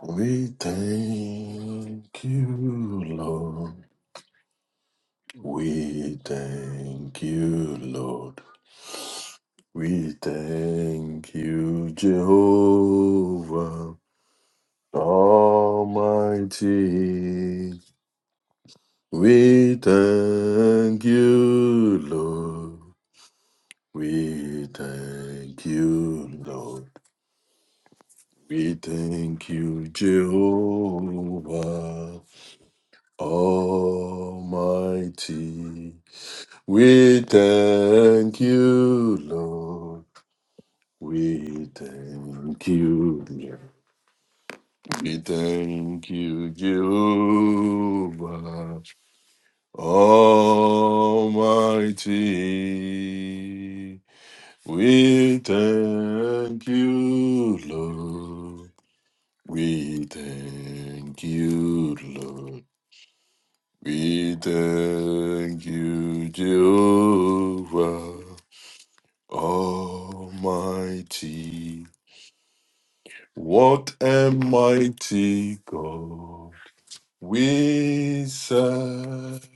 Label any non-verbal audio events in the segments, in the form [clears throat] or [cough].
We thank you, Lord. We thank you, Lord. We thank you, Jehovah Almighty. We thank you, Lord. We thank you, Lord. We thank you, Jehovah Almighty. We thank you, Lord. We thank you. Lord. We thank you, Jehovah Almighty. We thank you, Lord. We thank you, Lord. We thank you, Jehovah. Almighty, what a mighty God we serve.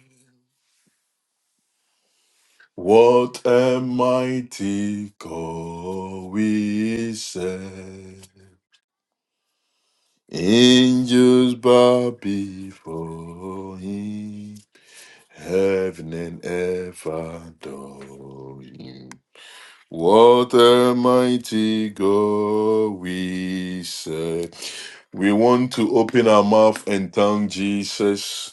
What a mighty God we serve. Angels bow before him, heaven and earth adore him. What a mighty God we serve. We want to open our mouth and thank Jesus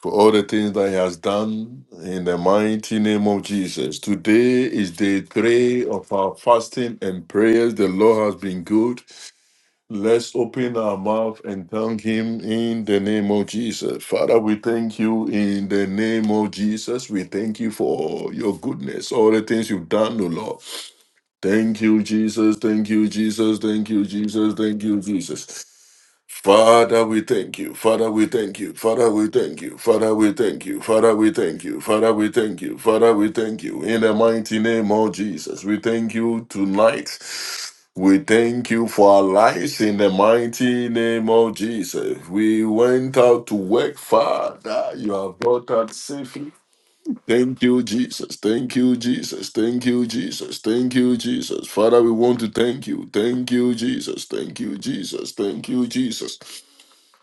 for all the things that He has done in the mighty name of Jesus. Today is day three of our fasting and prayers. The Lord has been good. Let's open our mouth and thank Him in the name of Jesus. Father, we thank you in the name of Jesus. We thank you for your goodness, all the things you've done, O Lord. Thank you, Jesus. Thank you, Jesus. Thank you, Jesus. Thank you, Jesus. Father, we thank you. Father, we thank you. Father, we thank you. Father, we thank you. Father, we thank you. Father, we thank you. Father, we thank you. In the mighty name of Jesus, we thank you tonight. We thank you for our lives in the mighty name of Jesus. We went out to work, Father. You have brought us safely. Thank you, Jesus. Thank you, Jesus. Thank you, Jesus. Thank you, Jesus. Father, we want to thank you. Thank you, Jesus. Thank you, Jesus. Thank you, Jesus.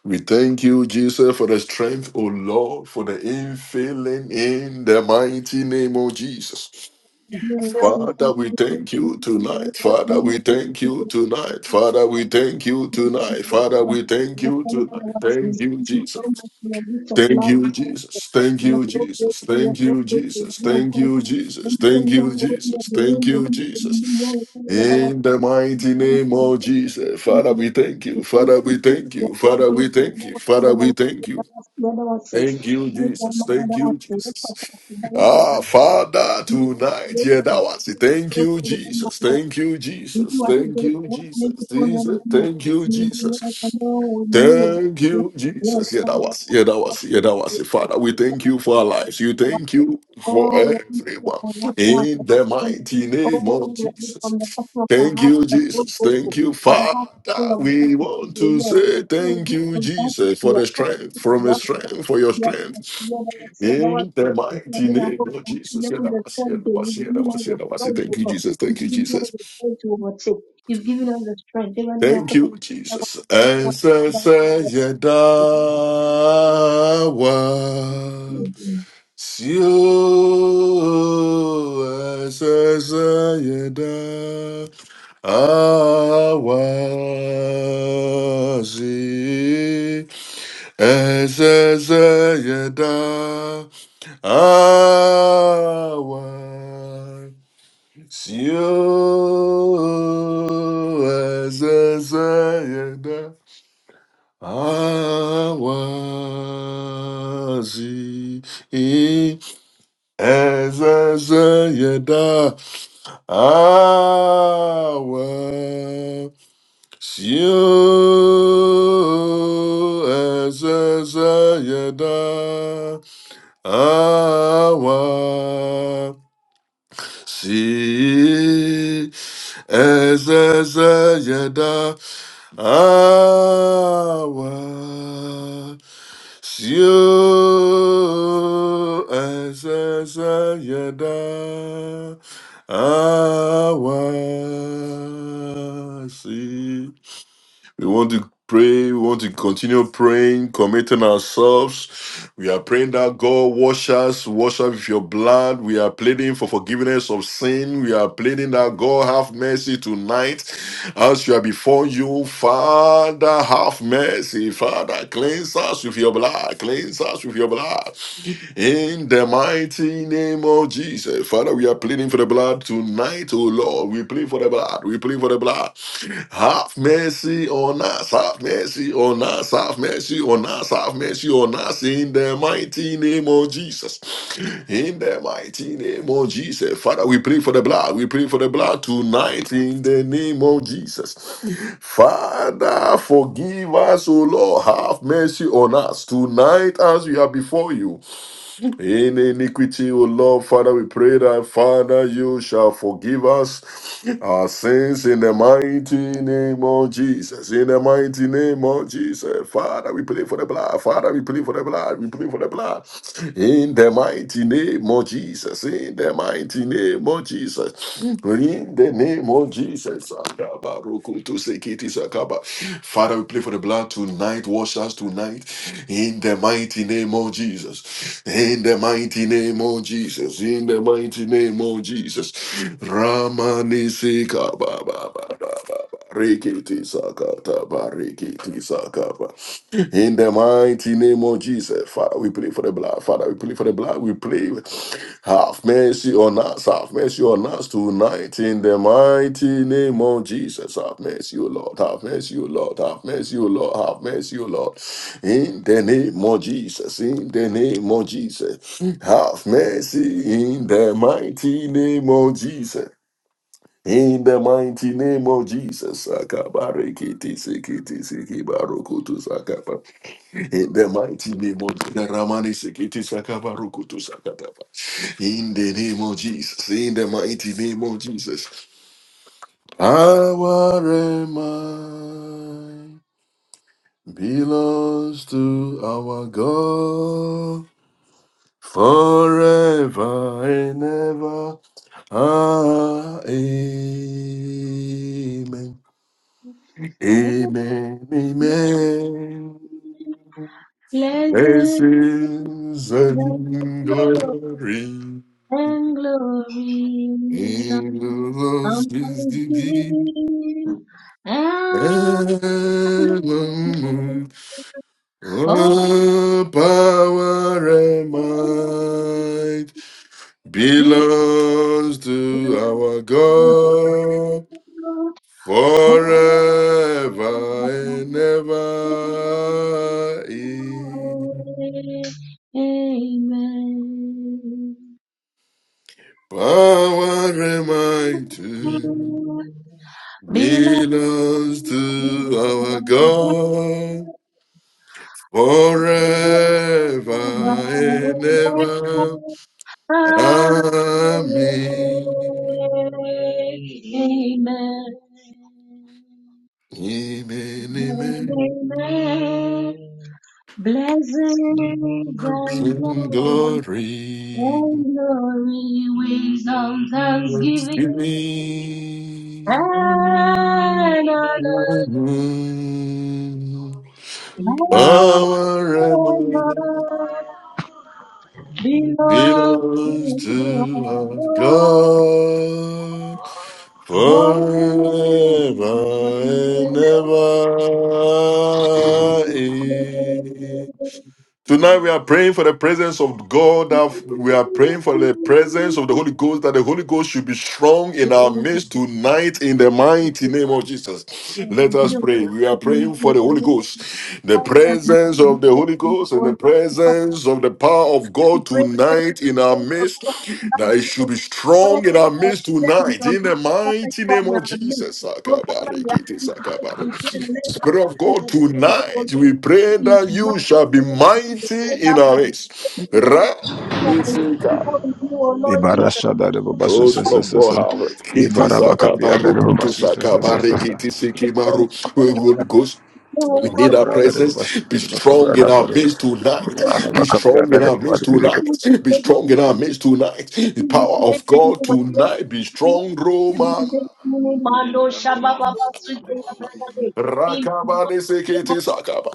We thank you, Jesus, for the strength, O Lord, for the infilling in the mighty name of Jesus. Thank Father, we thank you tonight. Father, we thank you tonight. Father, we thank you tonight. Father, we thank you tonight. Thank you, Jesus. Thank you, Jesus. Thank you, Jesus. Thank you, Jesus. Thank you, Jesus. Thank you, Jesus. Thank you, Jesus. In the mighty name of Jesus, Father, we thank you. Father, we thank you. Father, we thank you. Father, we thank you. Thank you, Jesus. Thank you, Jesus. you. Ah, Father, Thank tonight, you. yeah, that was it. Thank you, Jesus. Thank you, We do Jesus. Mtu Thank you, asiyekuwa Jesus. anayechukua Jesus, madaraka that thank you, Jesus. kupanua umuhimu Thank wa you, kuwa na Jesus. Yeah, that familia was, yeah, that was, yeah, that was it. Father, we thank you for our lives. You na thank wake. you for Oh, lakini everyone. kwa lazima In the tuseme mighty name oh, of you're Oh, lakini kwa Jesus. nafasi wa Thank fahari you, na Jesus. kuwepo Thank you, au Father. hata kila We mtu want to yeyote. say Kwa hiyo thank you, mtu kwa hata Jesus, for kila the strength, from mtu the ya strength, for your to strength. ya ya In watu. the mighty Yani name hapo of kwa Jesus. Yeah, not that ndio was, kwa yeah, that ndio was, yeah, that was, yeah, ndio that was it. Thank you, ndio Jesus. Thank You've you, given us Jesus. the strength to overtake. You've given us the strength. Devani Thank Yakuba, you, Jesus. Eseseyedawa. Sio eseseyedawa. Si eseseyedawa. It's you as a Zayda. I was he as a Zayda. I was you as a Zayda. I was si ezeze yeda awa si o ezeze yeda awa si we want to pray. We want to continue praying, committing ourselves. We are praying that God wash us, wash us with your blood. We are pleading for forgiveness of sin. We are pleading that God have mercy tonight as we are before you. Father, have mercy. Father, cleanse us with your blood. Cleanse us with your blood. In the mighty name of Jesus. Father, we are pleading for the blood tonight, oh Lord, we plead for the blood. We plead for the blood. Have mercy on us. Have mercy on us. Have mercy on us. Have mercy on us in the mighty name of Jesus. In the mighty name of Jesus. Father, we pray for the blood. We pray for the blood tonight in the name of Jesus. Father, forgive us, O Lord. Have mercy on us tonight as we are before you. In iniquity, O Lord, Father, we pray that, Father, you shall forgive us our sins in the mighty name of Jesus. In the mighty name of Jesus. Father, we pray for the blood. Father, we pray for the blood. We pray for the blood. In the mighty name of Jesus. In the mighty name of Jesus. In the name of Jesus. Father, we pray for the blood tonight. Wash us tonight. In the mighty name of Jesus. In the in the mighty name of Jesus, in the mighty name of Jesus. Ramanisika ba ba ba ba ba. Rikiti sakata ba rikiti sakaba. In the mighty name of Jesus, Father, we pray for the blood. Father, we pray for the blood. We pray, have mercy on us. Have mercy on us tonight. In the mighty name of Jesus, have mercy, O Lord. Have mercy, O Lord. Have mercy, O Lord. Have mercy, O Lord. In the name of Jesus. In the name of Jesus. Have mercy in the mighty name of Jesus. In the mighty name of Jesus. Sakabarekiti sikiti sikibarokutu sakapa. In the mighty name of Jesus. Ramani sikiti sakabarokutu sakatapa. In the name of Jesus. In the mighty name of Jesus. Our mind belongs to our God forever and ever. Ah, amen. Amen. Amen. Blessed is Blessings the and Lord glory. and glory is Angels is the deep unforgiving and heaven. all All power and might be belongs to to the our God. Lord. forever Amen. and ever. In power reminder Beloved, belongs to our God forever and ever. Amen. Amen. Amen. Amen. Amen. Blessings and In glory glory. and glory, wisdom, thanksgiving, to and me. honor, Our and honor remedy belongs belongs to to our our God God. forever and ever. forever. Tonight we are praying for the presence of God. That we are praying for the presence of the Holy Ghost. That the Holy Ghost should be strong We pray in for our your favor midst tonight, in the mighty name of Jesus. Let us pray. We are praying for the Holy Ghost, the presence of the Holy Ghost, and the presence of the power of God tonight in our for midst. us and That it Bible should says, be where your strong in our midst children in tonight, your in the midst, perfect mighty for name your of midst. Jesus. So Father, we ask Sakabarekete, you to take sakabare. control and let our Spirit of God, children feel your tonight glory we pray in the that you mighty shall be name of Jesus. Let mighty our in our children midst. feel your Rama glory. de And so we Sika. come to you, O Lord Ibara Jesus shada de baba Oh, susa Spirit Christ. sa of sa God, sa. have it. Kiti Ibara bakapia de baba sakabarukutu susa sa sa sa sa. sakabarekete sikimaru. We need our Kabra de baba presence. susa Be de strong kabra in our de midst Ibara tonight. Be bakapia strong de in our baba midst de bire tonight. kabra Be strong in our midst tonight. The power of God tonight. Be strong, Roman. Mano shaba baba sute ya Rakaba de sekete sakaba.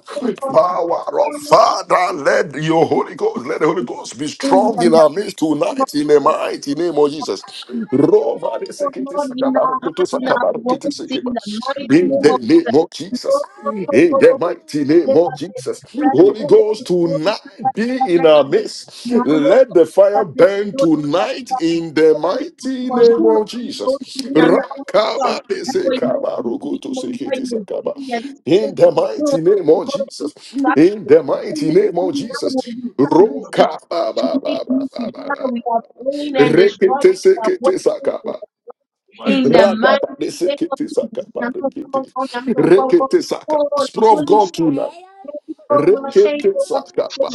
Power of Father, let your Holy Ghost, let the Holy Ghost be strong in our midst tonight in the mighty name of Jesus. Roma de sekete sakaba, rokoto sakaba, rokete in sekeba. the mighty In name the name of Jesus. of In the Jesus. mighty name of Jesus. Holy Ghost tonight be in our midst. Let the fire burn tonight in the mighty name of Jesus. Rakaba de sekaba rokoto sekete sakaba. In the mighty name of Jesus. In the mighty name of Jesus. Rokaba ba ba ba ba ba ba Brain and destroy Rekete our sekete weapons in sakaba. the in the mighty Rakaba de name of sekete sakaba Jesus. rekete. Rekete sakaba. Spirit of Holy God Spirit, tonight. Oh, Rekete sakaba.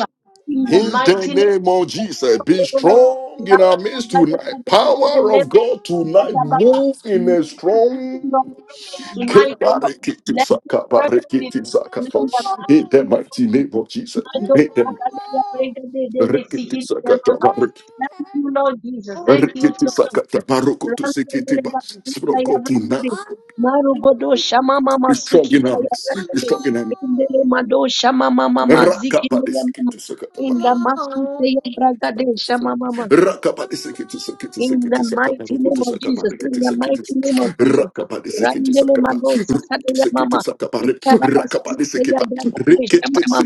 In the Yes, In the mighty name name of of Jesus. Jesus, Oh, be Lord. strong in Tonight, our midst tonight. Power of God tonight, move in a strong. oh Lord, let your presence be within the Kebarekitisakabarekitisakata. In mighty the name of mighty name Jesus. of Jesus. My In God, the Sakaleya, Breda, De, De, De, Sihiri, Ya, Mama. Rekitisakatabarek. Thank you, Lord Jesus. Thank you, Lord Jesus. Rekitisakatabarokotosekitiba. Randeleba, Spirit of Shukaya, God Breda, tonight. De. Be strong in our midst. Be strong in our midst. Indele madosha mama mama zikindele mama. Inda Rakapadisikitisikatabaraka. masute ya bragadesha mama mama. In the mighty name of Jesus, in the mighty name of Jesus, Randele Mando Sakadaya Mama, Intarabasikaya Brakadesha Mama,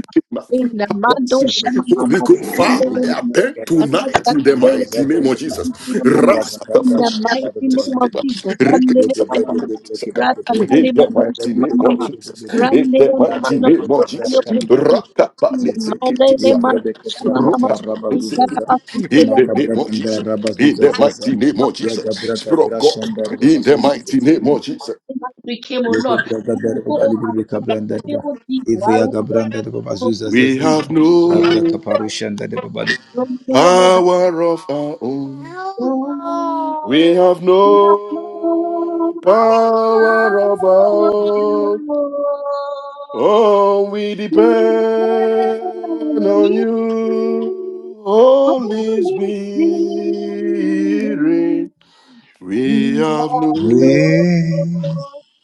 in the Mando Shama Mama, Holy Ghost fire Ibra Sikindele Mama, burn tonight in the Rasakadaya mighty name of Jesus. Sikindele Mama, in the mighty In name of that Jesus, Randele Mama, Rasakale Mando mighty Shama name of Mama, Jesus. In Randele that Mama, mighty no name of Sotoyo Jesus. Prokri, Rakapa in the nisikiti Mandele saka. Mando Shama Mama, Rokapa nisikiti. In Intarabasikaya the Kabra name Brakadesha of Jesus. In Bazuza the Zazaza, mighty name of Jesus. Abra Spirit of God. Kaparushan, In the mighty name of Jesus. we came, O Lord. We will go and fulfill people. I will go and fulfill We have people. no the Babadi Oh, power of our own. We have Lord, no power of our own. Oh, we depend We follow on you, you, Holy holy Spirit. Spirit. We We have are no no We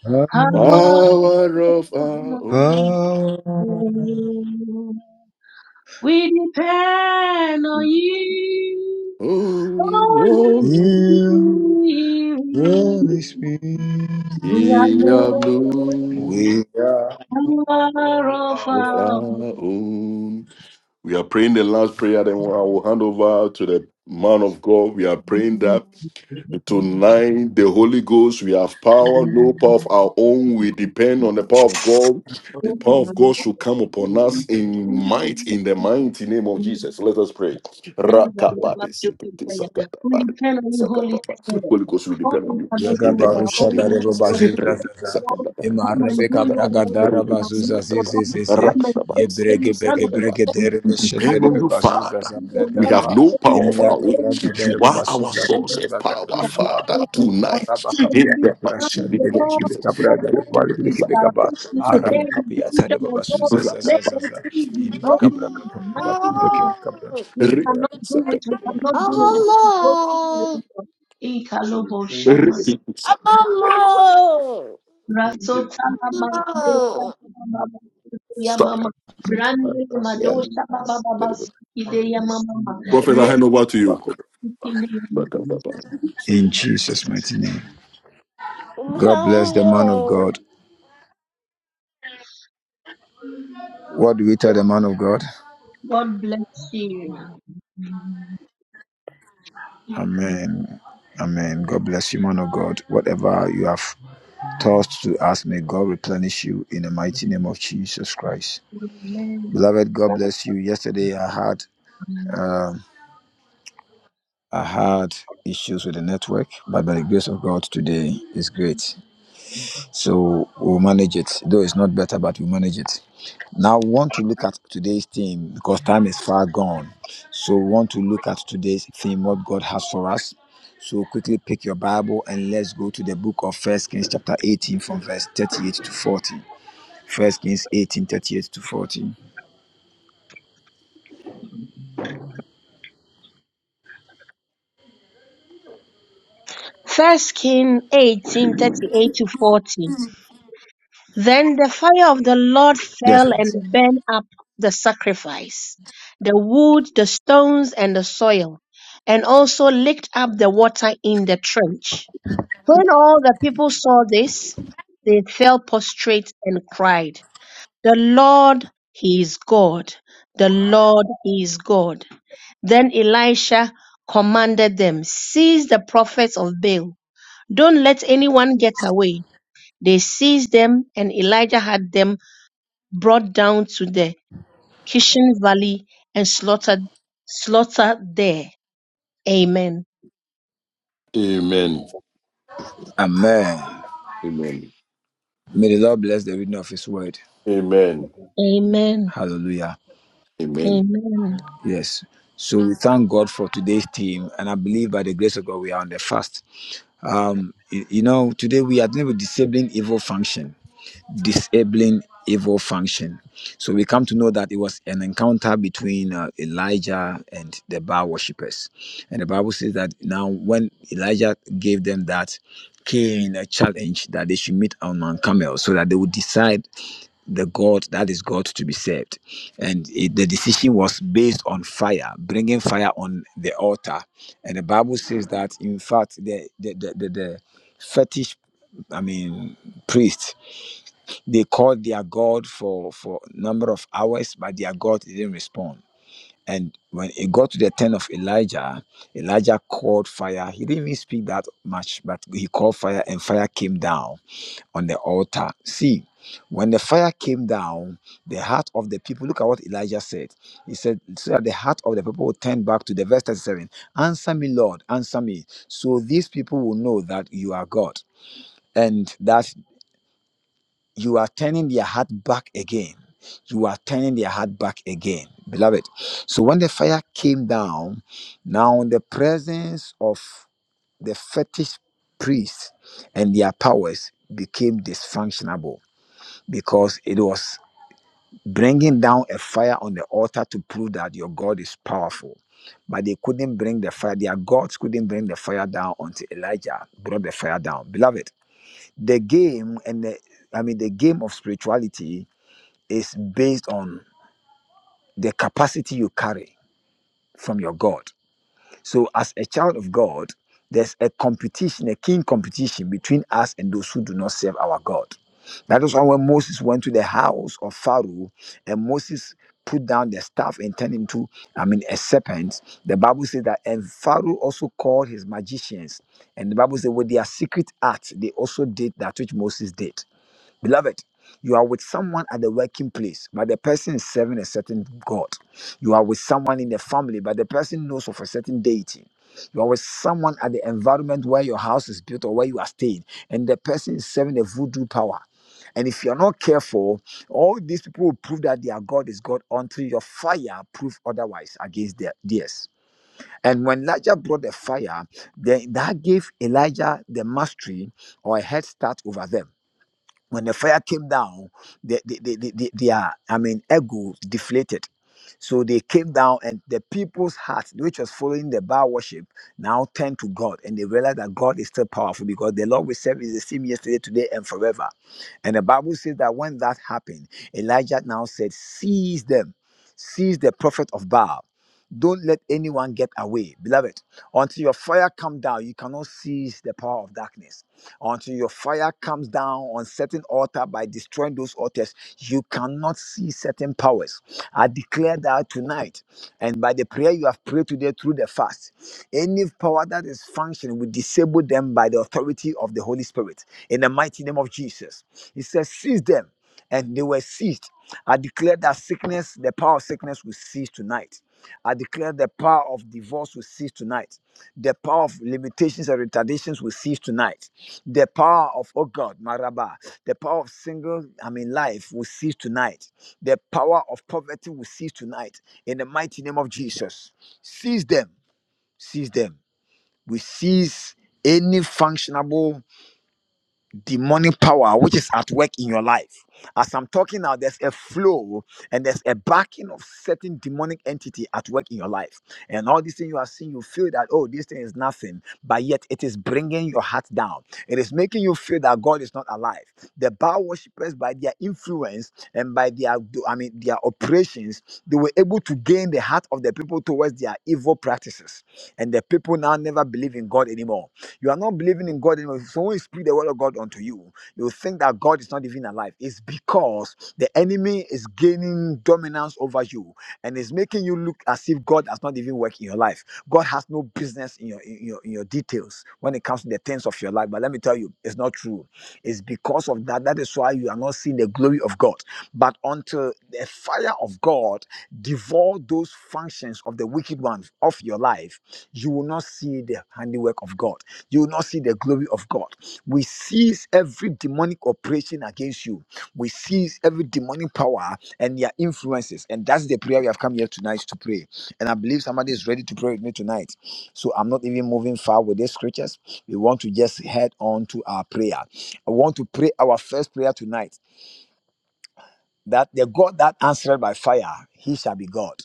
have power of our own. power, We depend on Oh, you, Holy Holy Spirit. Spirit. you, Holy Spirit. We are We no have no We. power of of our own. our own. We are praying the last prayer, then I will hand over to the man of God. We are praying We that depend Tonight, the Holy Ghost, we have power, on no power of our own. We depend on the power of God. The power of God should come upon us in might, in the mighty name of Jesus. Let us pray. Rakapadesipitisagadabari, you, Holy sakadaba. Spirit. Holy Ghost, we All depend on we you cannot Yaga in do the with our mighty barusha own name of Almighty darebo Jesus. God to bazuza get the zaza. world. Ima Rekisagadabari, Come and rebeka do your sagadaba. braga holy in our bazuza midst, O Rekisagadaba. zizi Lord. zizi. Come and Rakadabari, Ye take brege things, come bege and brege take We derebe things, come depend on shenderebe and you, start bazuza Father. things, zambla O We Lord. have daraba. no Any power Ima of our own. problem, braga any You derebo change are that we our bazuza see in source of braga power, daraba the kapa. Father, future, or tonight. Araba see In in kapıya this the kapıra time, mighty name O şende bir of Lord. gibi Jesus. Let kapıra there be kaba. salvation, let Araba there be kapıya freedom, tarı O babası Lord. za za za Let za all za. things be İmbe broken kapıra in the kapıra babası mighty bir name of we cannot do it. We cannot do it. We do do it. Ikalobo shama. I'm alone. Rasota mama. Ya Stop. mama. madosha baba baba. Ide Prophet, I Raise hand over to you. in In Jesus' mighty name. God bless the man of God. What do we tell the man of God? God bless you. Amen. Amen. God bless you, man of God. Whatever you have taught to us, may God replenish you in the mighty name of Jesus Christ. Beloved, God bless you. Yesterday I had um, I had issues with the network, but by the grace of God today is great. So we'll manage it. Though it's not better, but we manage it. Now we want to look at today's theme because time is far gone. So we want to look at today's theme, what God has for us. So quickly pick your Bible and let's go to the book of First Kings chapter 18 from verse 38 to 40. First Kings 18, 38 to 40. First King 1838 to 40. Then the fire of the Lord Yes, fell and please. burned up the sacrifice, the wood, the stones, and the soil, and also licked up the water in the trench. When all the people saw this, they fell prostrate and cried, The Lord, He is God! The Lord, He is God! Then Elisha commanded them, Seize the prophets of Baal. Don't let anyone get away. They seized them, and Elijah had them brought down to the Kishon Valley and slaughtered slaughtered there. Amen. Amen. Amen. Amen. May the Lord bless the reading of his word. Amen. Amen. Hallelujah. Amen. Amen. Yes. So we thank God for today's team, and I believe by the grace of God we are on the fast. Um, you, you know, today we are dealing with disabling evil function, disabling evil function. So we come to know that it was an encounter between uh, Elijah and the Baal worshippers, and the Bible says that now when Elijah gave them that Cain a challenge that they should meet on Mount Carmel, so that they would decide the God that is God to be served. And it, the decision was based on fire, bringing fire on the altar. And the Bible says that, in fact, the, the, the, the, the fetish, I mean, priests, they called their God for for number of hours, but their God didn't respond. And when it got to the turn of Elijah, Elijah called fire. He didn't even speak that much, but he called fire, and fire came down on the altar. See, when the fire came down, the heart of the people, look at what Elijah said. He said, so that the heart of the people will turn back to the verse 37. Answer me, Lord, answer me. So these people will know that you are God and that you are turning their heart back again. You are turning their heart back again, beloved. So when the fire came down, now the presence of the fetish priests and their powers became dysfunctional because it was bringing down a fire on the altar to prove that your God is powerful. But they couldn't bring the fire, their gods couldn't bring the fire down until Elijah brought the fire down. Beloved, the game and the, I mean, the game of spirituality is based on the capacity you carry from your God. So, as a child of God, there's a competition, a keen competition between us and those who do not serve our God. That is why when Moses went to the house of Pharaoh and Moses put down the staff and turned into, I mean, a serpent, the Bible says that, and Pharaoh also called his magicians. And the Bible says, with their secret art, they also did that which Moses did. Beloved, you are with someone at the working place, but the person is serving a certain God. You are with someone in the family, but the person knows of a certain deity. You are with someone at the environment where your house is built or where you are staying, and the person is serving a voodoo power. And if you're not careful, all these people will prove that their God is God until your fire prove otherwise against their theirs. And when Elijah brought the fire, then that gave Elijah the mastery or a head start over them when the fire came down, they, they, they, they the- their, I mean, ego deflated. So they came down, and the people's heart, which was following the Baal worship, now turned to God, and they realized that God is still powerful because the Lord we serve is the same yesterday, today, and forever. And the Bible says that when that happened, Elijah now said, "Seize them, seize the prophet of Baal." Don't let anyone get away, beloved. Until your fire come down, you cannot seize the power of darkness until your fire comes down on certain altar by destroying those altars, you cannot see certain powers. I declare that tonight, and by the prayer you have prayed today through the fast, any power that is functioning will disable them by the authority of the Holy Spirit. In the mighty name of Jesus, He says, seize them, and they were seized. I declare that sickness, the power of sickness, will cease tonight. I declare the power of divorce will cease tonight. The power of limitations and retardations will cease tonight. The power of, oh God, Maraba, the power of single, I mean, life will cease tonight. The power of poverty will cease tonight. In the mighty name of Jesus, seize them, seize them. We seize any functionable demonic power which is at work in your life. As I'm talking now, there's a flow and there's a backing of certain demonic entity at work in your life. And all these things you are seeing, you feel that, oh, this thing is nothing, but yet it is bringing your heart down. It is making you feel that God is not alive. The Baal worshippers, by their influence and by their, I mean, their operations, they were able to gain the heart of the people towards their evil practices. And the people now never believe in God anymore you are not believing in God anymore. If someone speak the word of God unto you, you think that God is not even alive. It's because the enemy is gaining dominance over you and is making you look as if God has not even worked in your life. God has no business in your in your, in your details when it comes to the things of your life. But let me tell you, it's not true. It's because of that. That is why you are not seeing the glory of God but until the fire of God devour those functions of the wicked one of your life, you will not see the handiwork of God. You will not see the glory of God. We seize every demonic operation against you. We seize every demonic power and their influences. And that's the prayer we have come here tonight to pray. And I believe somebody is ready to pray with me tonight. So I'm not even moving far with these scriptures. We want to just head on to our prayer. I want to pray our first prayer tonight that the God that answered by fire, he shall be God.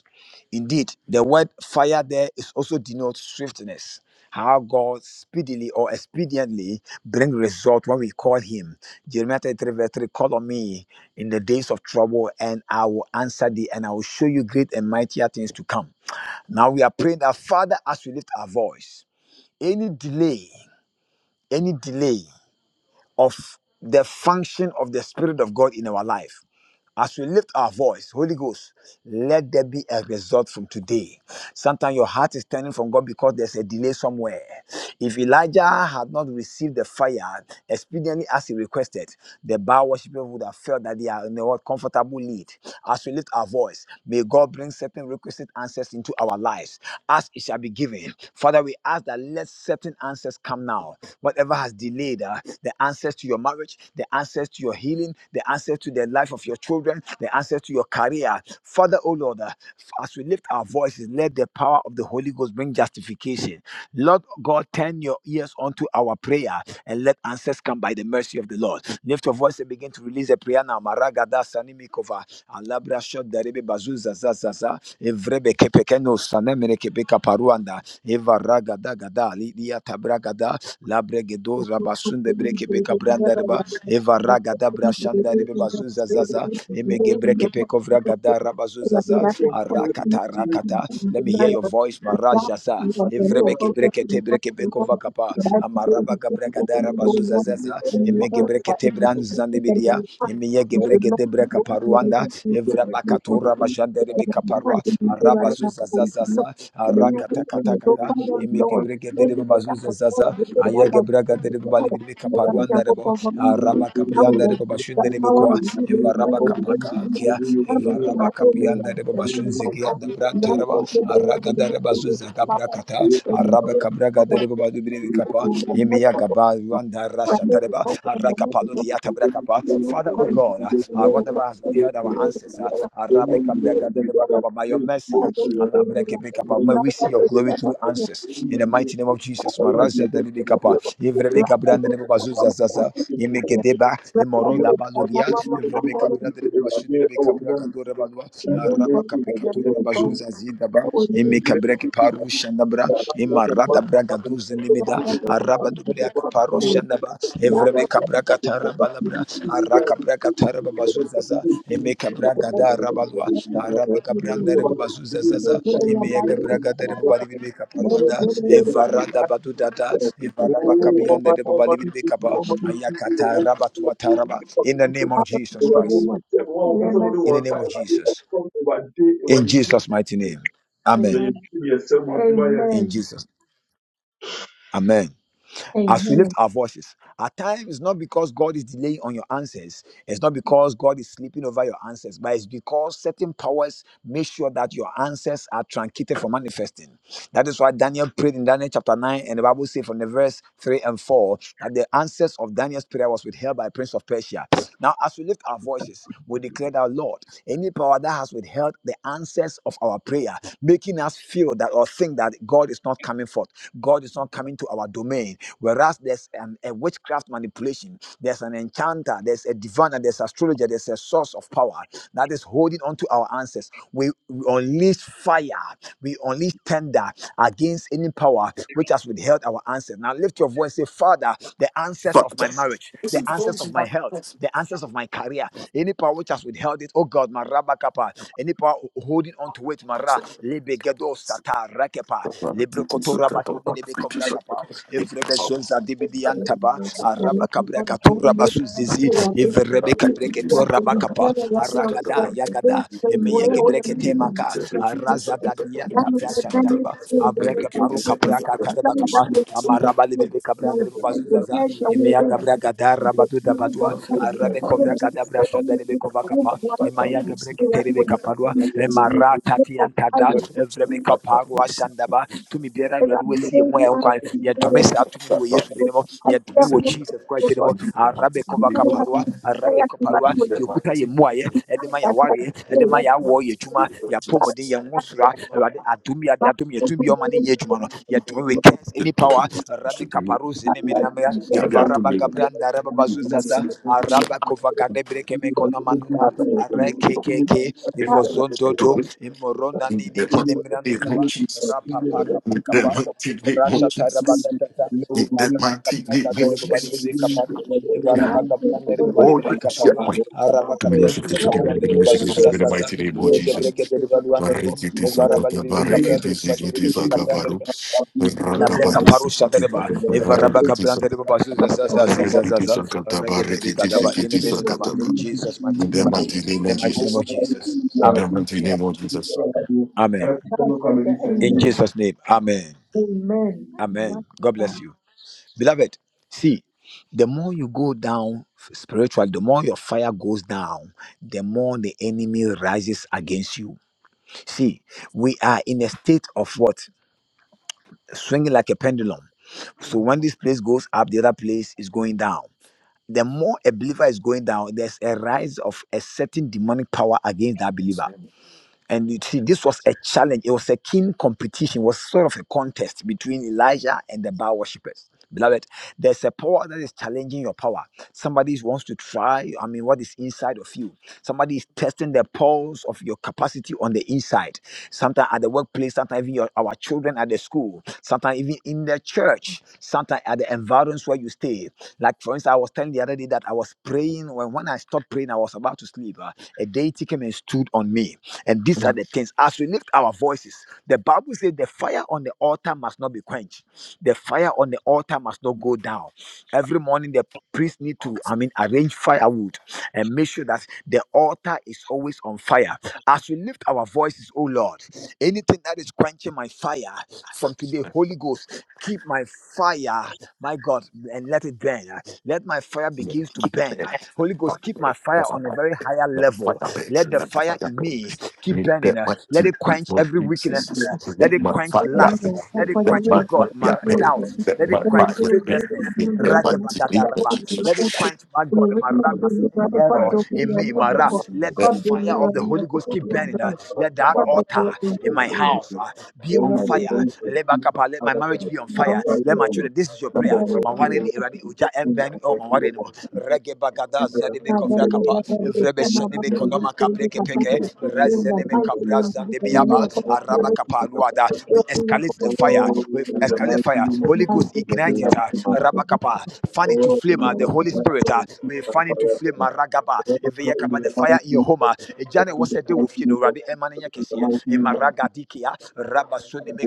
Indeed, the word fire there is also denotes swiftness, how God speedily or expediently bring result when we call him. Jeremiah 33 verse 3, call on me in the days of trouble and I will answer thee and I will show you great and mightier things to come. Now we are praying that Father, as we lift our voice, any delay, any delay of the function of the Spirit of God in our life. As we lift our voice, Holy Ghost, let there be a result from today. Sometimes your heart is turning from God because there's a delay somewhere. If Elijah had not received the fire expediently as he requested, the bar worshippers would have felt that they are in a what, comfortable lead. As we lift our voice, may God bring certain requisite answers into our lives as it shall be given. Father, we ask that let certain answers come now. Whatever has delayed uh, the answers to your marriage, the answers to your healing, the answers to the life of your children, the answers to your career. Father, oh Lord, uh, as we lift our voices, let the power of the Holy Ghost bring justification. Lord God, turn your ears unto our prayer and let answers come by the mercy of the Lord. Lift your voice and begin to release a prayer now. Maragada sanimikova, alabra shod derebe bazuza zazaza, evrebe kepekeno sanemene kepeka paruanda, eva ragada gada, lidia tabragada, labre gedo rabasunde Thank breke peka brandareba, eva ragada brashanda rebe bazuza zaza, emegebre kepeko vragada rabazuza za, arakata rakata. Let me hear your voice, Marajaza. Evrebeke brekete breke beko vakapa. Amaraba gabreka dara bazuza zeza. Emeke brekete bran zandibidia. Emeke brekete breka paruanda. Evraba katura bajande beka parua. Araba zuza zaza you. za. Araka taka The taka ta. Father, Emeke Lord, brekete rebe anything that bazuza was zaza. Ayeke breka rebe beka paruanda rebo. Araba kapianda the, rebe bashunde rebe power koa. of healing Evaraba be kapaka related kia. to you? Come into Evaraba kapianda rebe bashunze kia. Dabran taraba the day of the aragadare bazuza gabrakata arabe kabragadere babadu biri kapa yemiya gaba yuanda rashatareba arakapaloti yatabrakapa Father O God uh, whatever has been heard our ancestors arabe kabragadere bakapa by your mercy alabreke bekapa may we see your glory through ancestors in the mighty name of Jesus marazia dalili kapa evrebe kabrandere bazuza zaza yemeke deba emoro da baludia evrebe kabrandere bazuza derebe kabragadore balua araba kapika tura Thank you. Everyone was Imika breke parusha nabra imarada on braga duze nimida araba dubria parusha naba evrebe kabraka taraba labra araka braka taraba bazuzaza. za imika braga da araba araba kabranda reba bazuzaza. za za imika braga da reba bali bibi kaparua evarada badudada. evaraba kabianda reba bali bibi kapa ayakata raba tu ataraba in the name of Jesus Christ in the one name of side, but it Jesus was day, it was in indeed. Jesus mighty name Today amen Amen. you yourself, my people, yeah. in Jesus Amen. As we lift Amen. our voices, at times it's not because God is delaying on your answers, it's not because God is sleeping over your answers, but it's because certain powers make sure that your answers are truncated from manifesting. That is why Daniel prayed in Daniel chapter 9, and the Bible says from the verse 3 and 4 that the answers of Daniel's prayer was withheld by the Prince of Persia. Now, as we lift our voices, we declare that Lord, any power that has withheld the answers of our prayer, making us feel that or think that saying that God is not coming forth, God is not coming to our domain. Whereas there's an, a witchcraft manipulation, there's an enchanter, there's a diviner, there's astrologer, there's a source of power that is holding on to our ancestors. We, we unleash fire, we unleash tender against any power which has withheld our answers. Now lift your voice, say, Father, the answers of Fuck my that. marriage, the answers of my health, the answers of my career, any power which has withheld it, oh God, my rabba kappa, Any keeper holding on to it. Mara lebegedo sata rakepa lebrokotora bashada lebekovrakapa evrebezonza dibidiantaba araba kabrakatura basuzizi evrebe kabreketora bakapa aragada yagada In The emeyege mighty name of Jesus, breketemaka every cutie set arazada up the Thank dianta you. set up the brashantariba every abreke cutie paru set up the kapraka right, tareba if kapa amaraba lebekovrakapa bazuzaza Emeya emeyaga bragada rabadu dabadua arabe gadabra shaderebe you kovakapa emaya gebreke terebe kaparua emarata tiantata evrebe set up the kaparua shandaba Amen. right, tumi biara graduwe si emo ya nkwa yɛntumi saa tumi no wɔ yesu din mu yɛntumi wɔ jesus christ din mu arabe kova kaparua arabe kaparua deɛ okuta yɛ mmuayɛ ɛde ma yɛawareɛ ɛde ma yɛawoɔ yɛ adwuma yɛapɔmɔden yɛn ho sora awurade no yɛdome with any power arabe kaparu zene Kataya, Evaraba Gabrianda daraba Bazuzaza, Araba Kovagane Brekeme Konamanuna, Areke Keke, Ivozon Dodo, Imorona Nini I'm Kenemiranda Rapa Paka Pakapa. Rasha taraba tata, imarani kapna tata riba bali bili kaparu, ivarama kapna neri riba bali bili kaparu, araba In kabia riba kapra neri riba zuza the zaza, mighty name of meke Jesus. breke neri riba luan neri riba, Rikiti ivaraba bali sakaba, bili kapra rikiti neri riba bali bili sikiti sakabaru, Labreka rakabari parusha sikiti dereba, sakaba, evaraba rikiti kabran sa- dereba basu zaza zazi zaza rikiti zaza, sakataba, rege debi rikiti kadaba in sikiti the name of- sakataba. in Jesus mighty In the name, mighty in name the of mighty name Jesus. of Jesus, In the Amen, mighty name of Jesus. Amen, not coming to see in you. Jesus name, Amen, Amen. Whatever. Amen. God bless you, beloved. See, the more you go down spiritually, the more your fire goes down, the more the enemy rises against you. See, we are in a state of what swinging like a pendulum. So when this place goes up, the other place is going down. the more a believer is going down, there's a rise of a certain demonic power against that believer. And you see, this was a challenge. It was a keen competition. It was sort of a contest between Elijah and the Baal worshippers. Beloved, there's a power that is challenging your power. Somebody wants to try, I mean, what is inside of you. Somebody is testing the pulse of your capacity on the inside. Sometimes at the workplace, sometimes even your, our children at the school, sometimes even in the church, sometimes at the environs where you stay. Like, for instance, I was telling the other day that I was praying. When, when I stopped praying, I was about to sleep. uh, a deity came and stood on me and these are Mm. the things. As we lift our voices, the Bible says the fire on the altar must not be quenched. The fire on the altar must not go down. Every morning, the priest need to, I mean, arrange firewood and make sure that the altar is always on fire. As we lift our voices, oh Lord, anything that is quenching my fire from today, Holy Ghost, keep my fire, my God, and let it burn. Let my fire begins to burn. Holy Ghost, keep my fire on a very higher Let my level. fire burn. Let my fire Let burn. the Let my fire fire in burn. me Keep Ain't burning. that her. my Let it TV quench for every Jesus? weakness, uh, Let Let it my quench fire be. lust. Let it Let quench, oh my God, fire my be. doubt. Let Let it my quench fire be. faithlessness. Ain't that my TV for Ragebagadara. Let Jesus? it quench my God, my wrath, not any error in me, my wrath. Let the Let fire of the Holy Ghost keep burning. uh, Let that altar in my house uh, be on fire. Let my kapa- let my marriage be on fire. Let my children. This is your prayer. My wari ni iradi uja embeni Whatever. oh my wari ni mo. Whatever. Rege bagada In the zani me mighty kovra kapa. Evrebe shani me konoma kabreke peke. Razene me kabra zande biaba. Araba kapa luada. Oh, We escalate the fire. We the escalate Kale mighty fire. Holy Ghost, ignite it. ah. Rabakapa. Fan into Oh, the flame. ah. The Lord Holy of the Spirit. ah. Lord, keep We fan into flame. Maragaba. The Lord in Eveyakaba. The the fire mighty in your name home. ah. Ejane was the a day with mighty name you. Rabi Emananya the Kesia. mighty name Emaragadikia. Rabasunime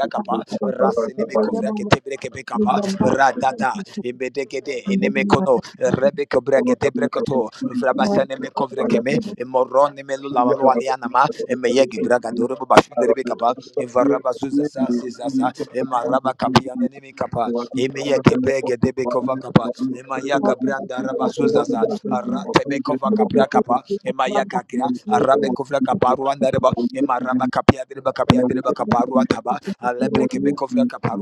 the Rasinime Kovragabrekapa. mighty Radada. Ebedegede. Thank Enemekono. Rebeko Bragetebrekoto. Vrabasane me Kovrekeme. Moron Melula Walianama bragadoro bashudere bekapa evaraba suza sa sisa sa emaraba kapia nenimi kapa emeye kepe gedebe kova kapa emaya gabranda raba suza sa kova kapra kapa emaya kakra arabe kovra kapa ruanda reba you. emaraba kapia dereba kapia Thank dereba kapa ruanda ba alebre kebe kovra kapa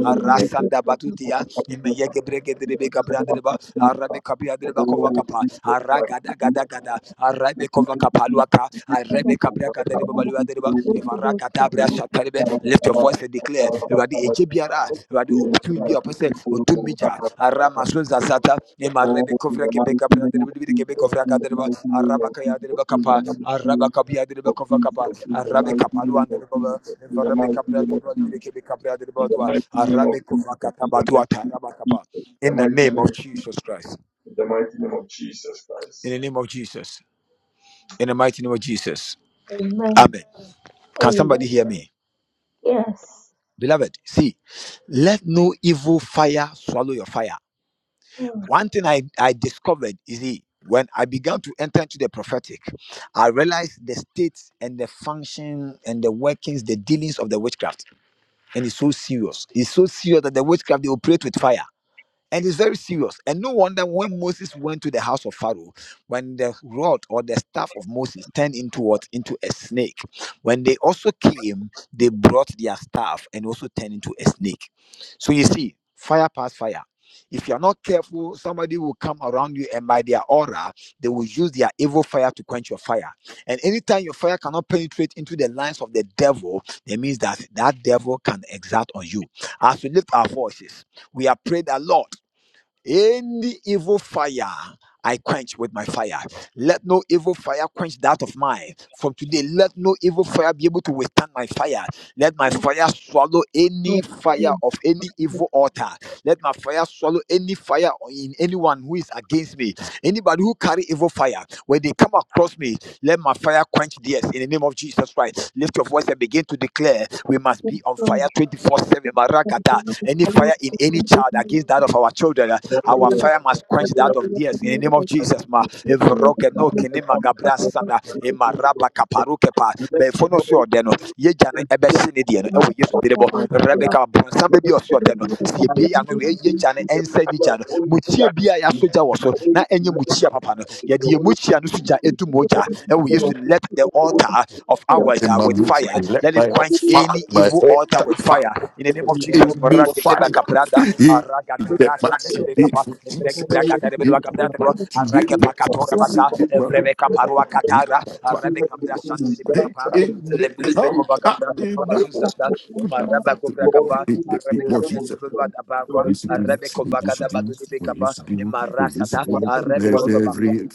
arasanda batutia emeye gebre gedebe kapra dereba arabe kapia dereba kova kapa Araga Dagadagada, Arabe Kovaka Paluaka, Arabe Capriaca de Babalua de Riba, Evaragadabra Shatarebe, lift your voice and declare, Radi Ejibiara, Radi Obutubi Udumija, you. Arama Suza Sata, Nema Rebe Oh, in Kovra the mighty Quebec, Abra name de of Ribi Quebec Jesus, of in the de Riba, mighty name of Arabacaya de Jesus, Riba in the mighty name de Riba of Jesus, in the mighty name and the of Jesus, Riba, in the Evarabe mighty Capra name de of Riba, Libi Jesus, Quebec Capra de in the mighty name of Jesus, in the Riba, mighty name of Jesus, in in the name of Jesus Christ. the mighty name of Jesus, in the mighty name of Jesus In the Christ. name of Jesus in the mighty name of Jesus. Amen. Amen. Can Amen. somebody hear me? Yes. Beloved, see, let no evil fire swallow your fire. Oh, One thing I, I discovered is see, when I began to enter into the prophetic, I realized the state and the function and the workings, the dealings of the witchcraft. And it's so serious. It's so serious that the witchcraft they operate with fire. And it's very serious. And no wonder when Moses went to the house of Pharaoh, when the rod or the staff of Moses turned into what? Into a snake. When they also came, they brought their staff and also turned into a snake. So you see, fire pass fire. If you're not careful, somebody will come around you and by their aura, they will use their evil fire to quench your fire. And anytime your fire cannot penetrate into the lines of the devil, that means that that devil can exert on you. As we lift our voices, we are prayed a lot. Any evil fire, I quench with my fire. Let no evil fire quench that of mine. From today, let no evil fire be able to withstand my fire. Let my yes, fire swallow any Lord. fire Yes, of any evil altar. Let my fire swallow any fire in anyone who is against me. Anybody who carry evil fire, when they come across me, let my fire quench theirs. In the name of Jesus Christ, lift your voice and begin to declare, we must be on fire 24/7. Maragada. Yes, Any Lord. fire in any Yes, child Lord. against that of our children. Thank Our fire must quench that of theirs in the name of Jesus. Ma evroke no kini magabra sanda e maraba kaparuke pa be fono so de no ye jane ebe sini de no e wo yesu de bo rebeka bronsa be bi osio de no si ebi ya no we ye jane ensa ni jane mutie bi a ya soja wo so na enye mutie papa no ye de ye mutie no soja edu moja e wo yesu let the altar of ours in uh, my with mission, fire let let it my oh, quench fire, any my evil altar altar with fire, fire in the name of Jesus, in the fire. you. Rakateba Caprada, Ain't But that my Aragadarasa, TV Nebekapa, for Jesus? Embregabraga, Ain't that my Nebelwakabratro, TV for Arakepakatora Jesus? Basa, In my rock, Evrebeca my- Parua Ain't Catara, that fire. Arabeca Lord. Brasan, Take Nebecaparu, in the counter Lebekabacapran, in the Nebazuzata, Emaraba Covragapa, Arabeca More Bia Jesus. de Bagua, Release it, release Arabeco it, Vagada Badu de Becapa, release it, release Emarasata, it. Let Arabeco every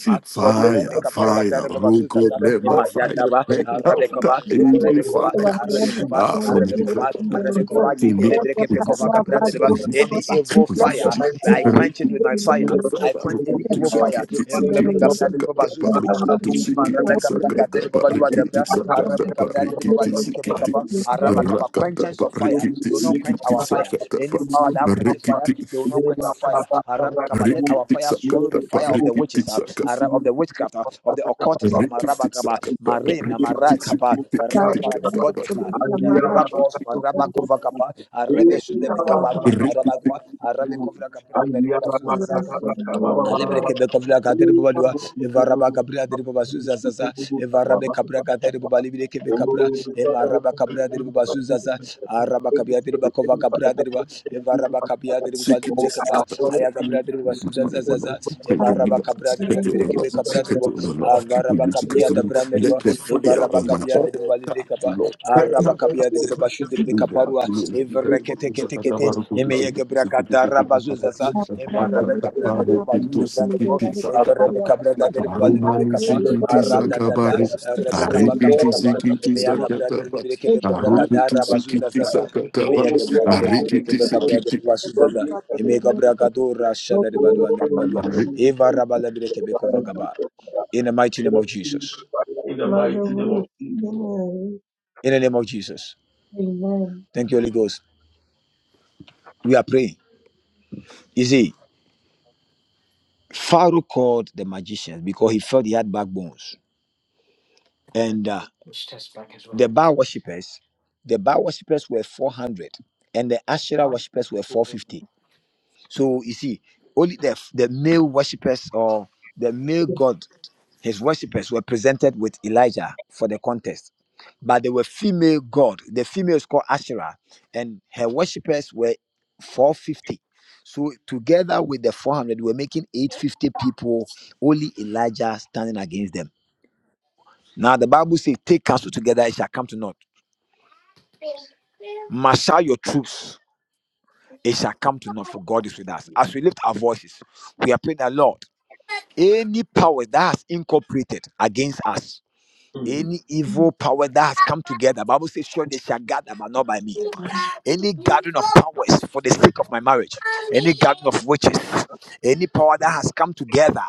let fire, us fire, Roku, with the let power my fire the Holy encounter any fire. Let Ah, the from the Lord the mighty different altars, fighting me. Release it, release it, release any evil fire, I it. Release quench it it, with my fire. sakata, I quench baruku, any evil tisiki, fire. tisiki, Evrebe tisakata, baruku, tisiki, tisaka tapa, tisakata, tisiki tisiki, Arabakapa, Tisaka, quenchance tapa, of fire. bariki, You will not tisiki, quench our fire. Any tisakata, power that quenches fire, Rikiti, they will not quench our fire. Arabakapa, let our rikiti fire swallow sakata, the pa fire of the rikiti witches, uh, sakata, of the witchcraft, uh, of the occultists. uh, rikiti sakata, pa Marine, uh, rikiti Marakapa, sikiti kiti Arabakapa, the kata, goddess, uh, the rikiti, river gods, Marabakovakapa, Arabe Sudemekabarwa, rikiti Tarabagua, Arabe Kovrakapra, Alebreke be kabra kateri baba lua evaraba kabra deri baba suza sasa evarabe kabra kateri baba libreke be kabra emaraba kabra deri baba suza sasa araba kabia deri baba kova kabra deri baba evaraba kabia deri baba sikiti libreke pa sakata, aya kabra deri baba We must suza find your sasa Lord. sasa Thank you, emaraba Lord. kabra deri baba Thank you, libreke Thank be Lord. kabra Thank deri the baba Lord. We avaraba need to kabia Christ. deri baba deri Let baba the fire evaraba on my kabia deri altar, baba libreke O pa Lord, araba pregnant kabia deri baba suza Derebe kaparua. Evere kete kete kete. Eme gadara bazu zaza. kabra nerebe bazu da bra nerebo. kabra da bazu derebe Aromani kapa. sikiti Ara da sakabari, Rebe kaba kaba arikiti kaba. sikiti Eme ya kabra sakataba, kebe kobra arukutu gadara bazu sikiti zaza zaza. Eme sakataba, arikiti kebe kabra derebe sikiti, bazu zaza. kabra gadora shada derebe dua nerebe dua. Eva rabala kebe kova you. In the mighty In name of Jesus. the mighty Mother name of will Jesus. In the name of Jesus. Amen. Amen. Thank you, Holy Ghost. We are praying. Easy. Pharaoh called the magicians because he felt he had backbones. And uh, the Baal worshippers, the Baal worshippers were 400 and the Asherah worshippers were 450. So you see, only the, the male worshippers or the male god his worshippers were presented with Elijah for the contest, but they were female god. The female is called Asherah, and her worshippers were 450. So together with the 400, we're making 850 people. Only Elijah standing against them. Now the Bible says, "Take counsel together; it shall come to naught. Marshal your troops; it shall come to naught. For God is with us." As we lift our voices, we are praying the Lord. Any power that has incorporated against us Mm. Any evil power that has come together, Bible says, sure they shall gather, but not by me any garden of powers for the sake of my marriage, any garden of witches, any power that has come together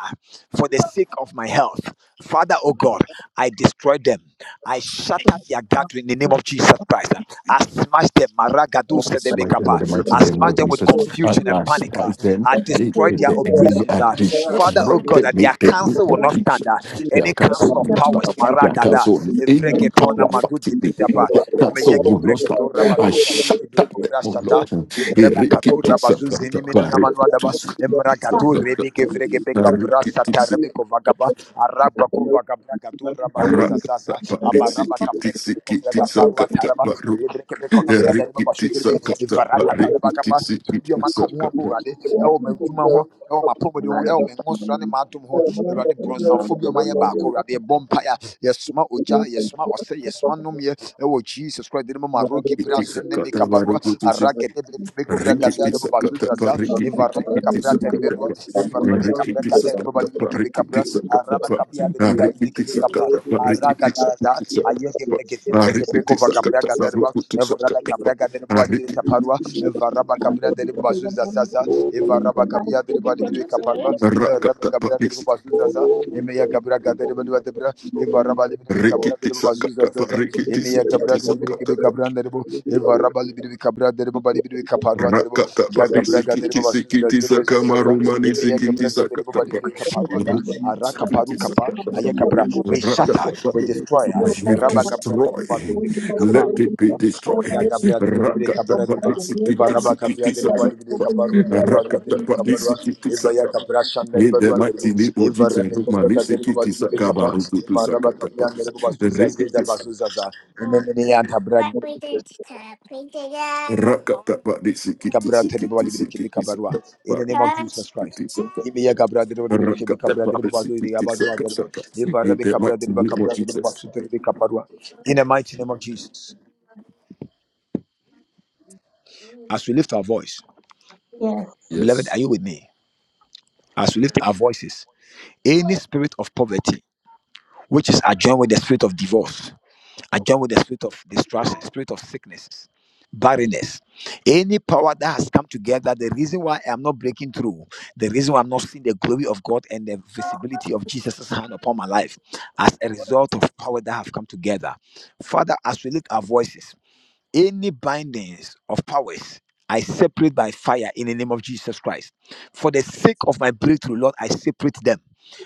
for the sake of my health. Father, oh God, I destroy them. I shatter their gathering in the name of Jesus Christ. I smash them. Maragadu That's my them with sedebekapa. the mighty I name smash of them with Jesus. I, confusion and I panic. uh. surprise them. I It, destroy it, their the enemy operations. are uh. Father, oh destroyed God, that them their in the name counsel will of not stand. Jesus. uh. Their Any cancer council will of not powers, start. Their Maragada, cancer will any Evreketona power Maduti fighting me. Bitapa, Their cancer Emeyege will not start. Bregato I Rabazuza shut Zidi that them, oh Vrashata, Lord. Evrekato Erikiti sakata, Rabazuzini Minuna barikiti Manuadaba, sakata, Emragato Rebeke sakata, Vregebeka barikiti Brasata Rebeko Vagaba, Arabako Vagabragato Rabazuza Zaza, Amaraba Kabrekeko Vragaparua Taraba, Rakataparitsikitsikitsakaparu. Ebrekebeko Namada Bashudribe, Rikitsakataparitsikitsakataparitsikitsakataparutututsik. Evaraka Tarabakapa, Tubioma Kamuaburade, Elma Juma, Elma Pomodon, Elma Mosra ne m'adom hɔ Awurade borɔnsamfo bi a ɔmayɛ baako Awurade yɛbɔ mpaeɛ yɛsoma ogya yɛsoma ɔsɛ yɛsoma nnomyɛ ɛwɔ jesus christ din mu maro gibra zɛne me kabadoa aragede brekebekofra gadara baba zuzaza evaraba kapra tɛnbedua evarabe kapra katɛne baba Rikitsakataparikitsikitsakatapa. libri kebe kapra araba kapia de Rikitsakataparikitsakatapa. baba libri kebe kapa aragadada ayege Rikitsakataparikitsikitsakatapa. brekete brekebekova kapra gadara baba evaraba Rikitsakataparutututsakatapa. kapra gadara baba libri kaparua evaraba kapra de baba zuzaza evaraba kapia Thank de baba libri kaparua Eh, Rabbi Gabriel de Rikitsakataparikitsikitsakatapa. Bazuzaza, Emea Gabra Gadebra Debra, Eva Rabali Cabra de Rikiti sakata pa Bazuzaza, rikiti Emea Gabra sikiti de Librique sakata pa Cabra de Rebo, Eva Rabali Cabra de Rebo Balibi Caparua de Rebo, rakata pa Ya di Gabra sikiti Gadeba sikiti Bazuzaza, sakama Bezuzaza, rumani Emea you. sikiti Gabra Gadeba sakata pa Balibi Caparuada, Ru- Araka sikiti Paru Capa, sakata Ayakapra, pa we shatter, rakata pa we di- destroy, you Rabba Gabriel de destroy Bazuzaza, let it be destroyed Ya Gabriel de Ribe rakata Cabra pa de Ba, di Eva sikiti Rabba Cabria sikiti de Riba sakata de pa Cabaru and the Riba de rakata Riba pa di Cabarua, sikiti Eva Ya sakata Cabra Shan de in Riba the and the mighty Ribu, name of Eva Jesus Rabbe Cabra rumani de Riba sikiti de Ribe sakama Capa, rukutu Ema Rabba sakata pa Cabria and the Riba Suza Zeta rikiti Basuzaza, in the name of Cabra But Cabra de Riba de Ribe Cabarua, in the name of Jesus Christ. Imiya Cabra de Riba de Ribe Cabra de In Riba de Riba de Riba, Eva Rabbe the Cabra de mighty Riba name of Cabra de Riba Jesus. Suta de Cabarua, in the mighty name of Jesus. As we lift our voice, beloved, Yes. are you with me? As we lift our voices, Any spirit of poverty, which is adjoined with the spirit of divorce, adjoined with the spirit of distraction, spirit of sicknesses, barrenness, any power that has come together, the reason why I'm not breaking through, the reason why I'm not seeing the glory of God and the visibility of Jesus' hand upon my life, as a result of power that have come together. Father, as we lift our voices, any bindings of powers i separate by fire in the name of jesus christ for the sake of my breakthrough lord i separate them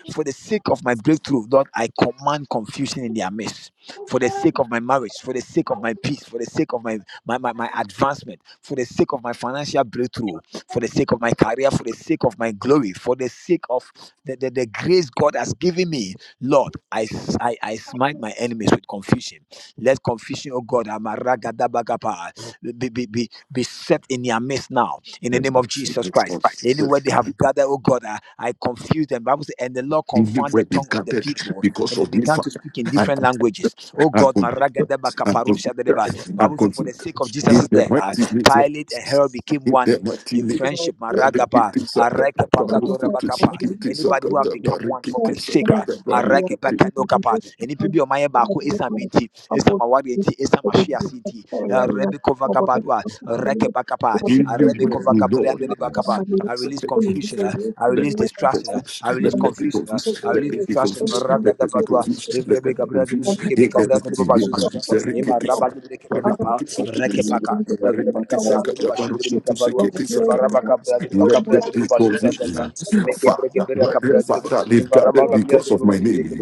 for the sake of my breakthrough lord i command confusion in their midst In for the sake of my marriage for the sake of my peace for the sake of my my, my, my advancement for the sake of my financial breakthrough for the sake of my career for the sake of my glory for the sake of the, the, the grace god has given me lord I, s- I i smite my enemies with confusion let confusion, oh God, Amaragada Bagapa, be, be, be, be set in your midst now in the the name of mighty name Jesus of Christ. Jesus. Anywhere they have gathered, oh God, I, I confuse them. Bible says, and the Lord Even confound the when tongue you've of the gathered people, because and they of me, began to speak in Father. different languages. Oh I God, could be maragadaba I could kaparosha dedeba. be I Bible says, could for the sake of in Jesus' the death, uh, mighty name of Pilate and Herod Jesus. became In the one mighty in name of friendship. Maragaba, Rikiti sakata Yes. arekepakado barukutu rabakapa. sikiti Anybody who have sakata become one for my Thank you. barikiti sake, will uh, use sakata to barikiti. arekepakado kapa. Any people on my back, Esa Minti, Esa Mawadi, Esa Mashia Shanti, Rebekova Kabadwa, Rekebakapa, In the way, Rebekova Gabriel Lord, Bakapa. I accept release it. confusion, uh, I do Let release it them be as distraction, uh, well. confused. I You are Let release them not be confusion, uh, able to confused. do I Let release them it. be distraction. And you confused. will use Let them be Maragadabadwa, to confused. Let them Evrebe do be it. Gabriel And confused. you will Let them be confused. Let not them be Gabriel be confused. able to do Bazuzaza, Let them be Ema it. confused. Rabadi Rekebakapa, Rekepaka, Evrebe Gabriel Bashid Rebekaparua, Evaraba Gabriel Gabriel Bazuzaza, Emeke Father, Brekebre where their Gabriel father, they've Evaraba gathered Gabriel because of my name.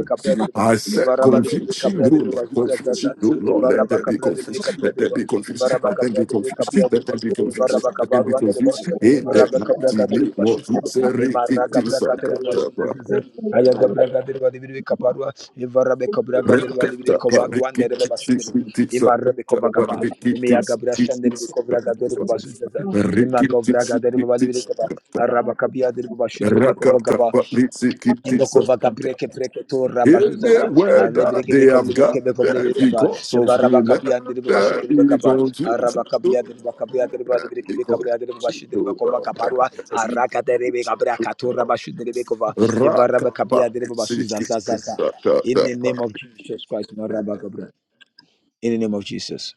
I said, Gabriel Ivaraba libri confusion, kapria you diriba Lord, zuza zaza. confusion, you Lord, let Ivaraba them be kapria diriba confused, kapria let them diriba. be confused, Ivaraba let them kapria be diriba confused, kapria let them diriba. be confused, Ivaraba let them be kabaru anda diriba. confused. In the Ivaraba kapria mighty kadiriba name bashu of Jesus, Imara Rikiti kapria kadiriba zuza Sakataba, zaza. Aya kapria kadiriba libri kaparua. Ivaraba kapria kadiriba libri Rakataba, kovaku anda diriba Rikiti bashu diriba. Sikiti Imara be Sakataba, kovagaba. Rikiti Imiya kapria shanda Sikiti diriba kovra kadiriba Sakataba, Rikiti Sikiti Sakataba, Araba kapia diriba bashu diriba Rakataba, Rikiti Emokova Sakataba. kapreke preke to rabazuzaza Anywhere that lebreke they bekov have lebreke got bekov that lebreke ba because of me, varaba let kapia ndiri ba there ndiri be ba araba confusion. kapia Lord, ndiri ba ndiri ba Let there lebreke be be ndiri ba confusion. ndiri ba Lord, kaparwa Let there be araka tere be confusion. katora Lord. ba ndiri be varaba kapia ndiri Rakapari, ba suza in the name of sikisisatatapai. Jesus Christ maraba kapra in the name of Jesus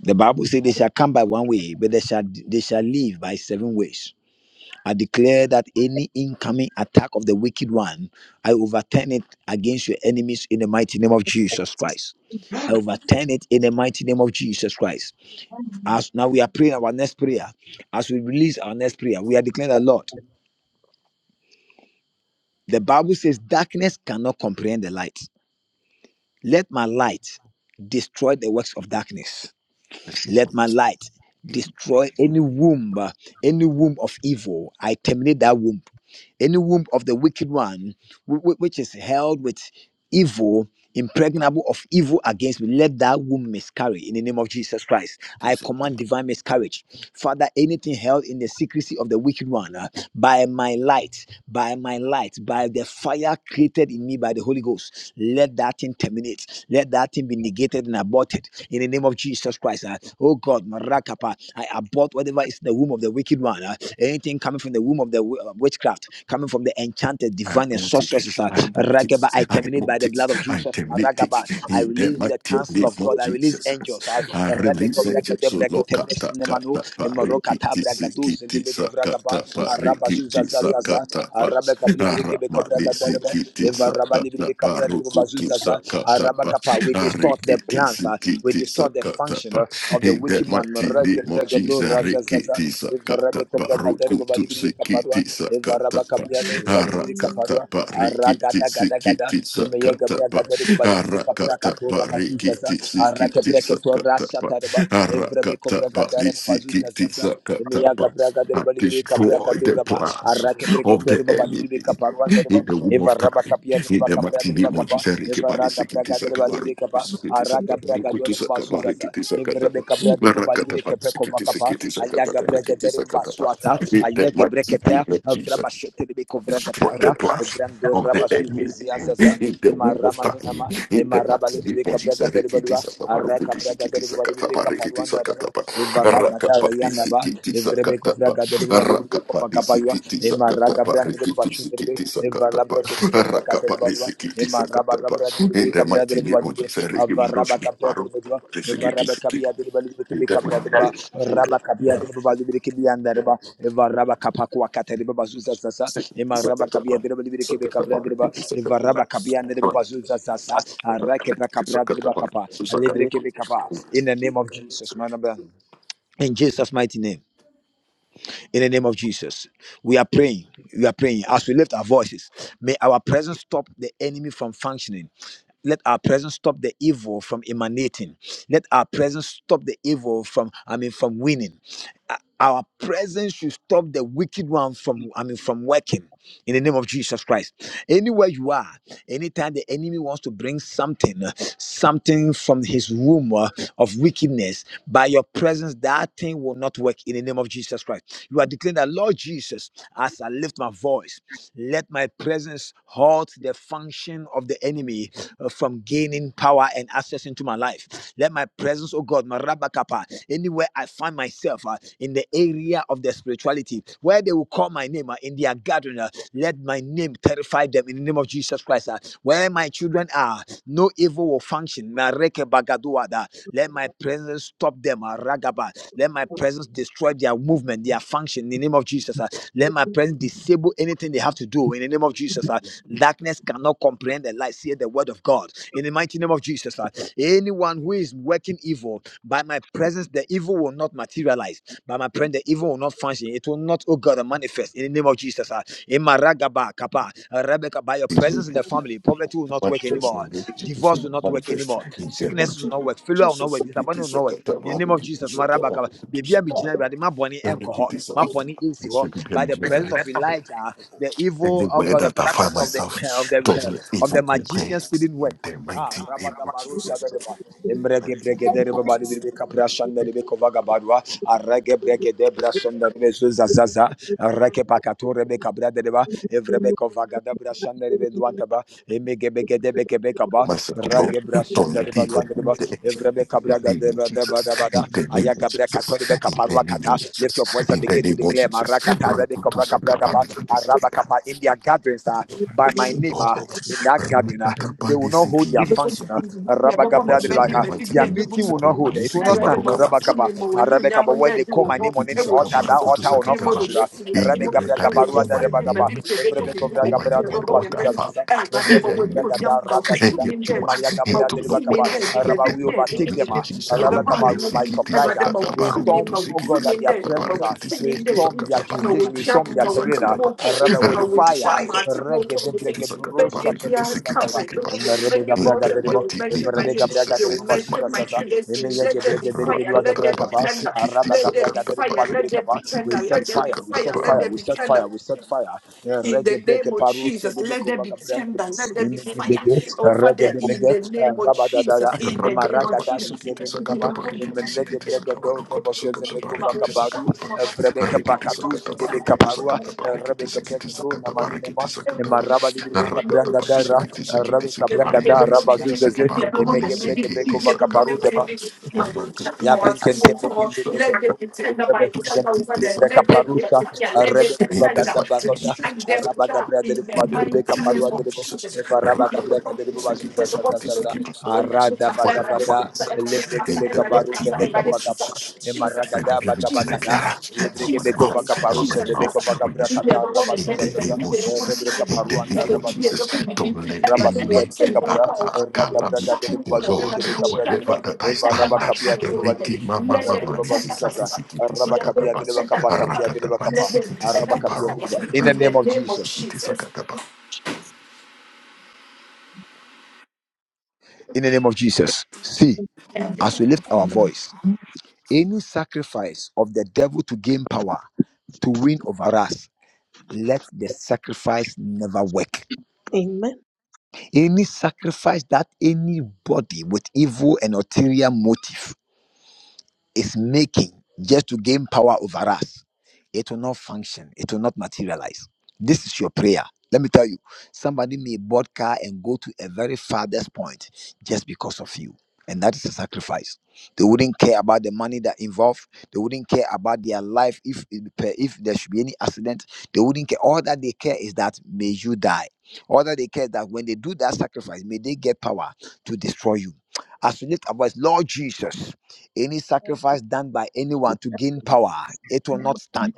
the bible says they shall come by one way but they shall they shall live by seven ways I declare that any incoming attack of the wicked one, I overturn it against your enemies in the mighty name of Jesus Christ. I overturn it in the mighty name of Jesus Christ. As now we are praying our next prayer, as we release our next prayer, we are declaring the Lord. The Bible says, Darkness cannot comprehend the light. Let my light destroy the works of darkness. Let my light destroy any womb, uh, any womb of evil. I terminate that womb. Any womb of the wicked one, wh- wh- which is held with evil, impregnable of evil against me, let that womb miscarry in the name of Jesus Christ. I command divine miscarriage. Father, anything held in the secrecy of the wicked one, uh, by my light, by my light, by the fire created in me by the Holy Ghost, let that thing terminate. Let that thing be negated and aborted in the name of Jesus Christ. uh. oh God, Marakapa, I abort out whatever is in the womb of the wicked one. ah. anything coming from the womb of the wi- uh, witchcraft, coming from the enchanted, I divine, and bought it. sorceresses. Uh, I bought it. Ragaba, I I terminate by bought the it. blood of I Jesus. terminate it. Ragaba, I In the release the mighty counsel name of of God. I release Jesus. angels. Uh, I Rebecca, release Rebecca, it. So Rebecca, lokata Rebecca, kata Imarokata parikiti bragaduz kiti lebeko bragaba sakata arabazu parikiti zazazaza sakata pa. arabeka blebeke beko Aramali bragadareba kiti eva rabali sakata blebeka bragadareba bazu parukutu zaza sakata pa. we distort the Arikiti plans hands. uh, We sikiti destroy the function sakata uh, of the that wicked one. mighty name of Jesus, Rikiti Sakata Baruku to Sikiti Sakata Harakata Barikiti Sikiti Sakata Harakata Barikiti Arake Sikiti Sakata Harakata Barikiti Sakata but I destroy the plans of the enemy in the womb of time. Yadriba Nida Capra de matini moji Bacapa, sari ke pale Evaraga sekiti Braga de saka Balibrecapa, sekiti saka Araga baru Braga de kutu saka baru Basuzaza, Evrebe Capra de Balibrecapeco sekiti Macapa, sekiti saka Ayaga tapa Braga sekiti de saka tapa Basuata, nida Ayaga matini Brecata, moji Avrabashete de destroy the Becovragatara, plans Ebrando of the Rabazu enemy Ziazaza, in the womb of Emarama time. Nama, In the Emaraba mighty name de of Cabraga Jesus, de rekiti Balua, sakaba, Araca rukiti Braga sikiti de sakataba, rekiti Balibrecaparuana Raba, sakataba, Evaraga rakapati Yanaba, sikiti Evrebe sakataba, Covraga de rakapati Bayua, sikiti Emma sakataba, Ragabra the rekiti Bashin, sikiti Eva sakataba, Labra Kepicovra rakapati Catabadua, sikiti Emma sakataba. Rabagabra In the the Cabra de mighty name of Badu, Jesus, rekimando Avaraba Capra de shumaro, Badua, Eva sikiti sikiti. Rabacapia de Bali, In the the Cabra de mighty Ba, name Rabacapia de of Jesus, Bali, the Kibian de Eva Rabacapacua Catariba Bazuza Sasa, rekiti Emma Rabacapia sakataba, de Bali, rekiti the Kibicabra sakataba, de Ba, rekiti Eva Rabacapia and sakataba. Bazuza Sasa, Manifest Araketa Cabra de Bacapa, the Alebre Kibicapa, in the name of Jesus, my brother. in Jesus' mighty name. In the name of Jesus, we are praying. We are praying as we lift our voices. May our presence stop the enemy from functioning. Let our presence stop the evil from emanating. Let our presence stop the evil, stop the weak from. I mean, in the name of Jesus Christ, anywhere you are, anytime the enemy wants to bring something, rumor of wickedness, by your presence, that thing will not work in the name of Jesus Christ. You are declaring that, Lord Jesus, as I lift my voice, let my presence halt the function of the enemy uh, from gaining power and access into my life. Let my presence, oh God, Marabakapa, anywhere I find myself uh, in the area of their spirituality, where they will call my name uh, in their gathering, uh, let my name terrify them in the name of Jesus Christ. uh, where my children are, no evil will function. Mareke bagaduada. Let my presence stop them. ah, Let my presence destroy their movement, their function in the name of Jesus. ah. Let my presence disable anything they have to do in the name of Jesus. ah. Darkness cannot comprehend the light. Say the word of God in the mighty name of Jesus. ah. Anyone who is working evil, by my presence, the evil will not materialize. By my presence, the evil will not function. It will not, oh God, manifest in the name of Jesus. ah. In Maragaba, ragaba, kapa, Rebecca, by your presence in the family, poverty will not work anymore. Divorce will not work manifest anymore. in the Sickness will mighty not name work. of Failure will not Jesus. work. It Disappointment will is a not work. In the name of catabari, it Jesus, is a Marabakaba. catabari, it is Baby, a I'm beginning catabari. my body and And it cohort. is a My body catabari. is here. So prepare By me the to make a presence way. of Elijah, the evil of Anywhere God, the that I find practice of the myself, [laughs] of the doesn't [laughs] of evil the go magicians past couldn't in work. the Ah, mighty name of Rabagabaru Jesus. Shadareba. Embrege Mighty name Bregede of Jesus. Babadi Capra Shandarebe Kovagabadwa. Arrege Bregede Brashandarebe Zuzazaza. Arreke Pakature Becabra Deba. Evrebe Kovagada Brashandarebe Duantaba. Emege Bege de Bekebeka. My second Lord, Ragebra don't let Shandariba evil go Wandriba, there. In Evrebeka the Braga name of Deva Deva Jesus, Deva in the name of Ayagabra Jesus, Katoribe in the Kaparwa name of Lift your Jesus, voice and in the begin to name of declare Jesus. Marakata Rebeka Rakutu Braga Braga Ba, sakabani katisikipa. in their gatherings ah, by I my say, name ah, Lord, in that gathering. ah, They will rakatabani not hold their sikiye. function. ah. Thank Araba In Gabra the mighty Their name of meeting Jesus, will I not read my hold. It will not sikiba stand. rukaba. Araba Kapa. Araba When they call my name on any altar, that altar will not Rikitisakabarokotusakataba. function. ah. Araba Amen. Gabra That they Gabarua call my Deva name, if they Evrebeka call Braga my name Braga on Deva the altar, Bazuza Father, Zaza. Every and yet you must, and yet you must, Nemayaga it brother do not work. Rebakaba, In Rabba, the we mighty overtake name them, ah. of Jesus, Romani Rabakaba, by surprise. you. ah. When We Sikitisakataba, you storm, oh alter, God, at their Rokotusikitisakataba, presence. ah. We storm their Rikitisakataba, jurisdiction, we Sikiti storm their terrain. ah. Rikitisakataba. taba. with Rikiti fire. Rege de Sikiti brege saka taba, Rikiti Sikiti saka taba, brosa Rikiti Sikiti saka taba, Rikiti pebeko Sikiti bagaba. saka taba, Eme rebega in braga that de they rebo, will mighty eve name mention my of name, rebega braga they de Jesus, in rebo will that bazuza mention mighty my sasa. name of children's Eme name. Jesus. yege Let there be brege de rebe fire, duaga let there braga be Rakatapari pa. tender, sikiti Araba ga let there be braga de rebo fire, sakatapari balubre let there kiti kapa. be We tender, set sikiti let there be fire, we fire, set sakataparu. let fire, there We be we set tender. fire, we set fire. Eh, In the Reggae break name a of paru, Jesus, let sedibiko there be vaga tender, brandribu, let there be imiki fire bigi, over reggae there. In dimege, the name of Jesus, rabadadada, in the name of Rakatapari emaragadada, sikiti demenunama, sakatapari kiti emenege sikiti bregedo, sakaparu kutu robo shenzebeko sakatapari vaga kiti baru, sakatapari. vrebeke Rikiti pakatus, sakataparu debeka kutu parua, sakatapari kiti rebeke Jesus. bregedo, kiti namanunema, Let them sakatapari. emarabadi debeka Rakatapari brangadara, sikiti sikiti rabeka sikipari brangada, mani be sikiti tender rabazuzeze, sikiparu kamani emege sikiti bregebeko vaga paru deba. sakatapari. Yapin Rakatapari kente sikiti mekende mekendo. by Evrebe sinde itself over mekende them. breka Let them be parusha. attacker. Let In them Arrebe be the tender. kuvaganda mighty bagota. name of Strike them Jesus. Araba down gabria in deribu the In madi the birbeka mighty mighty parua name name of of deribu. Jesus. Eva raba gabria deribu basu za za za za Jesus. za. Arada bada Whatever I find bada. myself. Lebre In kende the kabaru Jesus, mighty kende Jesus, name of kapakapa. Jesus. Baby, Da ba baby, da tell me, da. Piara. My Lebrege Jesus, body, my beko home, vaka my parusha Jesus, body, my home. beko vaka We need braka to let ta keep raba in the zaza. name of Eh, Jesus. Rebre In kaparu the anda name of raba du Jesus, don't let any beka uh, bra. uh, Raga braga de calamity, rebo oh bazu breke Lord, beka bra de rebo. wherever that I Eva raba stand, kabia de rebo bali Riki breke beka Mama bra de Mama rebo bazu Nisikiti zaza. Sikiti Raba kabia Sakataba, de rebo kapa kabia de rebo Rakataba kapa. Nisikiti Arabia de Sikibaro, rebo. In the In the name of Rakataba name of Jesus. Nisikiti Jesus. Sakataba, In the name of Jesus. See, as we lift our voice, any sacrifice of the devil to gain power, to win over us let the sacrifice never work. Amen. Any sacrifice that anybody with evil and ulterior motive is making just to gain power over us, it will not function. It will not materialize. This is your prayer. Let me tell you, somebody may board car and go to a very farthest point just because of you. And that is a sacrifice. They wouldn't care about the money that involved. They wouldn't care about their life if if there should be any accident. They wouldn't care. All that they care is that may you die. All that they care is that when they do that sacrifice, may they get power to destroy you. As we lift our voice, Lord Jesus. Any sacrifice done by anyone to gain power, it will not stand.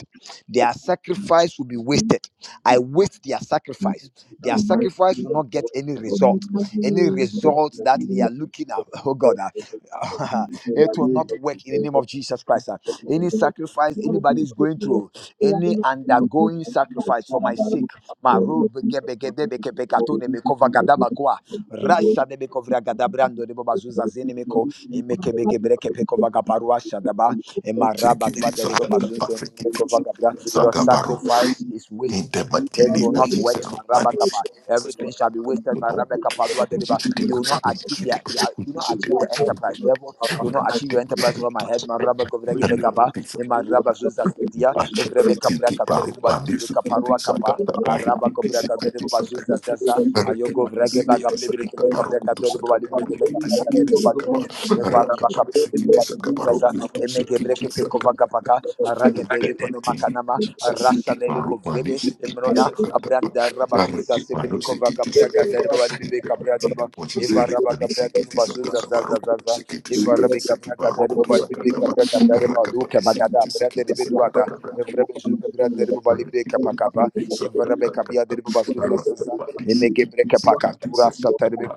Their sacrifice will be wasted. I waste their Thank sacrifice. Their sacrifice will not get any result. Any result that they are looking at, oh God, ah, [laughs] it will not work in the name of Jesus Christ. ah. Any sacrifice anybody is going through, any undergoing sacrifice for my sake, my robe, Rasha de Bekovra Gadabakoa, Rasha de Bekovra Gadabrando de Bobazuza imekebeke breke peko vaga parua shadaba emaraba dua Sikiti deriba Sakataba, bazunze ni mreko Sikiti vaga bra. Your Sakabaro. sacrifice is wasted. In the mighty It name will of you. not Jesus, work, man, maraba it's- kapa. it's- Everything shall be wasted, we don't maraba work. kapa dua We deriba. used to do You will not it. We used achieve to do their, you it. We will used not to do it. We achieve used your to do enterprise. Therefore, it. you will We not used to achieve your do enterprise over it. It my head, was- maraba kovrege begaba. Arikitisa, Emaraba zunza sidia. Evrebe achifesi kapra katori kiparu bubali brebe panisi kaparua kitisa kapa. kata paru Araba gobra kitisi gadere kitisa bazunza kata. zaza. Ayogo vrege Arikitisi baga kitisa blibre kata paru kapra katori kutusa bubali kata brebe karikitisi kapra derebe kitisa bali derebe. kapa. Evarabaka Rakapanisi Prodiri kitisa Bazuza kaparu Zaza, kutusi Emegebreke kitisa Pekovagabaka, Aragedebe Konomakanama, Jesus, Arasa Debe Maru Mani Kovrebe, Sikiti Emrona, Thank Sakatapa, Abranda you. Rabazuza Araki Manu Zebrikova Gabriaga Dereba Libe Cabra Dereba, Evaraba Gabra Bazuza Zaza Zaza, Evarabe Gabriaga Dereba Libe Cabra Dereba, Duke Bagada, Brad Derebe Duada, Evrebe Zuka Brad Dereba in the Libe Capacapa, Evarabe Cabia Dereba Bazuza Zaza, Emegebreke paka Pacatura Satarebe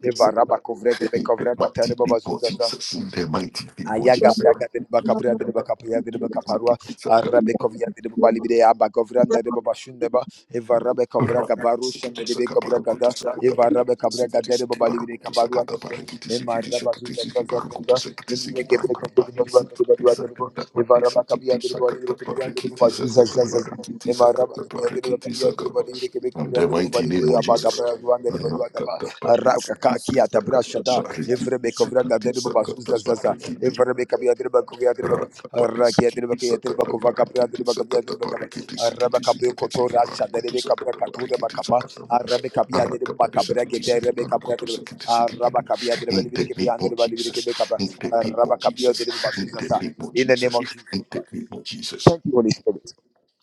Deva raba kovre ke be kovre ka tere mighty baba name of zuza za. Jesus, in the mighty name of Aya Jesus. gabra ka tere baba kabra tere baba kapaya kaparua. Arra be kovya tere baba libre ya ba kovra na tere baba shunde ba. Eva raba In kovra the ka baru shende tere be kovra ka ta. Eva raba kabra ka tere baba libre ka baru ande tere baba. Ema raba zuza za za za za. Emi ye gebre ke tere baba Eva raba kabya tere baba libre ke biya tere baba zuza za za za. Ema raba kabya tere baba kabya tere baba mighty name of Jesus. araka kakia tabra shada evrebe kovra gadere baba zaza evrebe kabia dire baba kovia dire Rakapati araki dire baba sikiti kia dire sakata kabra barikiti dire baba kabia dire sakata barikiti araba sikiti kabio sikiti sikiti kotora shada barikutu dire sakata katura baba barikiti sakata arabe kabia dire baba Rakapati kabra sikiti gedere sikiti baba barikutu sikiti sikiti araba baru kabia dire baba In dire the name kabia dire of baba Jesus, in the name araba of kabia Jesus, dire baba in the zaza name of in the name Jesus, of Jesus in the Christ. name of Jesus. Thank you, Holy Spirit.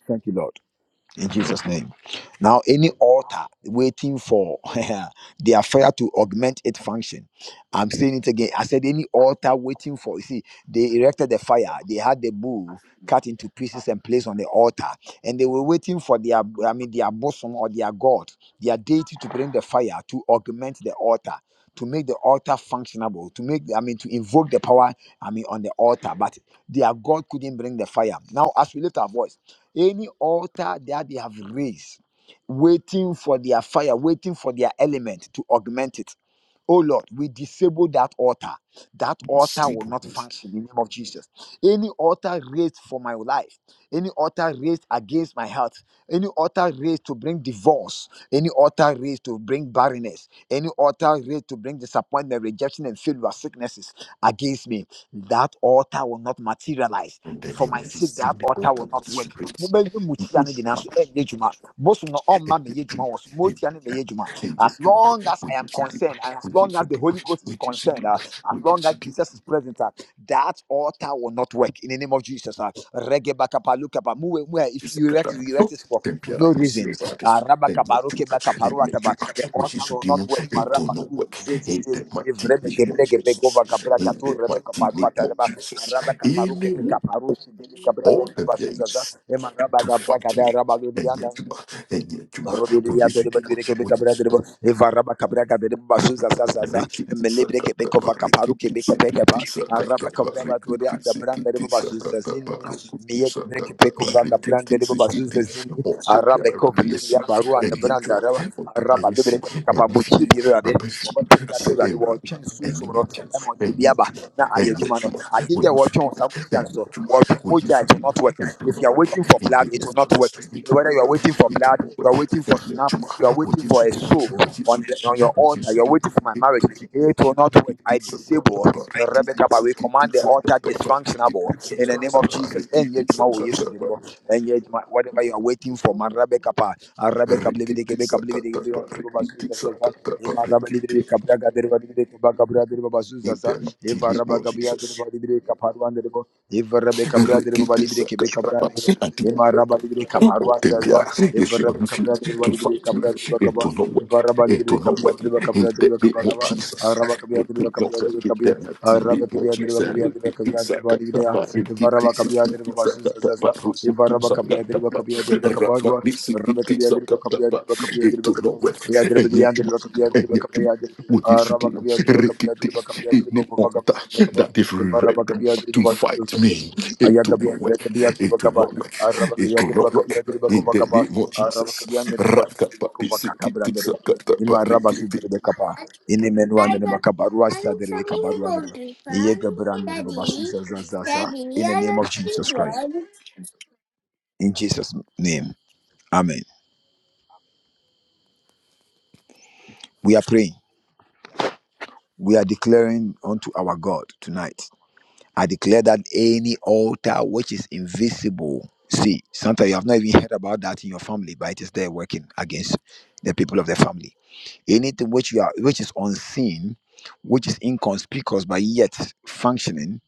Thank you, Lord in Mm, Jesus' name. Now, any altar waiting for [laughs] their fire to augment its function. I'm saying it again. I said any altar waiting for. You see, they erected the fire. They had the bull cut into pieces and placed on the altar, and they were waiting for their, I mean, their bosom or their god, their deity to bring the fire to augment the altar. To make the altar functionable, to make, I mean, to invoke the power, I mean, on the altar, but their God couldn't bring the fire. Now, as we lift our voice, any altar that they have raised, waiting for their fire, waiting for their element to augment it. Oh Lord, we disable that altar. That altar will not function in the name of Jesus. Any altar raised for my life, any altar raised against my health, any altar raised to bring divorce, any altar raised to bring barrenness, any altar raised to bring disappointment, rejection, and failure, sicknesses against me, that altar will not materialize. In the For name my of sake, Jesus, that in the altar altar will of not this work grace. in no which no so no as long as i am concerned and as long as the holy ghost is concerned ah, as long as jesus is present ah, that altar will not work in the name of jesus ah. Rege bakapa, luka ba, muwe, muwe. if you erect you erect it for, for no Tempiera you reason slaves like Ah, this, raba then kaba, you roke do, then you do, the what altar is a will not demon, work it maraba don't know du, work, ze, ze, ain't ze. that mighty Evreme, name of gebre, gebre, gova, Jesus, gabra, ain't gato, that rebe, mighty kapa, ruwa, name of tareba. Ah, Jesus, raba kapa, ruke, pe, anyone, kapa, rushi, dele, gabra, all of you dele, is Emaraba to gabra fight gada me, rabalu and dianda. yet you are, and yet you are, Barobi what liya is a tori ban demon, bire kebe kabra dribo. Evaraba kabra gabere bashu zaza zaza. Rikiti Melebre kebe sakata pa kova kaparu rikiti kebe kebe keba. sikiti sakata Araba pa kabra batori rikiti anda brand dribo sikiti bashu sakata zazini pa me. rukutu Miye kebre sakata kebe pa kova gabran rikiti dribo bashu sikiti zazini. Ote piara ya radiesi baru anda brand Elietuma araba. Ota Araba libre yesi kebe kapa Mami muchi fili biro ade. Baba Mama fili pekya se Se ade wo evra chen sunsu no. Elimentum Elietuma na aye chuma no. Elietuma O Adije wo Yesu dim chen sa muchi anso. Elietuma O Yesu it will dim not work. Into my If you are work waiting for In the blood, name it will of not Jesus work. Into my Whether you are work waiting for Into blood, my you work are waiting for snap, Elietuma you are O waiting for Yesu a dim O soul on, the, on your altar, you are waiting for my in marriage, the it will not work. I disable Rebecca, but we command the altar dysfunctionable in the name of Jesus. Engagement we used to deliver. Engagement, whatever you are waiting for, my Rebecca, pa, a Rebecca, believe it, eh, Rebecca, believe it, eh, Rebecca, believe it, Rebecca, Jesus, eh, Emma, Rabba, believe it, Rebecca, Rebecca, believe it, Rebecca, Rebecca, believe it, Rebecca, Jesus, eh, mighty Eva, name Rabba, of Gabriel, Jesus. believe it, Rebecca, Paru, and Rebecca, Evarrabe kabra de baba libre kebe kabra emarraba libre Oh, kaparwa thank you. zadra You shall evarrabe kabra refuse de baba to libre fight me. kabra de baba It gaba will not work. evarraba It libre will not kabra work. de baba In kabra de the baba name of gaba Jesus. Araba kabia It will driba not kabia work. driba In kabia. the mighty Araba name of kabia driba Jesus. kabia driba It kabia is a driba ligdea. katapa. It Ivaraba is a kabia driba basu zaza. katapa. It Ivaraba is a kabia driba kabia driba katapa. Rama kabarwa. nisi Araba kabia driba kabia driba kabia It driba will kabia. not work. Ya driba And yet liya you driba must. kabia And driba yet you must. kabia driba. What you should do, Araba kabia driba kabia driba Rekete, kabia driba any altar kuvaga kabia kaba. that is they Ivaraba kabia driba to basu fight zaza. me, Aya it will kabia not driba work. kabia driba It will kaba. not work. Araba It kabia will driba not kabia work driba in kuvaga the kaba. name of Araba Jesus. kabia driba I basu driba kuvaga kabra driba. Ima raba su driba kaba ine menua I ne ma got kabarua I need sadere be something kabarua ne about ma iye Dripa. gabra ne ma Daddy, basuza za za za in the name of Jesus Christ Rakapapisikitiksakataparikiti. in Jesus name amen we are praying we are declaring unto our God tonight I declare that any altar which is invisible see sometimes you have not even heard about that in your family but it is there working against the people of the family anything which you are which is unseen which is inconspicuous but yet functioning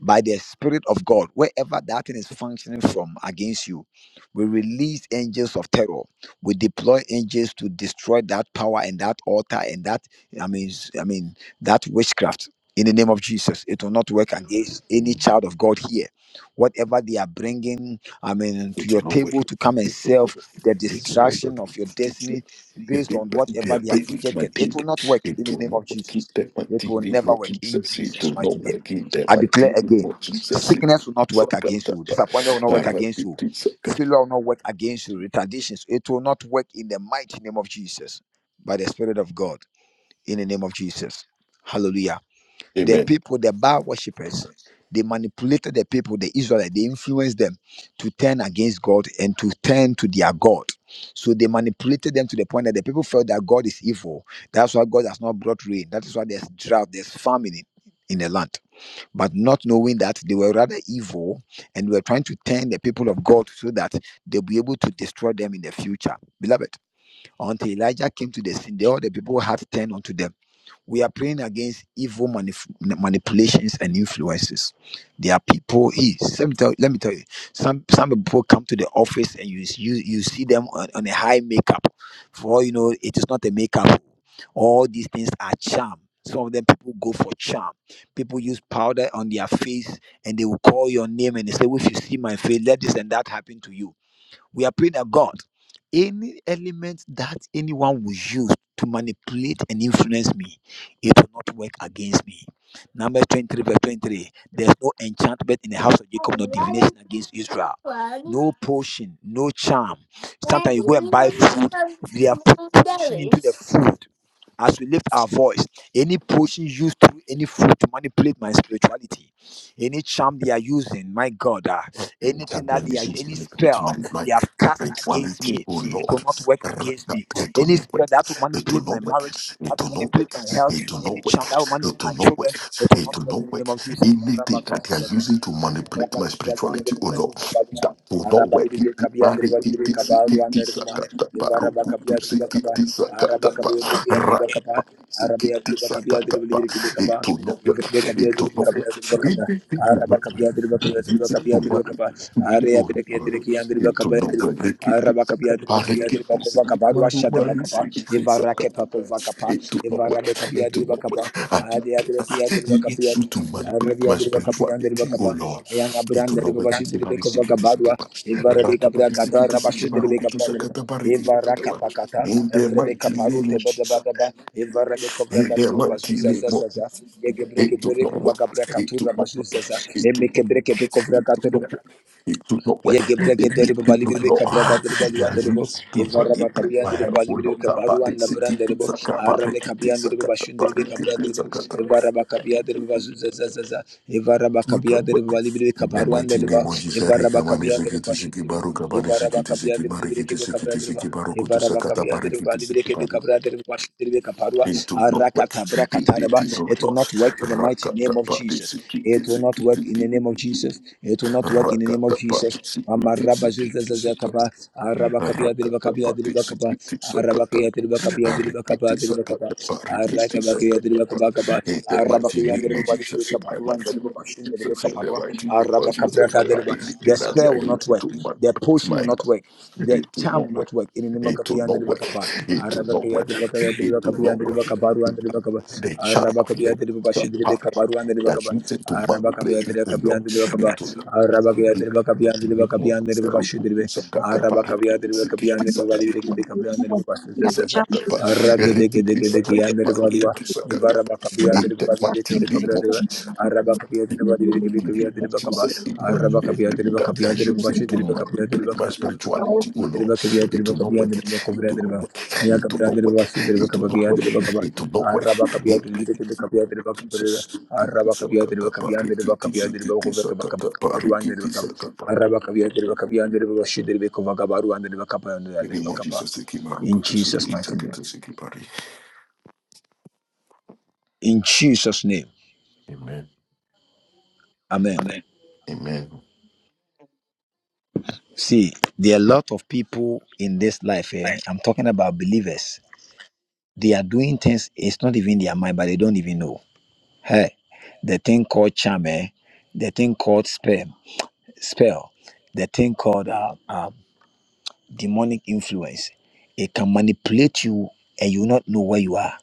by the Spirit of God, wherever that thing is functioning from against you, we release angels of terror. We deploy angels to destroy that power and that altar and that I mean, s- I mean that witchcraft. In the name of Jesus, it will not work against any child of God here. Whatever they are bringing, I mean, It to do your not table work. to come and It will not serve work. the It will not distraction work. of your destiny Yeah, based they, on they whatever are they have bringing my projected, it will baby. not work in It the will name not of work in Jesus. the It mighty will name never of work in Jesus. It Jesus' will mighty not name. work in the I declare mighty name again, of Jesus. It- sickness will not work against you. Sakatapa. Disappointment will not work against you. Arapiti sakata. Failure will not work against you. Retardations, it will not work in the mighty name of Jesus. By the Spirit of God, in the name of Jesus. Hallelujah. The Amen. people, the Baal worshippers, they manipulated the people, the Israelites, they influenced them to turn against God and to turn to their God. So they manipulated them to the point that the people felt that God is evil. That's why God has not brought rain. That is why there's drought, there's famine in in the land but not knowing that they were rather evil and were trying to turn the people of God so that they'll be able to destroy them in the future. Beloved, until Elijah came to the scene, all the people had turned unto them we are praying against evil manif- manipulations and influences. There are people. He let me tell, let me tell you. Some some people come to the office and you you you see them on, on a high makeup. For all you know, it is not a makeup. All these things are charm. Some of them people go for charm. People use powder on their face and they will call your name and they say, "Well, "If you see my face, let this and that happen to you." We are praying that God, any element that anyone will use to manipulate and influence me, it will not work against me. Numbers 23, verse 23. There's no enchantment in the house of of Jacob, no lion divination against Israel. influence, No potion, no charm. Sometimes you go and maybe buy even food, they have put some potion into the berries. food as we lift our voice, any potion used through any food to manipulate my spirituality, any charm they are using, my God, uh, anything Anytime you are that they are, using to any manipulate my spell life, they have cast my against me, oh it Lord. will not work against me. It will Any not work. spirit that will It will manipulate my not work. marriage, that It will will not manipulate work. my health, It will any not work. charm that will It manipulate will my not children, work. it will It not will work in not the work. name of Jesus. Maraba Anything that kusa they are zaza. using to manipulate Maraba my gabia gabia spirituality, oh Lord, masuza balua. that will not Maraba work. libi It will kabia not work. debo libi It libi kaba alua nda kabia debo kaba. Araba kabia dikia debo kaba. Arabia debo kabia debo libi kibe kaba. will Libi kabia debo not kabia work. debo kaba. Anything you Araba know, kabia debo you are kabia debo using to kabia manipulate debo kaba. it's Area you debo kia debo kia debo Arabakabia Dribakabia Dribakova Kabarua Shatabakapa, Ivara Kepakova Kapa, Ivara Bekabia Dribakapa, Adia Dribia Dribakapia, to manipulate Arabia my Dribakapia spirituality, oh Dribakapa, Lord. Ayanga It Brand will not work. Ribabashi It's a man is Dribakova secret, it's a Kabarua, keeper. Ivara Bekabria Rakaba is Kata, secret, it's a keeper. Rabashu Rokutu Dribakabra Driba, sakata Ivara Kapakata, In the Evrebe mighty Kaparu name of Jesus. Tebadabagaba, Ivara Bekovra In the mighty Gadribazuza name of Zazaza, Yegebreke it took not Berekova work. Gabra It Katura took not work. Bazuza, It took not work. Emekebreke Bekovra It took not Katura work. It took not work. yegebre It kedere made babali people bir be kabra not. kadere They baluan are dere bo used to evara ba running kabian my dere health babali will bir be not come back. kabaruan They say, labran "Keep dere it, bo Saka, but arabe it is kabian this, dere bo Saka, başun dere but be it is kabra dere this, bo Saka, but it is evara ba kabian dere bo bazu za za za za evara ba kabian not dere work." babali bir be In the kabaruan mighty dere bo name of Jesus, evara ba Rika Mani kabian dere Siki to başun Siki dere bo Baru Kabani Libara Siki to bakabya Siki diri Mariki libireke to be Siki Baruku kabra to diri ba. Siki Baru Kutu Libara Sakata bakabya diri Pariki ba to Siki Bari. It took no work. Arakata brakata It did not It will not lost. work in the mighty name Rakata of Padi Jesus. Siki to It will not work in the Siki name of Jesus. It will not In work in the the name of Jesus. Mama rabba, ziza zaza kapa. Araba kabya diri ba kabya diri ba kapa. Araba kabya diri ba kabya diri ba kapa diri ba kapa. Bakaba, mighty name of Jesus, in my mighty Jesus, in the mighty name of Jesus, Father, anything that they spell are will not using work. to The manipulate potion my will not work. life, The it will charm will not work, not work. In the it will not work, Makaba, it will Araba not work, it Kayadribaka, will not work. Kabaru and Ribakaba, They shut Araba up, they shut up. They are using to manipulate me, you know. In the mighty name of Kabiyanları bir Jesus. başı dirbe. Araba kabiyanları ve kabiyanları bir bari bir ekibi kabiyanları bir başı zezeze. Thank you. Arra kede kede kede kiyanları bir bari Amen. var. Evara bak kabiyanları bir bari bir ekibi kabiyanları var. Araba kabiyanları bir bari bir ekibi In the name kabiyanları bir of kaba. Jesus. Araba Amen. kabiyanları bir That I kabiyanları bir use it başı to dirbe my, kabiyanları bir my kabiyanları spirituality, oh bir. Dirbe Lord. kabiyanları It bir will not work. kabiyanları bir It will kovriyanları bir. not work. Aya It will not kabiyanları bir work. başı dirbe It will not work. kabiyanları bir kaba. It will not work. Araba In kabiyanları bir ekibi kabiyanları bir kabiyanları araba the kabiya diriba kabiya diriba kabiya diriba ko veka baka baka name ruan of diriba Jesus. Araba kabiya dere baka biya dere baka shi baru an dere baka pa In the name of Jesus, take him out, In put to seek him, Jesus' mighty take him name. to seek him, buddy. In Jesus' name. Amen. Amen. Amen. Amen. See, there are a lot of people in this life here. Thank I'm talking about believers. They are doing things, it's not even their mind, but they don't even know. Hey, the thing called charm, eh? the thing called spell, spell, the thing called uh, uh, demonic influence. It can manipulate you and you not know where you are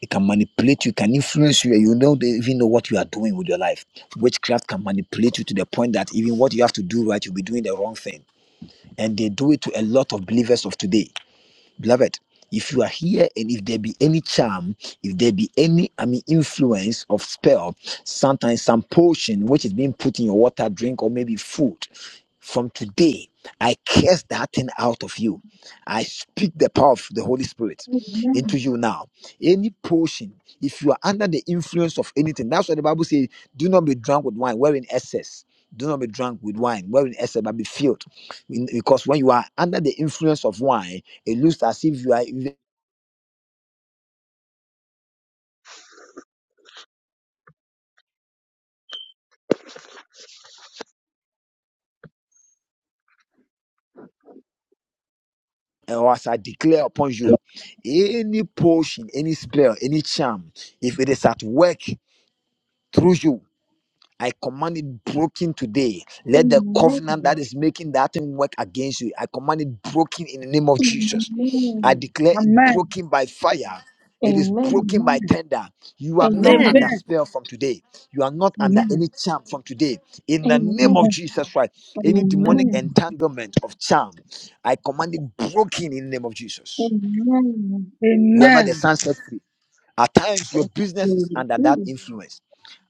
It can manipulate you, can influence you, and you don't even know what you are doing with your life. Witchcraft can manipulate you to the point that even what you have to do right, you'll be doing the wrong thing. And they do it to a lot of believers of today. Beloved, if you are here and if there be any charm, if there be any I mean influence of spell, sometimes some potion which is being put in your water, drink, or maybe food, from today, I curse that thing out of you. I speak the power of the Holy Spirit into you now. Any potion, if you are under the influence of anything, that's what the Bible says do not be drunk with wine, wherein excess. Do not be drunk with wine, wherein excess, but be filled. In- Because when you are under the influence of wine, it looks as if you are even or as I declare upon you, any potion, any spell, any charm, if it is at work through you, I command it broken today. Let the Amen. covenant Amen. that is making that thing work against you. I command it broken in the name of Jesus. I declare it Amen. broken by fire. It is Amen. broken by Amen. tender. You are not Amen. under Amen. spell from today. You are not under Amen. any charm from today. In the name of Amen. Jesus Christ, Amen. any demonic Amen. entanglement of charm, I command it broken in the name of Jesus. Amen. Whoever the Amen. Son set free. At times, your Say, business "Will is you under that be?" influence.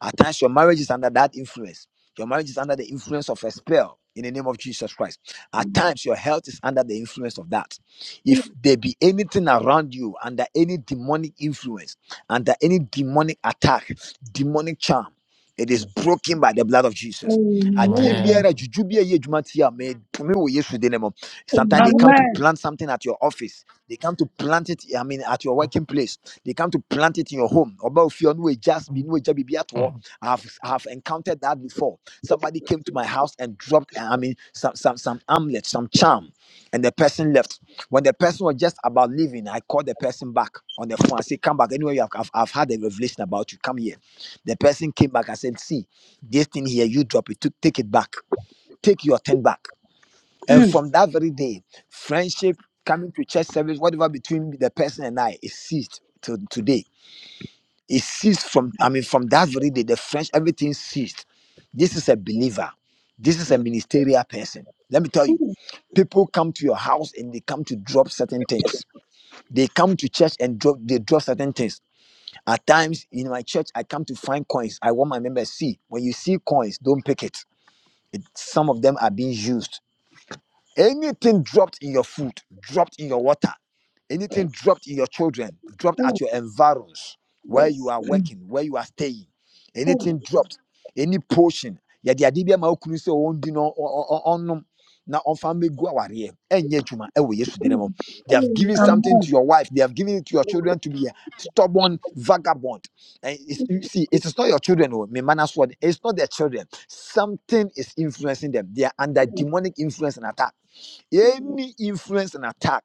At times, your marriage is under that influence. Your marriage is under the influence of a spell in the name of Jesus Christ. At Amen. times, your health is under the influence of that. If there be anything around you under any demonic influence, under any demonic attack, demonic charm, it is broken by the blood of Jesus. Adeɛ Amen. Amen. biara, juju bi a ɛyɛ adwuma tia me, me wɔ Yesu din mu. Sometimes they Amen. come to Amen. Amen. plant something at your office. They come to plant it, I mean, at your working place. They come to plant it in your home. Oba ofi ono we just be no we just be at all. Mm. I have I have encountered that before. Somebody came to my house and dropped, I mean, some some some amulet, some charm, and the person left. When the person was just about leaving, I called the person back on the phone. I said, "Come back. Anyway, you have- I've, I've had a revelation about you. Come here." The person came back. I said, "See, this thing here, you drop it. Took- Take it back. Take your thing back." And Mm, from that very day, friendship, coming to church service, whatever between the person and I, it ceased till today. It ceased from, I mean, from that very day, the French, everything ceased. This is a believer. This is a ministerial person. Let me tell you, people come to your house and they come to drop certain things. They come to church and drop they drop certain things. At times in my church, I come to find coins. I want my members to see. When you see coins, don't pick it. it some of them are being used Anything dropped in your food, dropped in your water, anything dropped in your children, dropped at your environs, where you Yes. are mm. working, where you are staying, Amen. anything dropped, any portion. Yɛde ade bi ama wo kunu sɛ ɔndi na na ɔmfa mmɛgu awareɛ. Ɛnyɛ adwuma ɛwɔ Yesu din mu. They have given something to Amen. your wife. They have given it to your children to be a stubborn vagabond. And it's, you see, it is not your children. oh, me man, that's what- It's not their children. Something is influencing them. They are under demonic influence and attack. Any influence and attack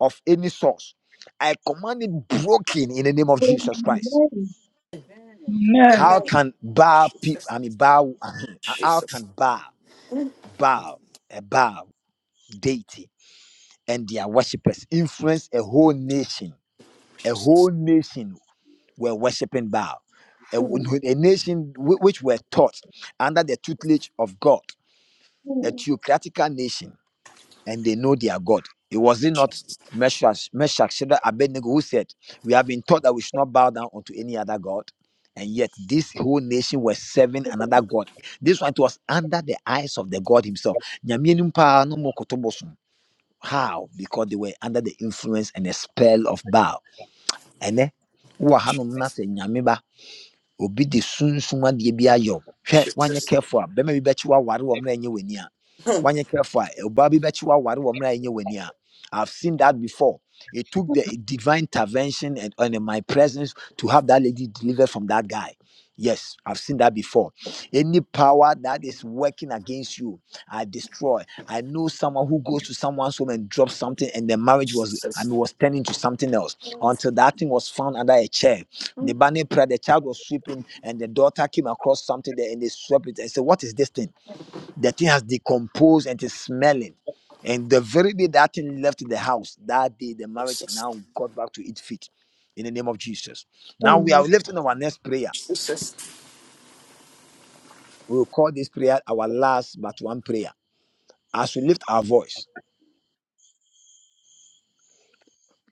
of any source, I command it broken in the name of Amen. Jesus Christ. Amen. Man. Amen. How Amen. can Baal people, I mean, Baal, [laughs] how can Baal, Baal, a Baal deity and their worshippers influence a whole nation? A whole nation were worshipping Baal. A, Thank a nation whi- which were taught under the tutelage of God, a theocratical nation and they know their God. It was it not Meshach, Meshach, Shadrach, Abednego who said, "We have been taught that we should not bow down unto any other god." And yet, this whole nation was serving another god. This one it was under the eyes of the God Himself. Nyame anim paa na ɔmo koto bosom. How? Because they were under the influence and the spell of Baal. And then, obi de sunsun adeɛ bi ayɛ wo hwɛ careful a bɛrima bi bɛkyi waware wɔ mmerɛ a ɛnyɛ w'ani a wanyɛ careful a ɔbaa bi bɛkyi waware wɔ mmerɛ a ɛnyɛ w'ani a i've seen that before it took the divine intervention and, and in my presence to have that lady delivered from that guy yes i've seen that before any power that is working against you i destroy i know someone who goes to someone's home and drops something and the marriage was and was turned into something else until that thing was found under a chair the banner prayer, the child was sweeping, and the daughter came across something there and they swept it and said, What is this thing? The thing has decomposed and is smelling. And the very day that thing left the house, that day the marriage now got back to its feet in the name of Jesus. Now we are lifting our next prayer. We will call this prayer our last but one prayer. As we lift our voice,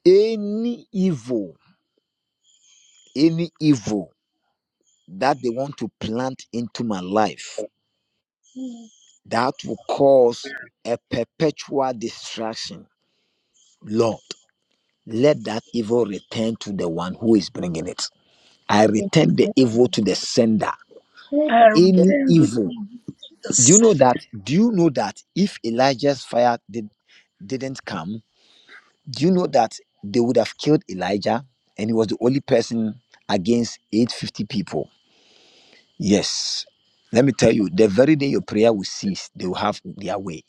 any evil, any evil that they want to plant into my life that will cause a perpetual distraction. Lord, let that evil return to the one who is bringing it. I return the evil to the sender. I Any return the you. evil. thing to the Do you sender. know that? Do you know that if Elijah's fire did, didn't come, do you know that they would have killed Elijah and he was the only person against 850 people? Yes. Let me tell you, the very day your prayer will cease, they will have their way.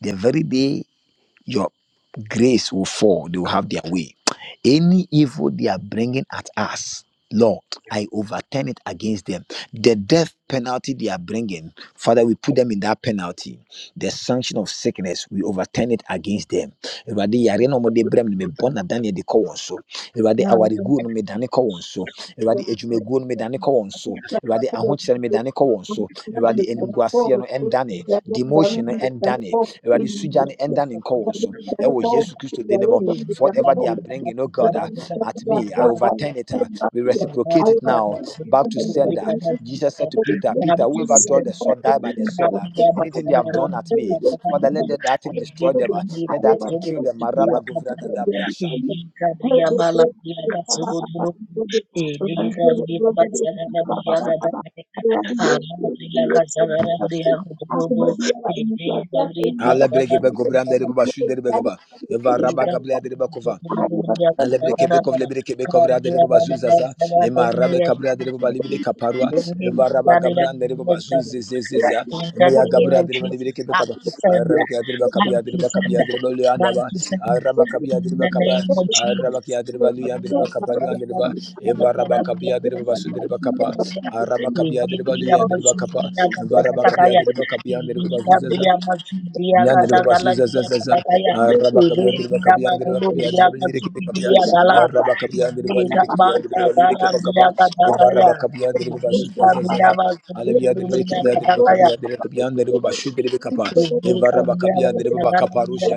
The very day your grace will fall. They will have their way. Any evil they are bringing at us, Lord, I overturn it against them. The death penalty they are bringing, Father, we put them in that penalty. The sanction of sickness, we overturn it against them. Awurade, yare na ɔmode brɛ me no, mebɔ n'adamyɛ de kɔ wɔn so. I Awurade, will awareguo worship no, medane kɔ wɔn so. the Awurade, people of adwumaguo no, medane the kɔ wɔn so. Thank Awurade, Father, the ahokyere no, medane kɔ wɔn so. Awurade, people of animguaseɛ no, ɛndane. Demotion no, ɛndane. Awurade sugya ne ɛnda ne nkɔ wɔn so ɛwɔ yesu kristo din mu for whatever they the are Father, bringing oh god the ah, people of at me i the Father. overturn it ah. we reciprocate it now Gabriela back to sender jesus said to peter peter whoever draw the sword die by the sword ah. anything they have drawn at me father let that, that thing destroy them ah. let that thing kill them maraba govra gadabrasha you. I'm ala brege be gobra ndere buba shu eva Thank raba gabla Alebre Thank you. kebekov lebre kebekov rade rebo bazuzaza ema rabe kabra de rebo you. balibre kaparwa In the name eva raba gabra de rebo of Jesus. bazuziziziza in the eme ya name gabra of de rebo libre Jesus, back kebekaba to rabe sender, kya de rebo back kapya de to rebo kapya sender, de rebo luyanda back ba to sender, raba kapya de in rebo the kapa name of raba Jesus. kya de rebo luyanda de rebo kapa luyanda de ba eva raba kapya de rebo basu de rebo kapa raba kapya de rebo luyanda de rebo kapa eva raba kapya de rebo kapya de rebo bazuzaza Yandere Thank you. baba zuza za za za Thank araba kabiya dere baba kabiya dere baba kabiya dere baba dere kabiya kabiya Gala araba kabiya dere Thank baba dere kabiya dere baba dere eva araba kabiya dere baba zuza za za za alebiya dere baba kabiya dere baba kabiya dere kabiya dere baba shu eva araba kabiya dere baba kapa rush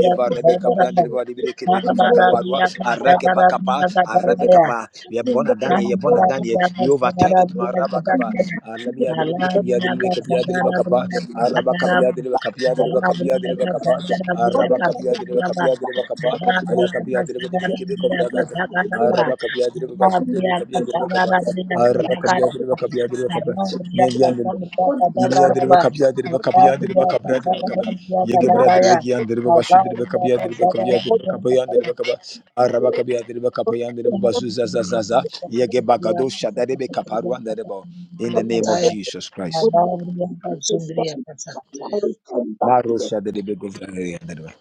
eva rebe kabra dere baba dere kabiya kafa kaparwa arake pa kapa arabe you. kapa ye bona Thank danie bona you. danie you overturn it maraba Thank kapa Alam ya dili bili kibiya dili bili kibiya dili bakapa. Araba kapiya dili bakapiya dili bakapiya dili bakapa. Araba kapiya dili bakapiya dili bakapa. Aya kapiya dili bili bili kibiya kopra dada. Araba kapiya dili bakapiya dili bakapiya dili bakapa. Araba kapiya dili bakapiya dili bakapa. Yimya deriva kapya deriva kapya deriva kapra deriva kaba yegebra deriva kiyan deriva başı deriva kapya deriva kapya deriva you. kapayan deriva kaba araba you. kapya deriva kapayan deriva Amen. basu za za za za yege bagado şadarebe kaparuan deriva in So the this name of was Jesus Christ when you you did something that I return back to maro them şadarebe govranere deriva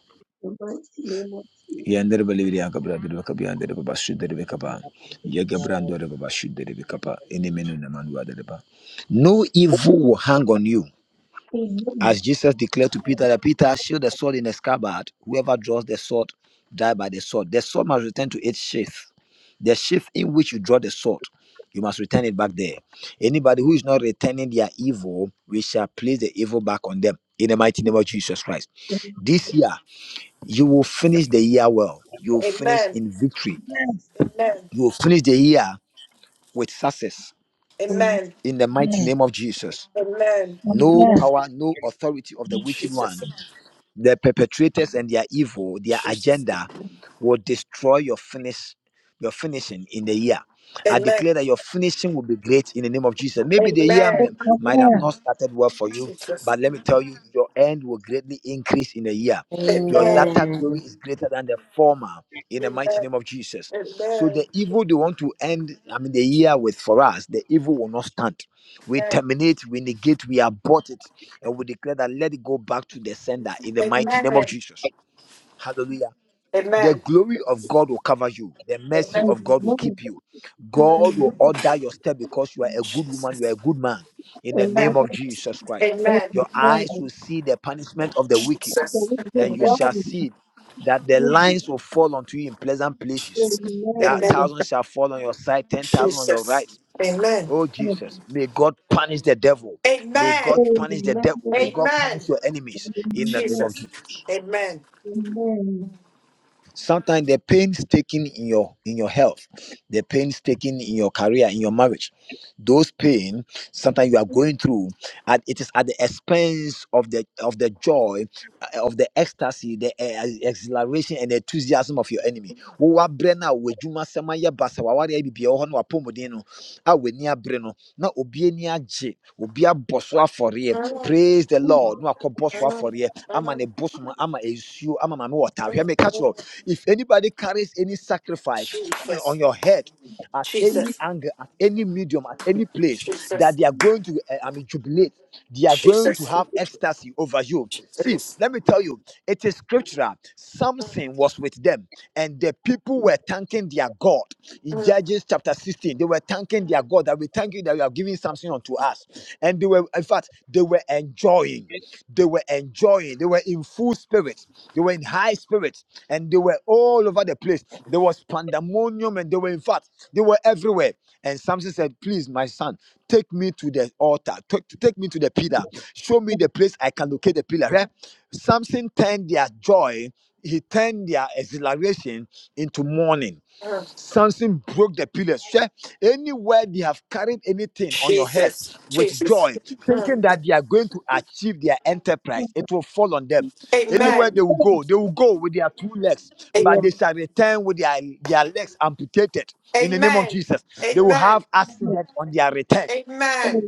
in the mighty name of Jesus. yanderiva livriyan kabra deriva kapya deriva basu deriva kaba yegebra deriva basu deriva kaba inimenu namanwa deriva no evil will hang on you Amen. As Jesus declared to Peter that Peter shield the sword in the scabbard, whoever draws the sword die by the sword. The sword must return to its sheath. The sheath in which you draw the sword, you must return it back there. Anybody who is not returning their evil, we shall place the evil back on them. In the mighty name of Jesus Christ. Amen. This year, you will finish the year well. You will finish Amen. in victory. Amen. You will finish the year with success. Amen. Amen. In the mighty Amen. name of Jesus. Amen. No Amen. Amen. power, no authority of the wicked one the perpetrators and their evil, their agenda will destroy your finish, your finishing in the year. I Amen. declare that your finishing will be great in the name of Jesus. Maybe the year Amen. may- might Amen. have not started well for you, Jesus. but let me tell you, your end will greatly increase in the year. Your Amen. latter Amen. glory is greater than the former. In the mighty Amen. name of Jesus. So, Amen. the evil they want to end, I mean, the year with for us, the evil will not stand. We terminate, we negate, we abort it and we declare that let it go back to the sender in the mighty name of Amen. Amen. Jesus. Hallelujah. The glory of God will cover you. The mercy Amen. of God will Amen. keep you. God will order your step because you are a good woman, you are a good man. In the name Amen. of Amen. Jesus Christ, Amen. Amen. your eyes Amen. will see the punishment of the wicked, The Jesus. and wicked you one. shall see that the Amen. Amen. lines will fall onto you in pleasant places. That Amen. Amen. thousand shall fall on your side, ten thousand on your Jesus. right. Amen. Oh Amen. Jesus, may God punish the devil. May God Amen. punish the devil. May God punish Amen. your enemies in the name of Jesus Jesus. Amen. Amen. sometimes the pains taken in your in your health the pains taken in your career in your marriage those pain sometimes you are going through and it is at the expense of the of the joy uh, of the ecstasy the uh, uh, exhilaration and enthusiasm of your enemy wo wa brɛ no a wadwuma sɛm ayɛ basa wawareɛ bibia wɔ hɔ no wapɔmuden no a w'ani abere no na obi ani agye obi abɔ so afɔreɛ praise the lord na wakɔbɔ so afɔreɛ ama ne bosom ama nsuo ama mame wɔta hwɛ me ka kyerɛ wo, if anybody carries any sacrifice on Jesus. on your head at Jesus. any angle, at any medium, at any place, Jesus. that they are going to, uh, I mean, jubilate, they are going to Jesus. have ecstasy over you. See, let me tell you, it is scriptural. Something was with them, and the people were thanking their God. In Judges chapter 16, they were thanking their God that we thank you that you have given something unto us. And they were, in fact, they were enjoying. They were enjoying. They were in full spirit. They were in high spirit. And they were all over the place. There was pandemonium and they were, in fact, they were everywhere. And Samson said, Please, my son, take me to the altar. Take, take me to the pillar. Show me the place I can locate the pillar. Eh? Samson turned their joy, he turned their exhilaration into mourning Samson broke the pillars. Sure, anywhere they have carried anything on your head Jesus. Jesus. with Jesus. joy, thinking that they are going to achieve their enterprise, it will fall on them. Anywhere Amen. they will go, they will go with their two legs, but Yes. they Amen. shall return with their, their legs amputated in the name of Amen. Jesus. They will Amen. have accident on their return. Amen.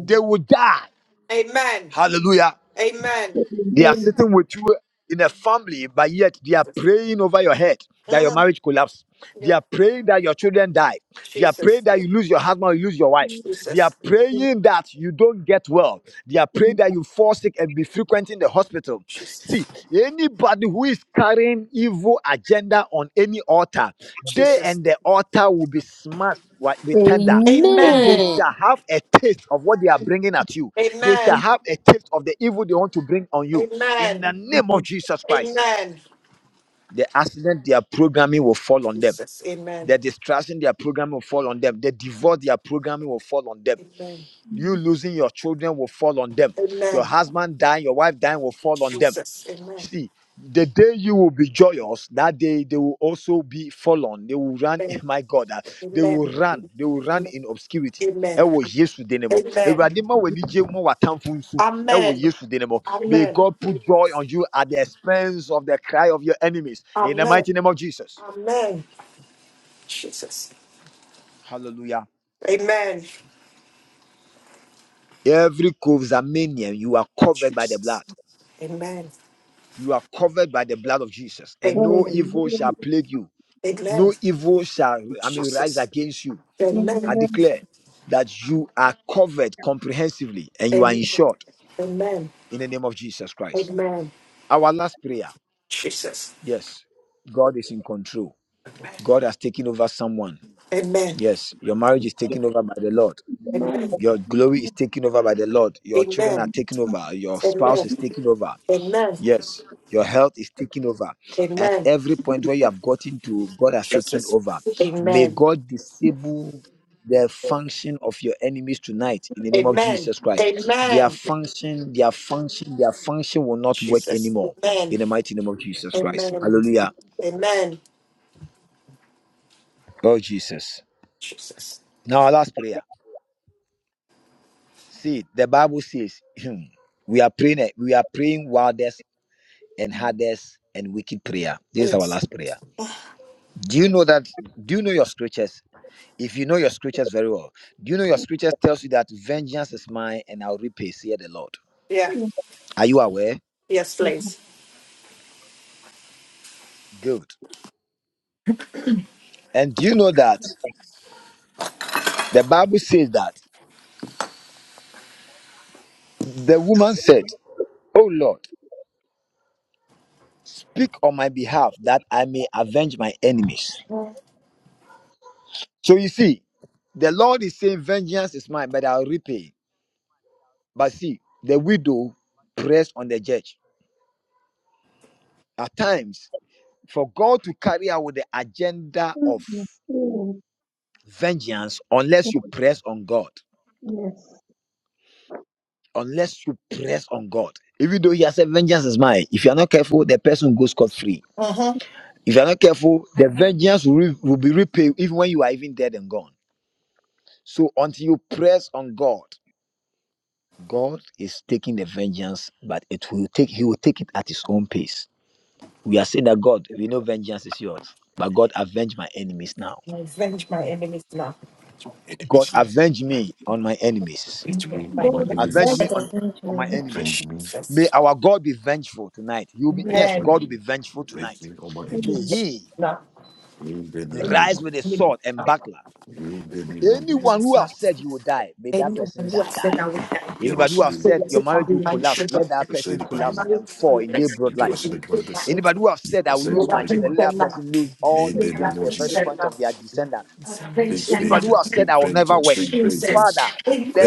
They will die. Amen. Hallelujah. Amen. They are sitting with you in a family, but yet they are praying over your head that your Mm, marriage collapse. They yeah. are praying that your children die. They are Jesus. praying that you lose your husband you lose your wife. They are Jesus. praying that you don't get well. They are praying that you fall sick and be frequenting the hospital hospital. See, Jesus. anybody who is carrying evil agenda on any altar, they Jesus. and the altar will be smashed wi- with tender, and they Amen. Amen. shall have a taste of what they are bringing at you. They shall Amen. Amen. have a taste of the evil they want to bring on you. In the Amen. name Amen. of Jesus Christ, Amen. the accident they are programming will fall on them. Jesus. Amen. The distraction their programming will fall on them. The divorce their programming will fall on them. Amen. You losing your children will fall on them. Your Amen. husband dying, your wife dying will fall on them Jesus. Amen. See, the day you will be joyous, that day they will also be fallen. They will run, [laughs] Amen. my God, ah, they will Amen. run, they will run in obscurity. Amen. Amen. ɛwɔ yesu din mu Amen. awurade ma w'anigye mu w'atamfo nsu ɛwɔ Amen. Amen. yesu din mu may Amen. Amen. god put joy on you at the expense of the cry of your enemies in the Amen. Amen. mighty name of jesus hallelujah every covenant you are covered by the blood you are covered by the blood of jesus and Yes. no evil shall plague you Amen. no evil shall i mean rise against you Amen. I declare that you are covered comprehensively and you are Amen. insured Amen. in the name of Jesus Christ. Amen. Our last prayer. Yes, God is in control. God has taken over someone. Amen. Yes, your marriage is taken over by the Lord. Amen. Your glory is taken over by the Lord. Your children are Amen. taken over. Your Amen. spouse is Amen. taken over. Amen. Yes, your health is taking over. Amen. At Amen. every point where you have gotten to, God has taken over. May God disable the function of your enemies tonight in the name of Amen. Jesus Christ. Their function, their function, their function will not work anymore in the mighty name of Jesus Christ. Amen. Amen. Hallelujah. Amen. Oh, Jesus. Now, our last prayer. See, the Bible says [clears throat] we are praying, eh, we are praying wildest and hardest and wicked prayer. This is our Yes. last prayer. Do you know that? Do you know your scriptures? if you know your scriptures very well do you know your scriptures tells you that vengeance is mine and i'll repay say the lord Yeah. are you aware Yes, please. good and do you know that the bible says that the woman said oh lord speak on my behalf that i may avenge my enemies so you see the lord is saying vengeance is mine but i'll repay but see the widow pressed on the judge at times for god to carry out the agenda of vengeance unless you press on god unless you press on God. Even though he has said, Vengeance is mine. If you are not careful, the person goes scot free. Uh-huh. If you are not careful, the vengeance will, re- will be repaid even when you are even dead and gone. So until you press on God, God is taking the vengeance, but it will take he will take it at his own pace. We are saying that God, we know vengeance is yours, but God avenge my enemies now. I Revenge my enemies now. God Enemies, avenge me on my enemies. rage me on My my Lord, I enemies Avenge now. thank enemies, me on, on my you. enemies. rage me, Yes. May our God be vengeful tonight. He will be, rage yes, me, Amen. God will enemies, be vengeful rage tonight. me on my May enemies. he Now. In the name Revenge of my rise with Jesus, a enemies sword and now. buckler. in the name of Anyone Enemies who Jesus. have now. said you will die, may that Anyone person who has die. said I will die. Ibiara Anybody who have osimi, said your marriage will collapse, let that osai person nipa ni collapse mu, and fall in their broad ibiara light. osimi adwuma no bɛsɛn, Anybody who have said I will osai lose nipa my no adwuma. children, let that person lose all In the the children name to of the very Jesus, point of their descendant. take Praise the Anybody who name have vengeance, of said take I will never vengeance, work, take Jesus. vengeance. Father,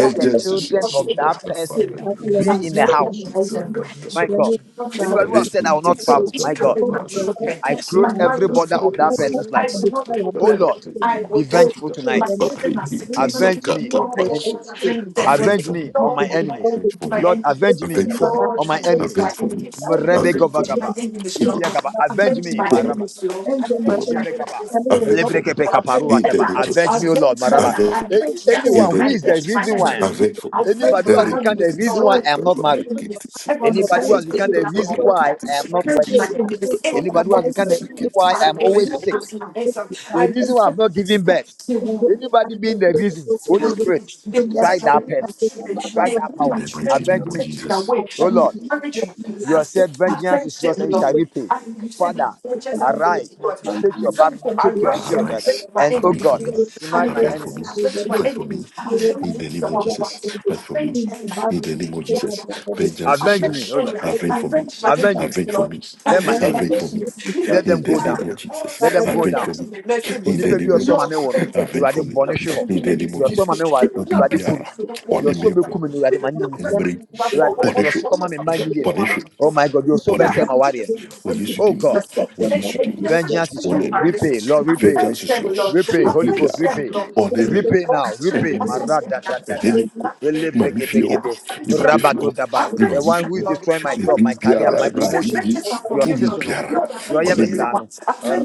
for your the is who your healing. children wants soul, of to Lord that around God. person soon, Father, Thank please, be I'm in the still please, on house. the razor. please, My God. please, Running Anybody from who have Avenge this. for said me, I will not The travel, my wicked have God, avenge been my children. I close My every marriage border of that is. person's life. I will not be Oh well. Lord, I be will die. vengeful My tonight. children are sickness. Avenge me on my Lord, enemies. bring them. Avenge me on Lord, my enemies. avenge for my me, Lord, avenge enemies. me avenge for me, Lord, on my avenge avenge my enemies. for me, enemies. avenge for Avenge me. my Mrebegovagaba, enemies, Come on, Lord. Iviagaba, Avenge Avenge me, my come on, Maraba. enemies, Lord. come on, Avenge my Yebegaba, enemies. avenge for me. I drink In so the Lebrekepekaparuataba. name much. of Avenge I me, O Jesus, Lord, drink so Maraba. much. I drink A- yes. In Anyone the who I you. name is of the drink my Jesus, reason They energy. I why, read for I anybody thank were who has my trying become to the Rikiti enemies, reason Lord. go I why to I thank am my Sakata not these married, leaders for Barikiti enemies. time Every on the Sikiti anybody very who second has to become you day. Sakata the now, reason So Lord. I why Barikiti Yes. I remember I am that not thank Sikiti working. day, my I Sakata really enemies. thought Anybody I'd who has Anyone make Barikiti become a the saying reason it, Sikiti decision. why I I'm may always not sick, Sakata. ask my This answer. is my the I will name. reason why say I'm not giving birth, it. They It's will. good. I anybody said, They being the will "Hey, reason, look, look, Holy spell look, look." Spirit, it. They And will that's strike take how it that away. my person, started, and children. blah, blah, strike They blah. that will In power, my the children mighty to And, be name avenge um, of me. taken Jesus, I away. Oh let Lord, you, I Marriage let will be you, you I have lost. let said you. I vengeance thank is yours And them, and you you shall Lord. just- repay. I, you you just- said the Father, you vengeance just let of me the arise, Lord. I take run. your battle, thank them. I take Thank your Father, write shield, them. I eh, arise. thank my and oh Avenge for God, enemies. me, I smite my avenge for realize me, and I enemies. pray to my fight for me. enemies. I don't In think the name so of about Jesus, what it. fight I for pray me. to them. I In the name pray of to us Jesus, and I pray vengeance I is Avenge pray me, oh yours. to Lord, them. Avenge I for pray me, to my avenge me. enemies, avenge for Lord. me, I Let pray my to my avenge for enemies, me. enemies. let them In the go down, name of Oh, Jesus, let sorry, them go avenge they are down. for me. to me, Lord, for me. In the So, onipa bi name a of ɔsɔ Lord, maame Jesus, I no pray avenge that awurade for me. you bɔne hwe hɔ In give me the the name deɛ of free ɔsɔ maame Jesus, food. ware Give me no obi your awurade ku rest. no biara Give me deɛ ɔne ɔsɔ me ko bɛku no awurade ma your wu rest. anybody Therefore, awurade what bɔne deɛ what is hwe ɔsɔ for ɔma me yourself? mma nyɛ What do you no bɔne you. want? hwe oh my god deɛ ɔsɔ bɔne Yeah, I Thank bɛsɛe hwe ma want wareɛ Jesus to no be wɔ with you. yesu oh dim god wɔ But Vengeance is you. ne me ko Repay, Lord, repay. vengeance is yours Repay, obi Holy Ghost, biara repay. ɔne me Repay now, repay. Mara da da da ɛne da. ne ko maame fie Elebregebegede. hɔ ne papa fie Rabado hɔ daba. ne The maame one fie who is hɔ destroying my job, obi my career, biara my promotion. awurade ye You are tumi artisanal. biara You are yemesano.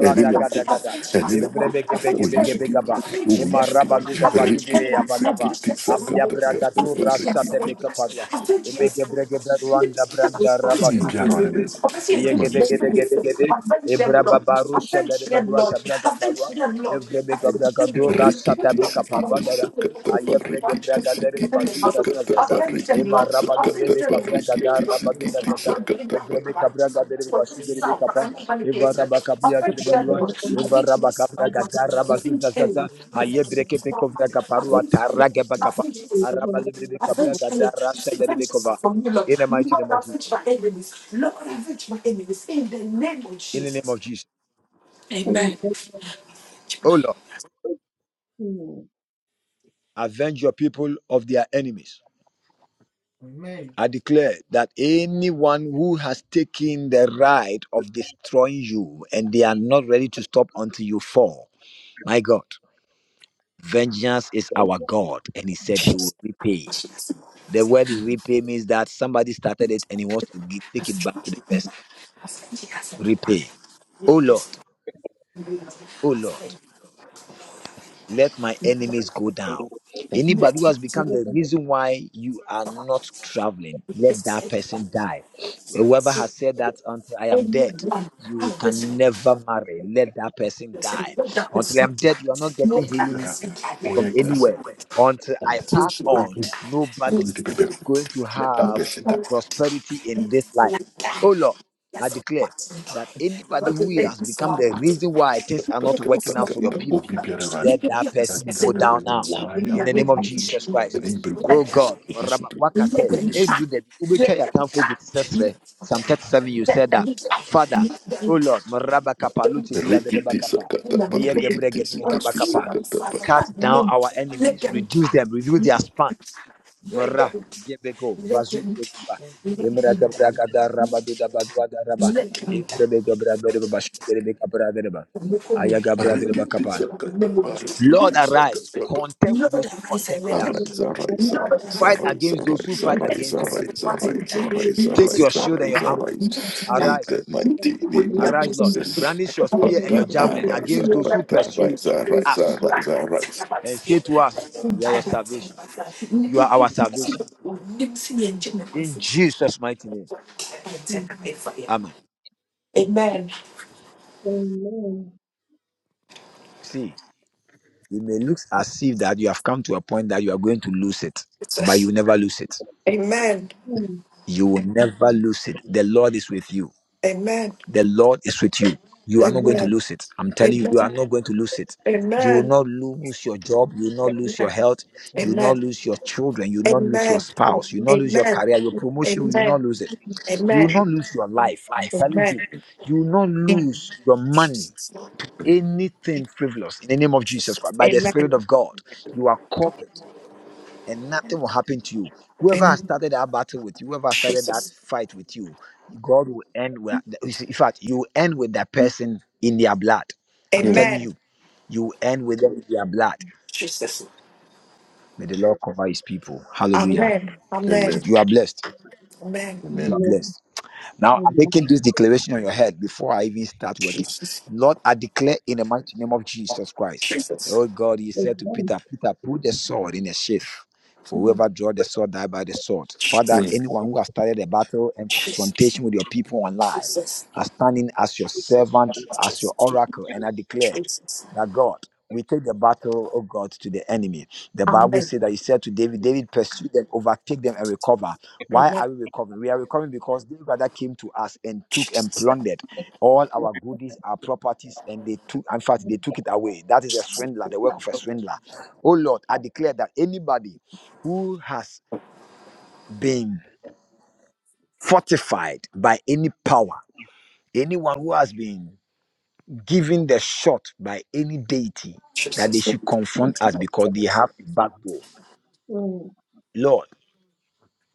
And then it gada goes, gada. and then it goes. Well, you should give me, Evrebegebegebegegaba. oh, Ima rabado daba du de abagaba. sakata, kata, Abiabragatu rasate parikiti. bekapadwa. Emegebregeberuanda branda rekiti. me, rabasuze biara, and it Mami si no. Yegedegedegedegede. Ebraba barusha dare badua tabra kaparua. Evrebe kabra kado rasa Rikiti, tabe kaparua sikiti, dara. sakata, Ayebre gebra parikiti, gadere rekiti, babazu sekiti, zazazaza. Ema raba sakata, lebrebe kabra parikiti, gada raba duda rekiti, dada. sakata, pa. Evrebe rekiti, kabra sekiti, gadere babazu gerebe kapa. Eva raba kabia dere balua. Eva raba kabra gada raba zu zazaza. Ayebre kepe you. kovra kaparua tarra geba kapa. Araba lebrebe kabra Avenge me. gada rasha dere Avenge bekova. yourself from me, Lord. In the mighty Lord, name of Jesus. avenge my enemies. Lord, avenge my enemies. In the name of In the name Jesus. of Jesus. Amen. O Lord, avenge your people of their enemies. I declare that anyone who has taken the right of destroying you and they are not ready to stop until you fall, my God, vengeance is our God, and He said He Jesus, will repay. The word repay means that somebody started it and He wants to gi- take it back to avenge the me. person. Avenge me as a brother. Repay. Lord, Oh you Lord, say, avenge oh Lord. let my enemies go down. sakata, me. Anybody who Let me has become the reason why you are not traveling, be a let that saint. person die. Whoever has said that until I am dead, Anyone. I'm a you blessing. can never marry. Let that person die. No Until darkness, I no am light. dead, you are not No getting healing darkness, no light. No oh, from yeah, darkness, that's it. anywhere until I Until pass she on. people, people Nobody need to no be is better. light. going to ta. that No have darkness, prosperity in this life. no light. Oh Lord, I Yes, declare Martin. that anybody Oh, the who has latest become one, the Martin. reason why things that, are that, You not can working that, out for that, smoke your my that will be people, mother. better right. You let can be that And I person think obsessed i go and the you down can reason now. see why I'm me. In the Mary, name not of come and using show Jesus me the Christ. this. name very good. Oh Let God, them- It used Rabba- to be. Waka let said, We them used die. to "Endu de- ubetwa Let them yatamfo egu die. te sɛ You- Psalm 37, you let said that. them die. Father, oh Lord, Maraba Kapaluti be. Bia de Rikiti Bakapa, You know, sakataba, you Mia put it- rikiti Gebrege do or sikiti see what Rabakapa I'm saying. sakataba, cut What down name? our Let enemies, them reduce die. them, reduce their span. Let Mara, them die. Gebeko, Let Vazu, them die. Zegeba, Emraka Bragada, Rabadu, Dabadwada, Rabba, Let them die. Evrebeka, Bradereba, Shudrebeka, Bradereba, You know, you- you Ayaga, know, Bradereba, rikiti Kapa. you know, sakataba, you Lord, rikiti arise, sakataba. contend Know with that those who I contend with let him us, die. Arise, arise, Know that arise, I fight arise, against those who arise, fight let arise, against your us arise, people. let him arise, die. arise, Let Take us your arise, shield and your arise, die. armor. arise. Let us In Arise, die. the You mighty people will name of not arise, let him Lord, die. Jesus. brandish your If I let spear and him your Father, die, javelin arise, you against will those arise, who not let him pursue die. arise, arise, us, arise, arise. and say to us, Let him We are your die by ten salvation. by five. You You people are our salvation. will never see a genuine in food Jesus' mighty name. die by ten by five. Amen. Amen. See, it may look as if that you have come to a point that you are going to lose it, but you Jesus. will never lose it. Amen. You will never lose it. The Lord is with you. Amen. The Lord is with you. You are not going to Amen. lose it. I'm telling you, you are Amen. not going to lose it. You will Amen. not lose your job. You will not lose your Amen. health. You will not Amen. lose your children. You will not lose your Amen. spouse. You will not lose your Amen. career. Your promotion, you will Amen. not lose it. You will Amen. not lose your life. I'm telling you. Amen. You will not lose your money. anything frivolous in the name of Jesus Christ by the Amen. Spirit of God. You are covered and nothing will happen to you. Whoever has Amen. started that battle with you, whoever has started that Jesus. fight with you, God will end with. you see, In fact, you will end with that person in their blood. I'm Amen. telling Amen. you, you will end with them in their blood. May the Lord cover His people. Hallelujah. Amen. Amen. Amen. You are blessed. Amen. You are Amen. blessed. Now I'm making this declaration on your head before I even start working. Lord, I declare in the mighty name of Jesus Christ. Oh God, he said to Peter, Peter, put the sword in the sheath. For whoever draw the sword die by the sword. Father, Mm. anyone who has started a battle and confrontation with your people online, Jesus. I stand in as your servant, as Jesus. your oracle, and I declare Jesus. that God, we take the battle, oh God, to the enemy. The Bible Amen. said that he said to David, David, pursue them, overtake them, and recover. Why Amen. are we recovering? We are recovering because they rather came to us and took and plundered all our goodies, our properties, and they took, in fact, they took it away. That is a swindler, the work of a swindler. Oh Lord, I declare that anybody who has been fortified by any power, anyone who has been given the shot by any deity that they should confront us because they have a backbone. Lord,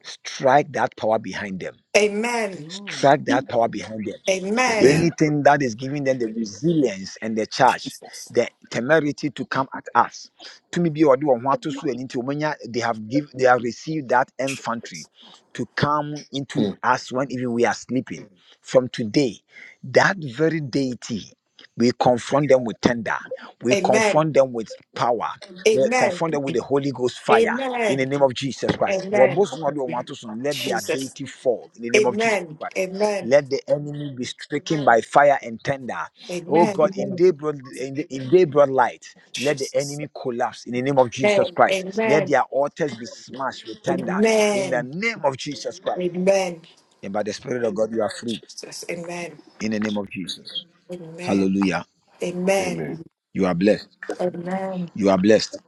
strike that power behind them. Amen. Strike that power behind them. Amen. Amen. Anything that is giving them the resilience and the charge, the temerity to come at us. To me, be or do want to sue and into Omania, they have give they have received that infantry to come into Mm. us when even we are sleeping. From today, that very deity we confront them with tender. We Amen. confront them with power. We confront Amen. them with the Holy Ghost fire in the Amen. name of Jesus Christ. What Amen. most of you want to soon, let their Jesus. deity fall in the name of Jesus Amen. Christ. Amen. Let the enemy be stricken by fire and tender. Oh Amen. God, in day broad, in, the, in day broad light, let the Jesus. enemy collapse in the name of Jesus Amen. Christ. Let Amen. their altars be smashed with tender in the Amen. name of Jesus Christ. Amen. And by the Spirit of God, you are free Jesus. Amen. in the name of Jesus. Amen. Hallelujah. Amen. Amen. You are blessed. Amen. You are blessed.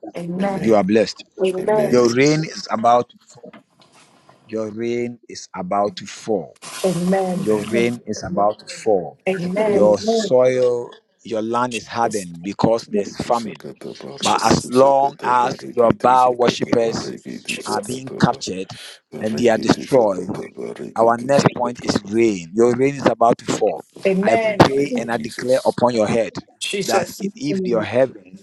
You Amen. Amen. are blessed. Amen. Amen. Your rain is about to fall. Your rain is about to fall. Amen. Your Amen. rain is about to fall. Amen. Your Amen. soil, your land is Yes. hardened because there's Kiti famine. sakata baru But as kiti Jesus. long sakata as baru your kiti Baal sakata worshippers baru kiti are Jesus. being sakata captured and they baru are kiti destroyed, sakata baru our kiti next sakata point is baru. rain. Your rain is about to fall. I In Amen. the pray name and of I declare Jesus. upon your head that Jesus. if your heaven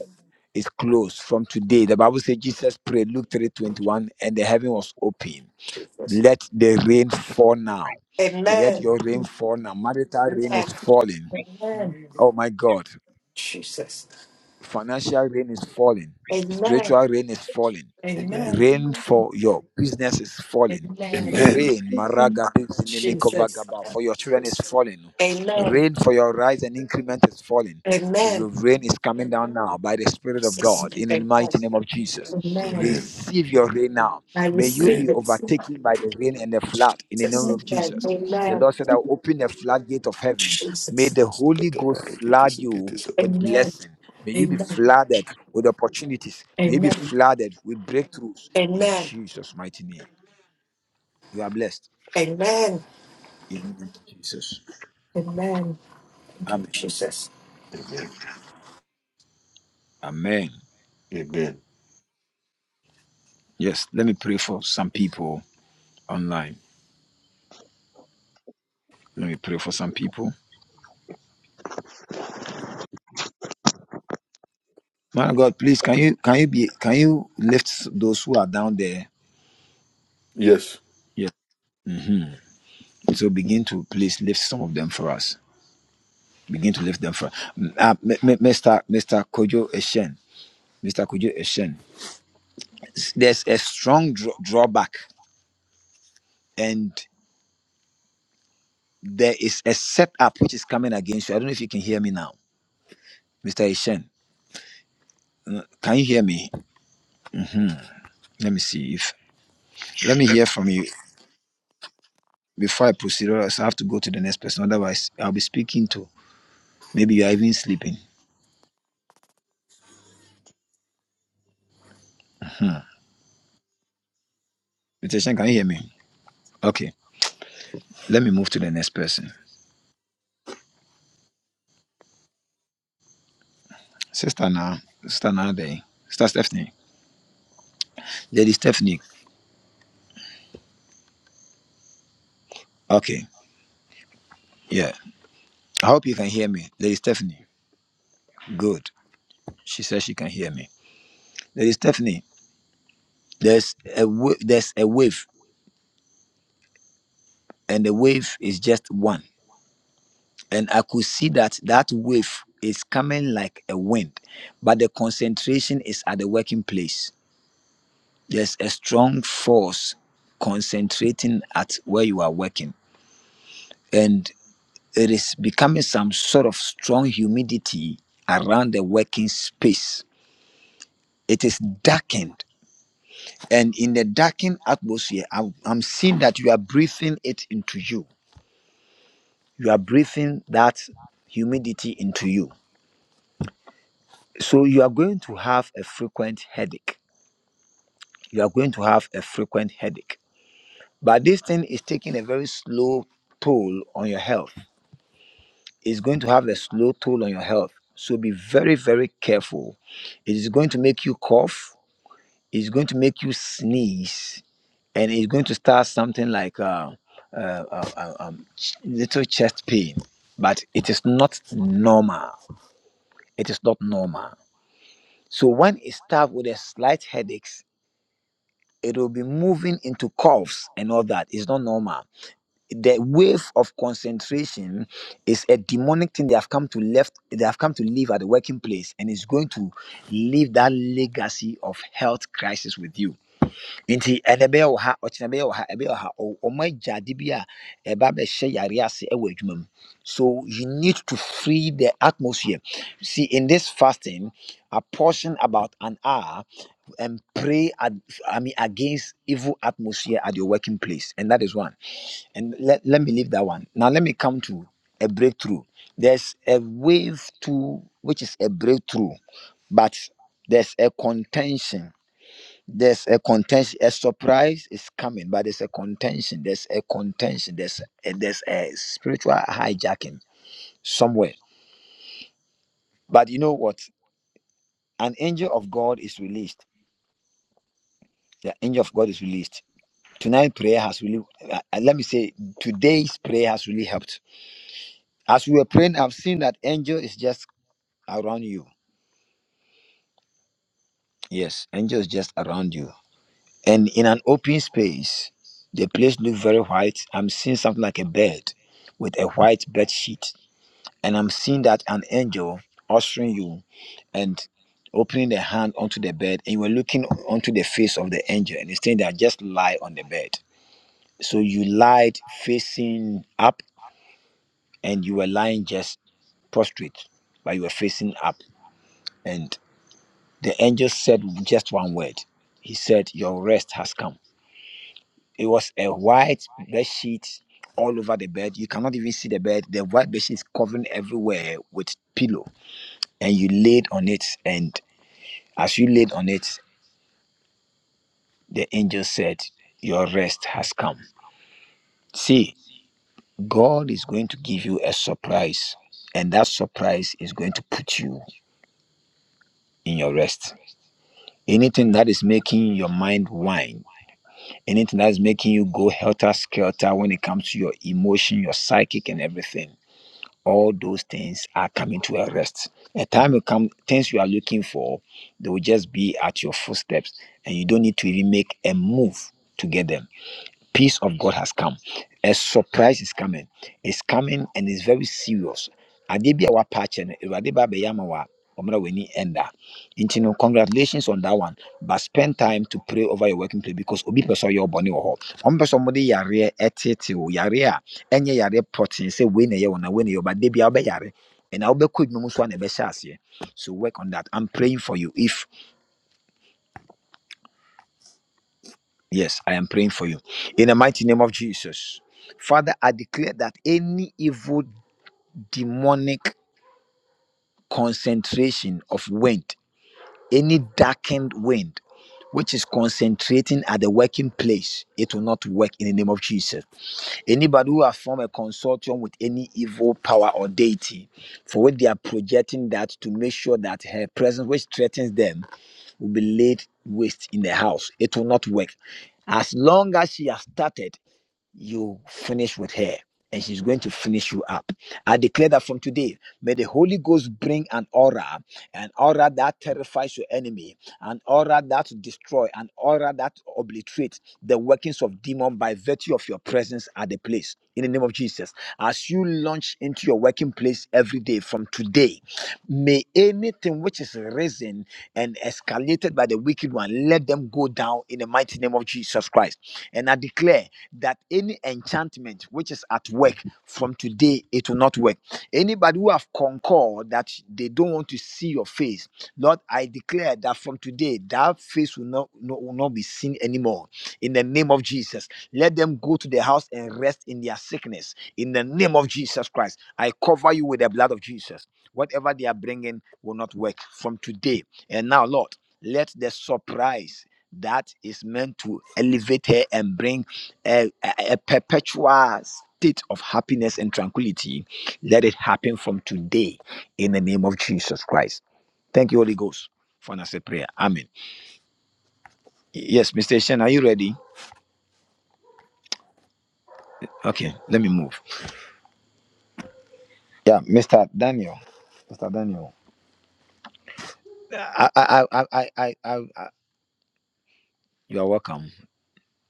is closed from today, the Bible says Jesus prayed, Luke three twenty one, and the heaven was open. Let the rain fall now. Let Amen. your rain fall now. Marital rain is Amen. falling. Amen. Oh my God. Jesus. Financial rain is falling. Amen. Spiritual rain is falling. Amen. Amen. Amen. Rain for your business is falling. Amen. Rain, Maragadis Jesus. Nimicovagaba, for your children is falling. Amen. Rain for your rise and increment is falling. Amen. Your rain is coming down now by the Spirit of Jesus. God in the Amen. mighty name of Jesus. Amen. Amen. Receive your rain now. I May you receive be Amen. it. overtaken by the rain and the flood in the name Jesus. of Amen. Jesus. The Amen. Lord said, I will open the floodgate of heaven. May Jesus. the Holy Sakata Ghost baru kiti flood you sakiti with sakata. Amen. blessing. May you be Amen. flooded with opportunities. May you be Amen. flooded with breakthroughs in Amen. Jesus' mighty name. You are blessed. Amen. In the name of Jesus. Amen. Thank you, Amen. Jesus. Amen. Amen. Amen. Yes, let me pray for some people online. Let me pray for some people. Man of God, please can you can you be can you lift those who are down there? Yes. Yes. So begin to please lift some of them for us. Begin to lift them for us. uh, Mr. Mr. Kojo Eshen. Mr. Kojo Eshen. There's a strong draw- drawback and there is a setup which is coming against you. I don't know if you can hear me now. Mr. Eshen. Can you hear me? Mhm. Let me see if Let me hear from you before I proceed. Or else I have to go to the next person. Otherwise, I'll be speaking to. Maybe you are even sleeping. Hmm. Natasha, can you hear me? Okay. Let me move to the next person. Sister now. Sister now there. Sister Stephanie. Lady Stephanie. Okay. Yeah. I hope you can hear me. Lady Stephanie. Good. She says she can hear me. Lady Stephanie, there's a wa- there's a wave, and the wave is just one. and I could see that that wave is coming like a wind, but the concentration is at the working place. There's a strong force concentrating at where you are working, and it is becoming some sort of strong humidity around the working space. It is darkened, and in the darkened atmosphere, I'm, I'm seeing that you are breathing it into you. You are breathing that humidity into you. So you are going to have a frequent headache you are going to have a frequent headache. But this thing is taking a very slow toll on your health. It's going to have a slow toll on your health. So be very, very careful. It is going to make you cough, it's going to make you sneeze, and it's going to start something like uh, uh, uh, uh, um, ch- little chest pain. But it is not normal. It is not normal. So when it starts with a slight headaches, it will be moving into coughs and all that. It's not normal the wave of concentration is a demonic thing they have come to left they have come to live at the working place and it's going to leave that legacy of health crisis with you nti ɛna ɛbɛyɛ ha ɔkyena ɛbɛyɛ ha ɛbɛyɛ wɔ ha ɔ- bi a ɛba bɛhyɛ yare ase ɛwɔ adwuma mu so you need to free the atmosphere see in this fasting apportion about an hour and pray at, i mean against evil atmosphere at your working place and that is one and let, let me leave that one. Now let me come to a breakthrough. There's a wave two, which is a breakthrough, but there's a contention. There's a contention. A surprise is coming, but there's a contention. There's a contention. There's a, there's a spiritual hijacking somewhere. But you know what? An angel of God is released. The angel of God is released. Tonight prayer has really. uh, uh, Let me say, today's prayer has really helped. As we were praying, I've seen that angel is just around you. Yes, angels just around you. And in an open space, the place looked very white. I'm seeing something like a bed with a white bed sheet. And I'm seeing that an angel ushering you and opening the hand onto the bed. And you were looking onto the face of the angel and it's saying that just lie on the bed. So you lied facing up and you were lying just prostrate, but you were facing up. and. The angel said just one word. He said, Your rest has come. It was a white bed sheet all over the bed. You cannot even see the bed. The white bed sheet is covering everywhere with pillow. And you laid on it. And as you laid on it, the angel said, Your rest has come. See, God is going to give you a surprise. And that surprise is going to put you in your rest. Anything that is making your mind wind anything that's making you go helter skelter when it comes to your emotion, your psychic, and everything, all those things are coming to a rest. A time will come, things you are looking for, they will just be at your footsteps, and you don't need to even make a move to get them peace of God has come. A surprise is coming. It's coming and it's very serious. Adebi wa wapache no Awurade ba abɛyɛ ama wo a, Nti no, congratulations on that one. But spend time to pray over your working place because obi pɛ sɛ ɔyɛ ɔbɔne wɔ hɔ. Ɔmo yare. sɛ ɔmo de yareɛ ɛtete wo. a ɛnyɛ yareɛ pɔtee sɛ wei na ɛyɛ wo na na ɛyɛ wo but da bi a wobɛyare. And I will be quick no so and a So work on that. I'm praying for you. If Yes, I am praying for you. In the mighty name of Jesus. Father, I declare that any evil demonic concentration of wind, any darkened wind, which is concentrating at the working place, it will not work in the name of Jesus. Anybody who has formed a consortium with any evil power or deity, for which they are projecting that to make sure that her presence, which threatens them, will be laid waste in the house. It will not work. As long as she has started, you finish with her and she's going to finish you up. I declare that from today, may the Holy Ghost bring an aura, an aura that terrifies your enemy, an aura that destroys, an aura that obliterates the workings of demon by virtue of your presence at the place. In the name of Jesus, as you launch into your working place every day from today, May anything which is risen and escalated by the wicked one, let them go down in the mighty name of Jesus Christ. And I declare that any enchantment which is at work from today, it will not work. Anybody who have concord that they don't want to see your face, Lord, I declare that from today, that face will not, no- will not be seen anymore in the name of Jesus. Let them go to the house and rest in their sickness in the name of Jesus Christ. I cover you with the blood of Jesus. Whatever they are bringing will not work from today. And now, Lord, let the surprise that is meant to elevate her and bring a, a- a perpetual state of happiness and tranquility, let it happen from today in the name of Jesus Christ. Thank you, Holy Ghost, for an answered prayer. Amen. Yes, Mr. Shen, are you ready? Okay, let me move. Yeah, Mr. Daniel. Mr. Daniel. I, I, I, I, I, I, I- you are welcome,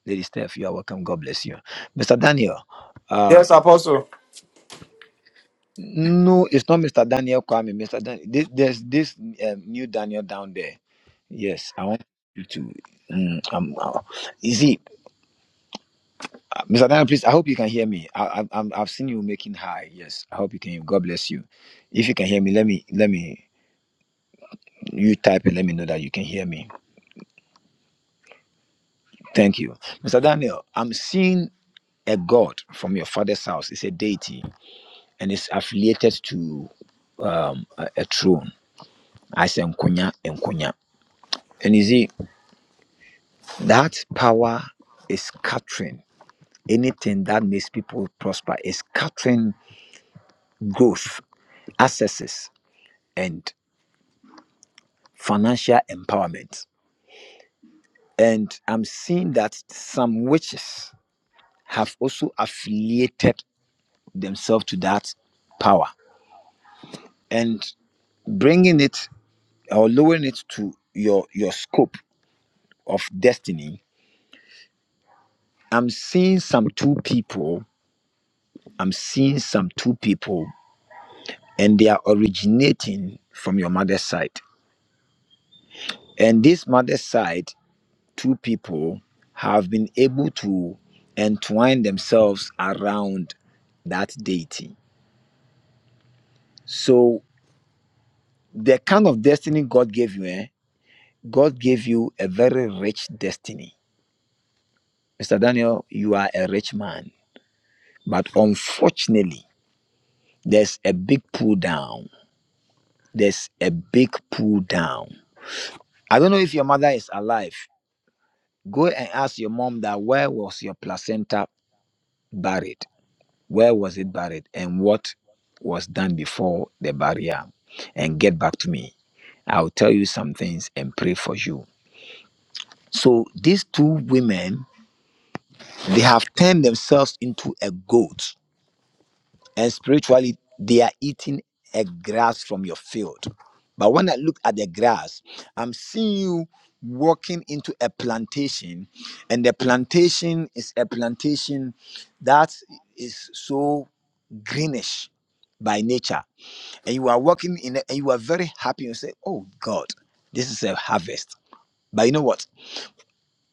Lady Steph. You are welcome. God bless you, Mr. Daniel. Um, Yes, Apostle. no, it's not Mr. Daniel Kwame. Mr. Daniel, this, there's this um, new Daniel down there. Yes, I want you to. Mm, um, uh, you see, uh, Mr. Daniel, please. I hope you can hear me. I, I, I'm, I've seen you making high. Yes, I hope you can. God bless you. If you can hear me, let me, let me. You type and let me know that you can hear me. Thank you. Mr. Daniel, I'm seeing a God from your father's house. It's a deity and it's affiliated to um, a, a throne. I say Nkonya, Nkonya. And you see, that power is scattering anything that makes people prosper, is scattering growth, accesses, and financial empowerment. And I'm seeing that some witches have also affiliated themselves to that power. And bringing it or lowering it to your your scope of destiny i'm seeing some two people i'm seeing some two people and they are originating from your mother's side and this mother's side two people have been able to entwine themselves around that deity so the kind of destiny god gave you eh? god gave you a very rich destiny mr daniel you are a rich man But unfortunately, there's a big pull down. There's a big pull down. I don't know if your mother is alive. Go and ask your mom that where was your placenta buried? Where was it buried? And what was done before the burial? And get back to me. I'll tell you some things and pray for you. So these two women, they have turned themselves into a goat And spiritually, they are eating a grass from your field. But when I look at the grass, I'm seeing you walking into a plantation, and the plantation is a plantation that is so greenish by nature. And you are walking in it, and you are very happy. You say, Oh God, this is a harvest. But you know what?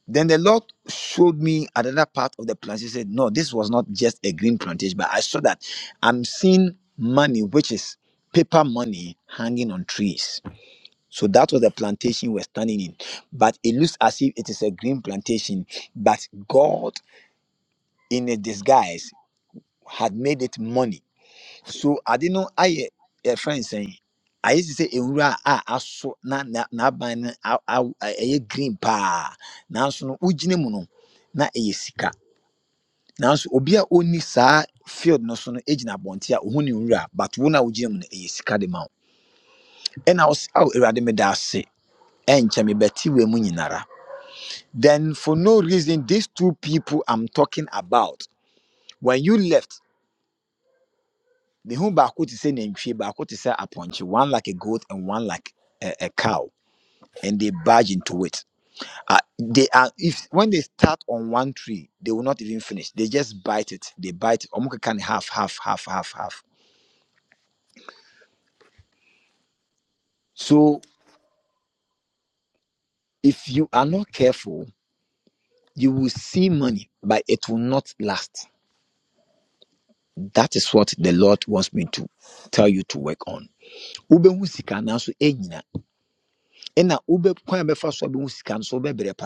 Then the Lord showed me another part of the plantation. He said, No, this was not just a green plantation, but I saw that I'm seeing money, which is paper money, hanging on trees. So that was the plantation we're standing in. But it looks as if it is a green plantation, but God, in a disguise, had made it money so ade no ayɛ yɛfrɛ no sɛn ayɛ te sɛ nwura a aso na na- n'aban no a- aw- ɛ- ɛyɛ green paa nanso no wogyina mu no na ɛyɛ sika nanso obi a ɔnni saa field no so no gyina abɔnte a ɔhu ne nwura but wo no a wogyina mu no ɛyɛ sika de ma wo ɛna wo sɛ aw awurade meda ase ɛnkyɛ mebɛte wei mu nyinara then for no reason these two people i'm talking about when you left ne ho baako te sɛ nantwie baako te sɛ apɔnkye one like a goat and one like a, a cow and they barge into it uh, they are if when they start on one tree they will not even finish they just bite it they bite ɔmo can half half half half half so if you are not careful you will see money but it will not last that is what the lord wants me to tell you to work on Ube sika na ɛnyina ɛna wobɛ kwan a bɛfa so a wobɛhu sika no so wobɛbrɛ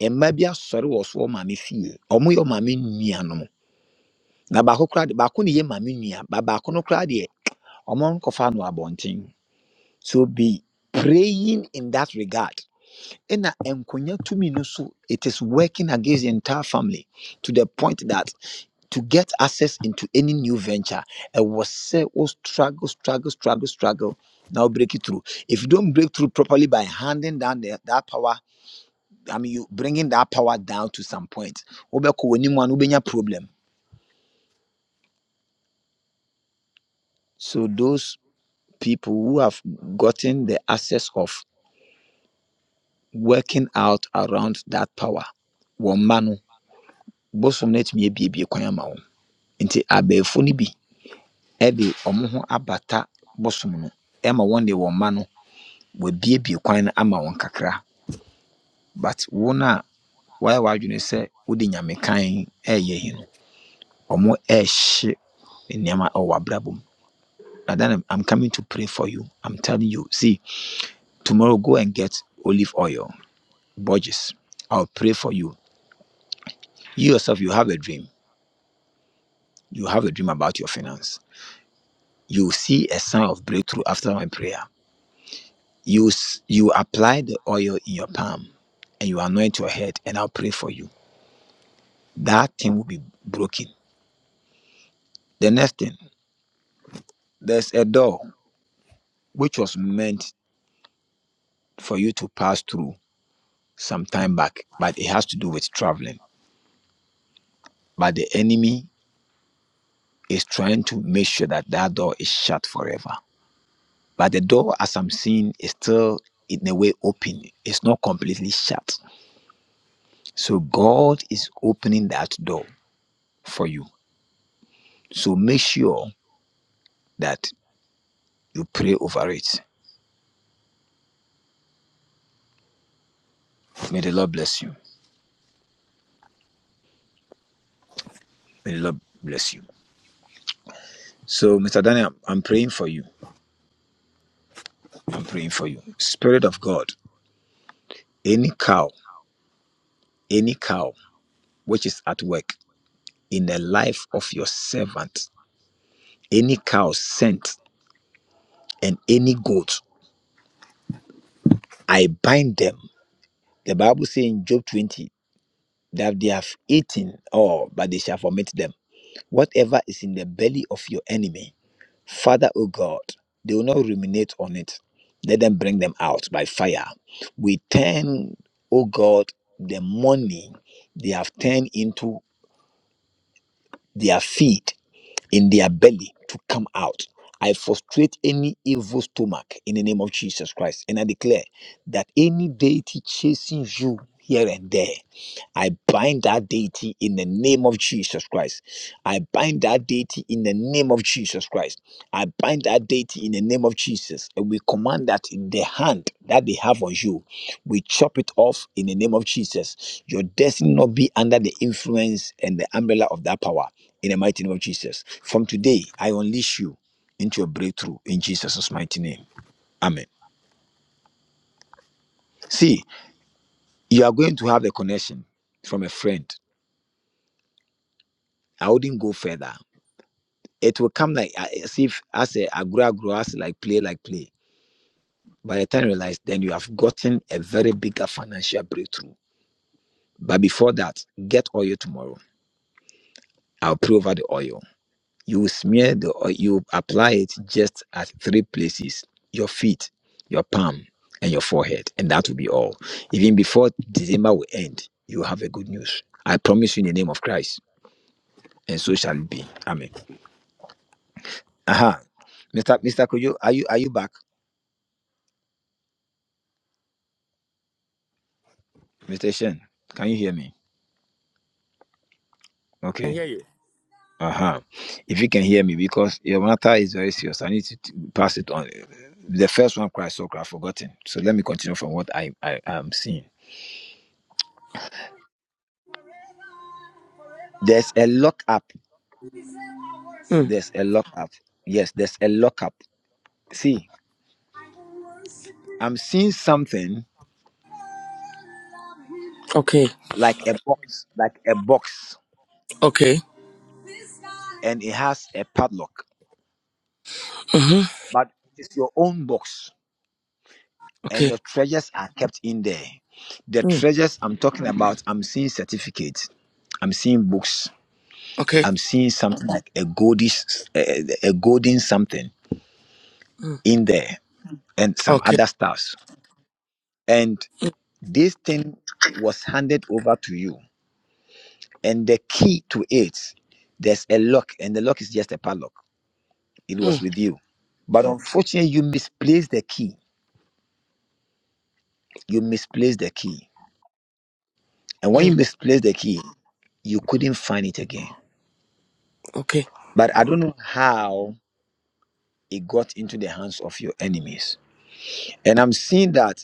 mma bi asɔre wɔ so wɔ maame fie ɔmo yɛ maame nuanom na baako koraa de baako ne yɛ maame nua ba baako no koraa deɛ ɔmo nkɔfa no abɔnten so be praying in that regard ɛna nkonya tumi no so it is working against the entire family to the point that to get access into any new venture ɛwɔ sɛ wo struggle struggle struggle struggle now break it through if you don't break through properly by handing down the, that power I mean, you bringing that power down to some point. Wobɛkɔ w'anim a na wobɛnya problem. So those people who have gotten the access of working out around that power, wɔn mma no, bosom no atumi abiebie kwan ama wɔn. Nti abɛɛfo no bi ɛde wɔn ho abata bosom no ɛma wɔn de wɔn mma no wɔabiebie kwan no ama wɔn kakra. But wɔn a wɔayɛ w'adwene sɛ wode nyame kan ɛɛyɛ yi no, wɔn ɛɛhye nneɛma ɛwɔ w'abrabɔ mu. And then I'm, I'm coming to pray for you. I'm telling you, see, tomorrow go and get olive oil, Borges. I'll pray for you. You yourself, you have a dream. You have a dream about your finance. You see a sign of breakthrough after my prayer. You s- you apply the oil in your palm and you anoint your head, and I'll pray for you. That thing will be broken. The next thing, there's a door which was meant for you to pass through some time back, but it has to do with traveling. But the enemy is trying to make sure that that door is shut forever. But the door, as I'm seeing, is still in a way open. It's not completely shut. So God is opening that door for you. So make sure that you pray over it. May the Lord bless you. May the Lord bless you. So, Mr. Daniel, I'm praying for you. I'm praying for you. Spirit of God, any cow, any cow which is at work in the life of your servant, any cow sent, and any goat I bind them. The Bible says in Job 20 that they have eaten all, but they shall vomit them. Whatever is in the belly of your enemy, Father, O God, they will not ruminate on it. Let them bring them out by fire. We turn, O God, the money they have turned into. their feet in their belly to come out. I frustrate any evil stomach in the name of Jesus Christ. And I declare that any deity chasing you here and there. I bind that deity in the name of Jesus Christ. I bind that deity in the name of Jesus Christ. I bind that deity in the name of Jesus. And we command that in the hand that they have on you, we chop it off in the name of Jesus. Your destiny will not be under the influence and the umbrella of that power in the mighty name of Jesus. From today, I unleash you into a breakthrough in Jesus' mighty name. Amen. See, you are going to have the connection from a friend. I wouldn't go further it will come like uh, as if as a agro agro as like play like play. By the time you realize, then you have gotten a very bigger financial breakthrough. But before that, get oil tomorrow. I'll pray over the oil. You smear the oil, you apply it just at three places your feet, your palm, and your forehead. And that will be all. Even before December will end, you will have a good news. I promise you in the name of Christ. And so shall it be. Amen. Aha. Mr. Mr. Kojo, are you are you back? Mr. Shen, can you hear me? I Okay. hear you. Uh huh. If you can hear me, because your matter is very serious, I need to t- pass it on. The first one, cry so I've forgotten. So let me continue from what I I am seeing. There's a lockup. Mm. There's a lockup. Yes, there's a lockup. See, I'm seeing something Okay. like a box, like a box, Okay. and it has a padlock, Mm-hmm. but it's your own box, and Okay. your treasures are kept in there. The Mm. treasures I'm talking about, I'm seeing certificates, I'm seeing books. Okay. I'm seeing something like a goldish, a, a golden something Mm. in there and some Okay. other stuffs. And Mm. this thing was handed over to you. And the key to it, there's a lock, and the lock is just a padlock. It was Mm. with you. But unfortunately, you misplaced the key. You misplaced the key. And when you Mm. misplaced the key, you couldn't find it again. Okay. But I don't know how it got into the hands of your enemies. And I'm seeing that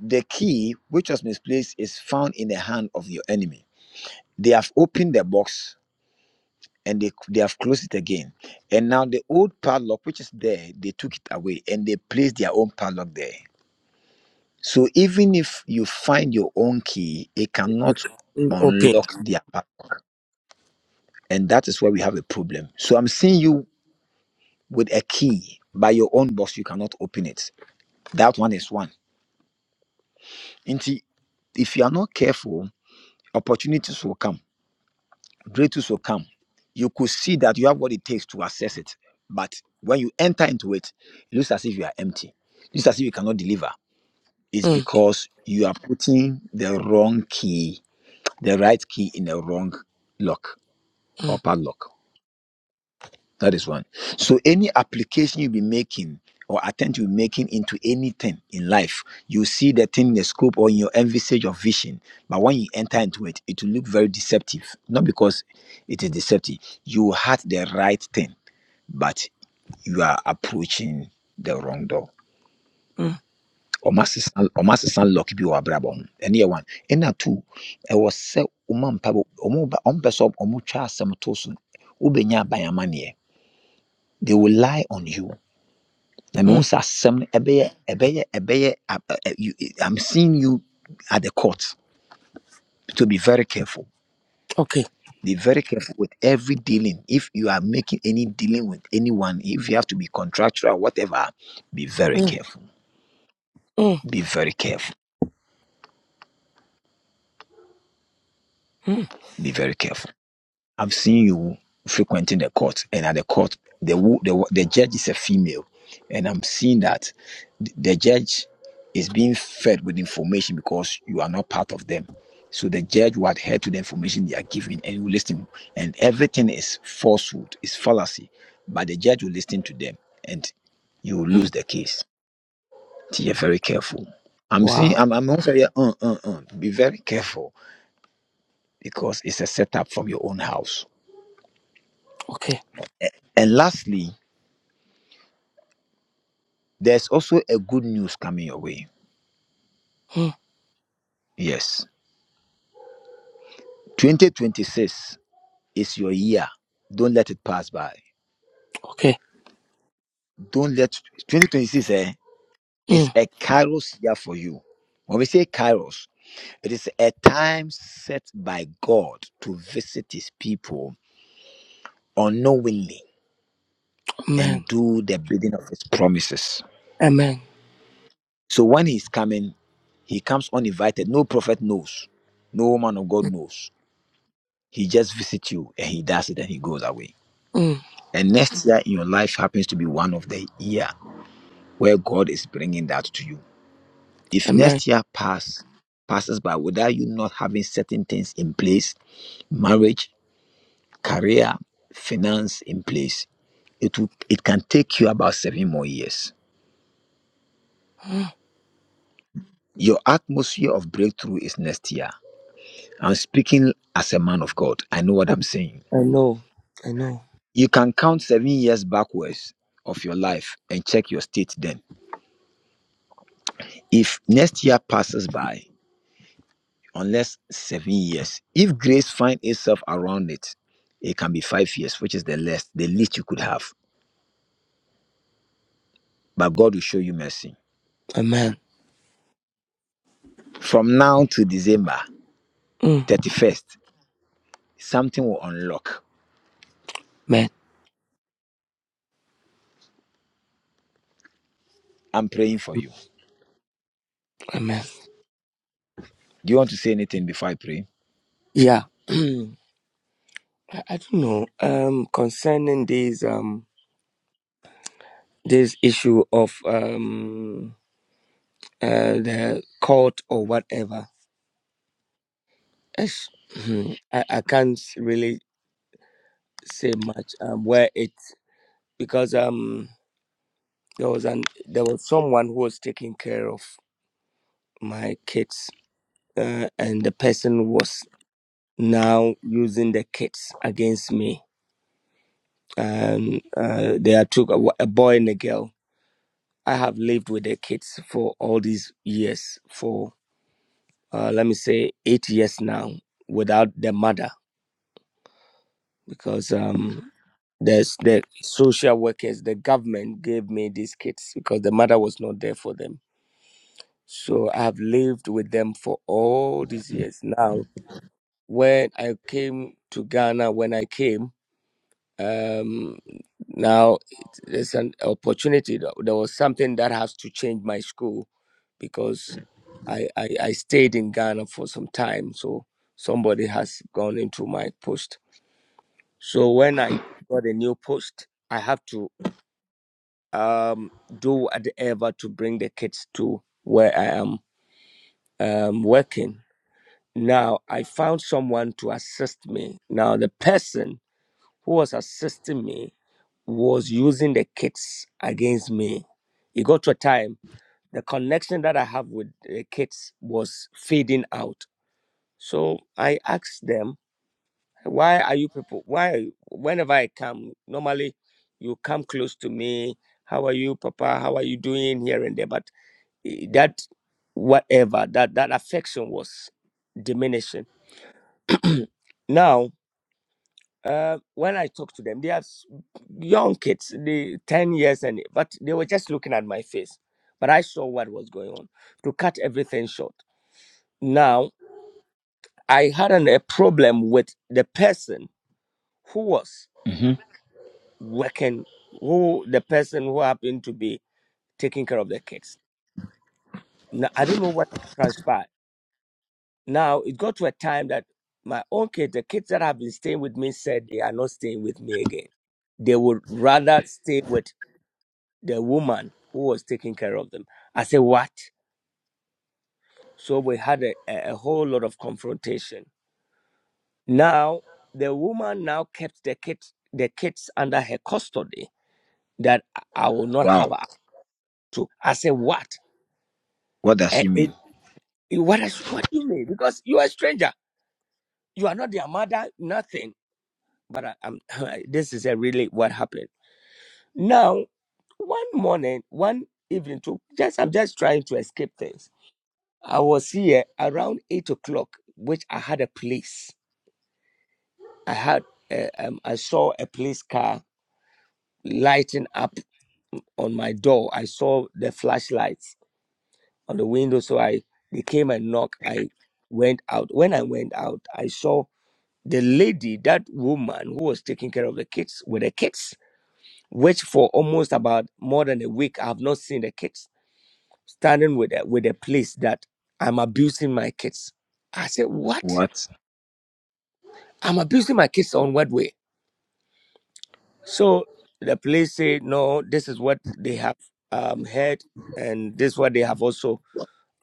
The key, which was misplaced, is found in the hand of your enemy. They have opened the box and they, they have closed it again. And now the old padlock, which is there, they took it away and they placed their own padlock there. So even if you find your own key, it cannot Mm. Open. unlock their padlock. And that is where we have a problem. So I'm seeing you with a key by your own box, you cannot open it. That one is one. Nti, If you are not careful, opportunities will come breakthroughs will come. You could see that you have what it takes to access it. But when you enter into it, it looks as if you are empty. It looks as if you cannot deliver. It's Mm. because you are putting the wrong key, the right key in the wrong lock, Mm. upper lock. That is one. So any application you be making or attempt you be making into anything in life, you see the thing in the scope or in your envisage of vision. But when you enter into it, it will look very deceptive. Not because it is deceptive. You had the right thing, but you are approaching the wrong door. Mm. ɔma sesan lock bi wɔ abrabɔ ho ɛne yɛ one ɛna two ɛwɔ sɛ ɔma mpa ɔmo ba ɔmo pɛ sɛ ɔmo twa asɛm to so wobɛnya aban amanneɛ they will lie on you I mean, Mm. once assembly, ebeye, ebeye, ebeye, uh, uh, you, I'm seeing you at the court. To be very careful. Okay. Be very careful with every dealing. If you are making any dealing with anyone, if you have to be contractual, whatever, be very Mm. careful. Mm. Be very careful. Mm. Be very careful. i am seeing you frequenting the court, and at the court, the wo- the wo- the judge is a female, and I'm seeing that th- the judge is being fed with information because you are not part of them. So the judge will adhere to the information they are given and will listen, and everything is falsehood, is fallacy, but the judge will listen to them, and you will lose the case. So you're very careful. I'm seeing. Wow. I'm. I'm also. Yeah, uh, uh, uh. Be very careful because it's a setup from your own house. Okay. And lastly, There's also a good news coming your way. Mm. Yes. 2026 is your year. Don't let it pass by. Okay. Don't let 2026 eh, is Mm. a kairos year for you. When we say kairos, it is a time set by God to visit his people unknowingly Amen. and do the bidding of his promises. Amen. So when he's coming, he comes uninvited. No prophet knows. No man of God Mm. knows. He just visits you and he does it and he goes away. Mm. And next year in your life happens to be one of the year where God is bringing that to you. If Amen. next year pass passes by without you not having certain things in place, marriage, career, finance in place, it will, it can take you about seven more years. Mm. Your atmosphere of breakthrough is next year. I'm speaking as a man of God. I know what I I'm saying. I know. I know. You can count seven years backwards of your life and check your state then. If next year passes by unless seven years. If grace finds itself around it, it can be five years, which is the least, the least you could have. But God will show you mercy. Amen. From now to December Mm. 31st, something will unlock. Amen. I'm praying for you. Amen. Do you want to say anything before I pray? Yeah. [clears throat] I, I don't know. Um, concerning these. Um. this issue of um uh, the court or whatever Yes. Mhm. I, I can't really say much um where it because um there was an there was someone who was taking care of my kids uh, and the person was now using the kids against me and uh, they are two a boy and a girl i have lived with the kids for all these years for uh, let me say eight years now without the mother because um there's the social workers the government gave me these kids because the mother was not there for them so i have lived with them for all these years now when i came to ghana when i came Um, now it- there's an opportunity. Th- There was something that has to change my school because I, I I stayed in Ghana for some time, so somebody has gone into my post. So when I got a new post, I have to um do whatever to bring the kids to where I am um working. Now I found someone to assist me. Now the person who was assisting me was using the kids against me. It got to a time the connection that I have with the kids was fading out. So I asked them, "Why are you people? Why? are you- Whenever I come, normally you come close to me. How are you, Papa? How are you doing here and there? But eh, that, whatever that that affection was diminishing. [clears throat] now." uh, when I talk to them, they are s- young kids, they ten years and but they were just looking at my face. But I saw what was going on. To cut everything short. Now I had an, a problem with the person who was hmm working, who the person who happened to be taking care of the kids. Now I don't know what transpired. Now it got to a time that my own kids, the kids that have been staying with me, said they are not staying with me again. They would rather stay with the woman who was taking care of them. I said, What? So we had a, a a whole lot of confrontation. Now, the woman now kept the kid, the kids under her custody that I will not have Wow. her to. I said, What? What does Eh, she eh, mean? eh, what, is, what do you mean? Because you are a stranger. You are not their mother, nothing. But I, I'm, [laughs] this is a really what happened. Now, one morning, one evening, too, just I'm just trying to escape things I was here around eight o'clock, which I had a place. I had, uh, um, I saw a police car lighting up on my door. I saw the flashlights on the window, so I they came and knocked. I went out. When I went out, I saw the lady, that woman who was taking care of the kids with the kids, which for almost about more than a week I have not seen the kids standing with a, with a place that I'm abusing my kids. I said, what? What? I'm abusing my kids on what way? So the police say, no, this is what they have um, heard, and this is what they have also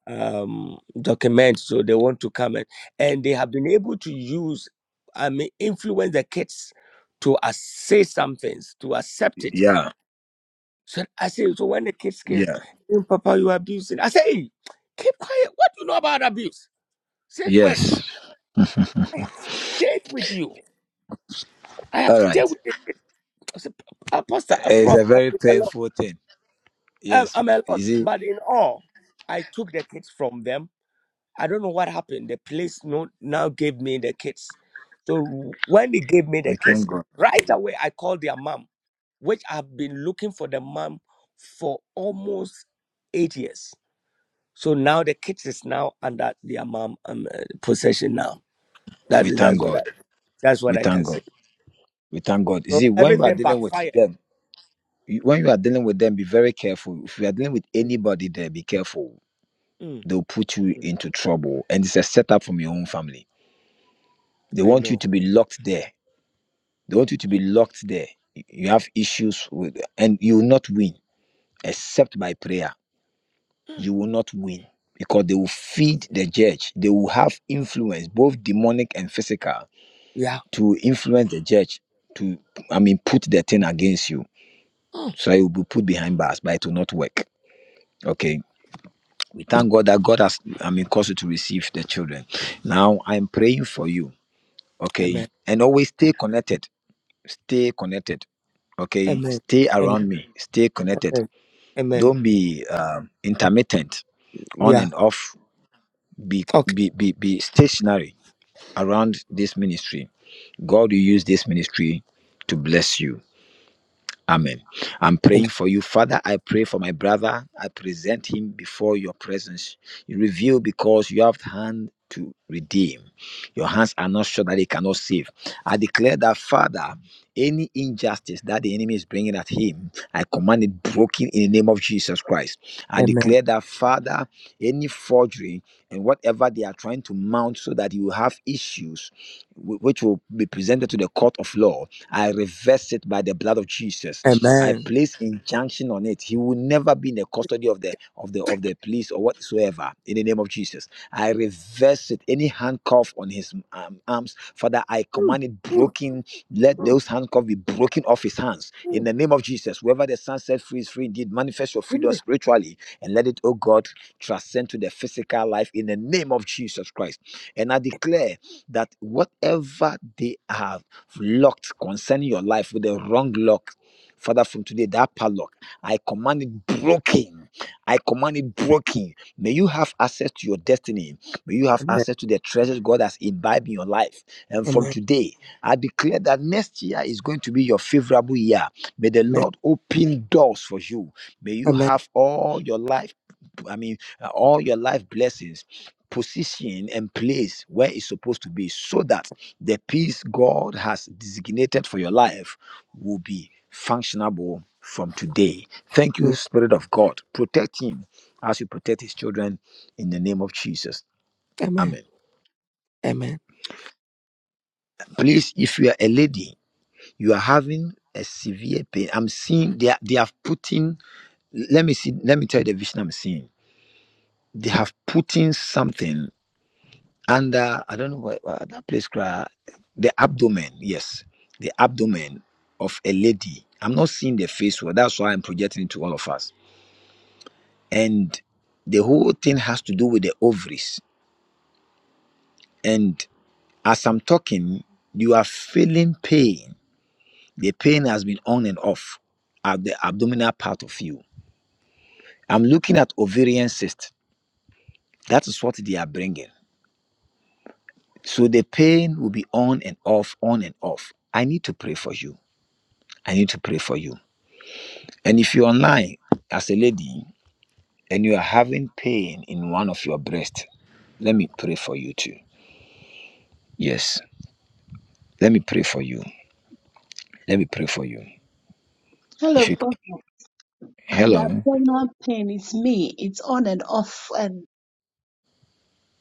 um, documented. So they want to come and, and they have been able to use, I mean, influence the kids to uh, say some things, to accept it. Yeah. So I say, so when the kids came, Yeah. "Hey, Papa, you abusing. I say, hey, keep quiet. What do you know about abuse? Since when? Yes. I have stayed with you. I have All stayed right. with this. kid." I said, Apostle, a It's a very prophet. painful thing. Um, Yes. I'm a You lot, see, but in all, I took the kids from them. I don't know what happened. The police no, now gave me the kids. So when they gave me the we thank kids, God. right away I called their mom, which I've been looking for the mom for almost eight years. So now the kids is now under their mom um, uh, possession now. That We is thank that's what God. I that's what We I thank can say. God. We thank God. You So see, when you are everything dealing with backfired. death. you- when you are dealing with them, be very careful. If you are dealing with Mm, anybody there, be careful. mm, They'll put you mm. into trouble. And it's a setup from your own family. They I want you know. to be locked there. They want you to be locked there. You you have issues with and you will not win except by prayer. You will not win. Because they will feed the judge. They will have influence, both demonic and physical, Yeah. to influence the judge to I mean put their thing against you. Mm. So you will be put behind bars, but it will not work. Okay We thank God that God has, I mean, caused you to receive the children. Now I'm praying for you, okay? Amen. And always stay connected. Stay connected, okay? Amen. Stay Amen. around me. Stay connected. Amen. Amen. Don't be um intermittent, on Yeah. and off. Be, Okay. be be be stationary around this ministry. God will use this ministry to bless you. Amen. I'm Thank praying you. for you, Father. I pray for my brother. I present him before your presence. You reveal because you have hand to redeem. Your hands are not sure that they cannot save. I declare that, Father, any injustice that the enemy is bringing at him, I command it broken in the name of Jesus Christ. I Amen. declare that, Father, any forgery and whatever they are trying to mount so that you have issues wh- which will be presented to the court of law, I reverse it by the blood of Jesus. I Amen. place injunction on it. He will never be in the custody of the of the of the police or whatsoever. In the name of Jesus, I reverse it. Any handcuff on his um, arms, Father, I Mm, command it mm, broken. Let mm, those handcuffs be broken off his hands. In mm. the name of Jesus, whoever the Son set free is free indeed. Manifest your freedom Amen. spiritually and let it, oh God, transcend to the physical life. In the name of Jesus Christ, and I declare that whatever they are locked concerning your life with the wrong lock. Father, from today, that padlock, I command it broken. I command it broken. May you have access to your destiny. May you have Amen. access to the treasures God has imbibed in your life. And from Amen. today, I declare that next year is going to be your favorable year. May the Amen. Lord open doors for you. May you Amen. have all your life. I mean, uh, all your life blessings position and place where it's supposed to be so that the peace God has designated for your life will be functionable from today. Thank you, Mm, Spirit of God. Protect him as you protect his children in the name of Jesus. Amen. Amen. Amen. Please, if you are a lady, you are having a severe pain. I'm seeing they are, they have put in, let me see, let me tell you the vision I'm seeing. They have put in something under I don't know what, what that place cry the abdomen yes the abdomen of a lady I'm not seeing the face well that's why I'm projecting it to all of us and the whole thing has to do with the ovaries and as I'm talking you are feeling pain the pain has been on and off at the abdominal part of you I'm looking at ovarian cyst that is what they are bringing so the pain will be on and off on and off I need to pray for you I need to pray for you And if you're online as a lady and you are having pain in one of your breasts, let me pray for you too. Yes. Let me pray for you. Let me pray for you. If you Hello, That hello, abdominal pain is me. It's on and off, and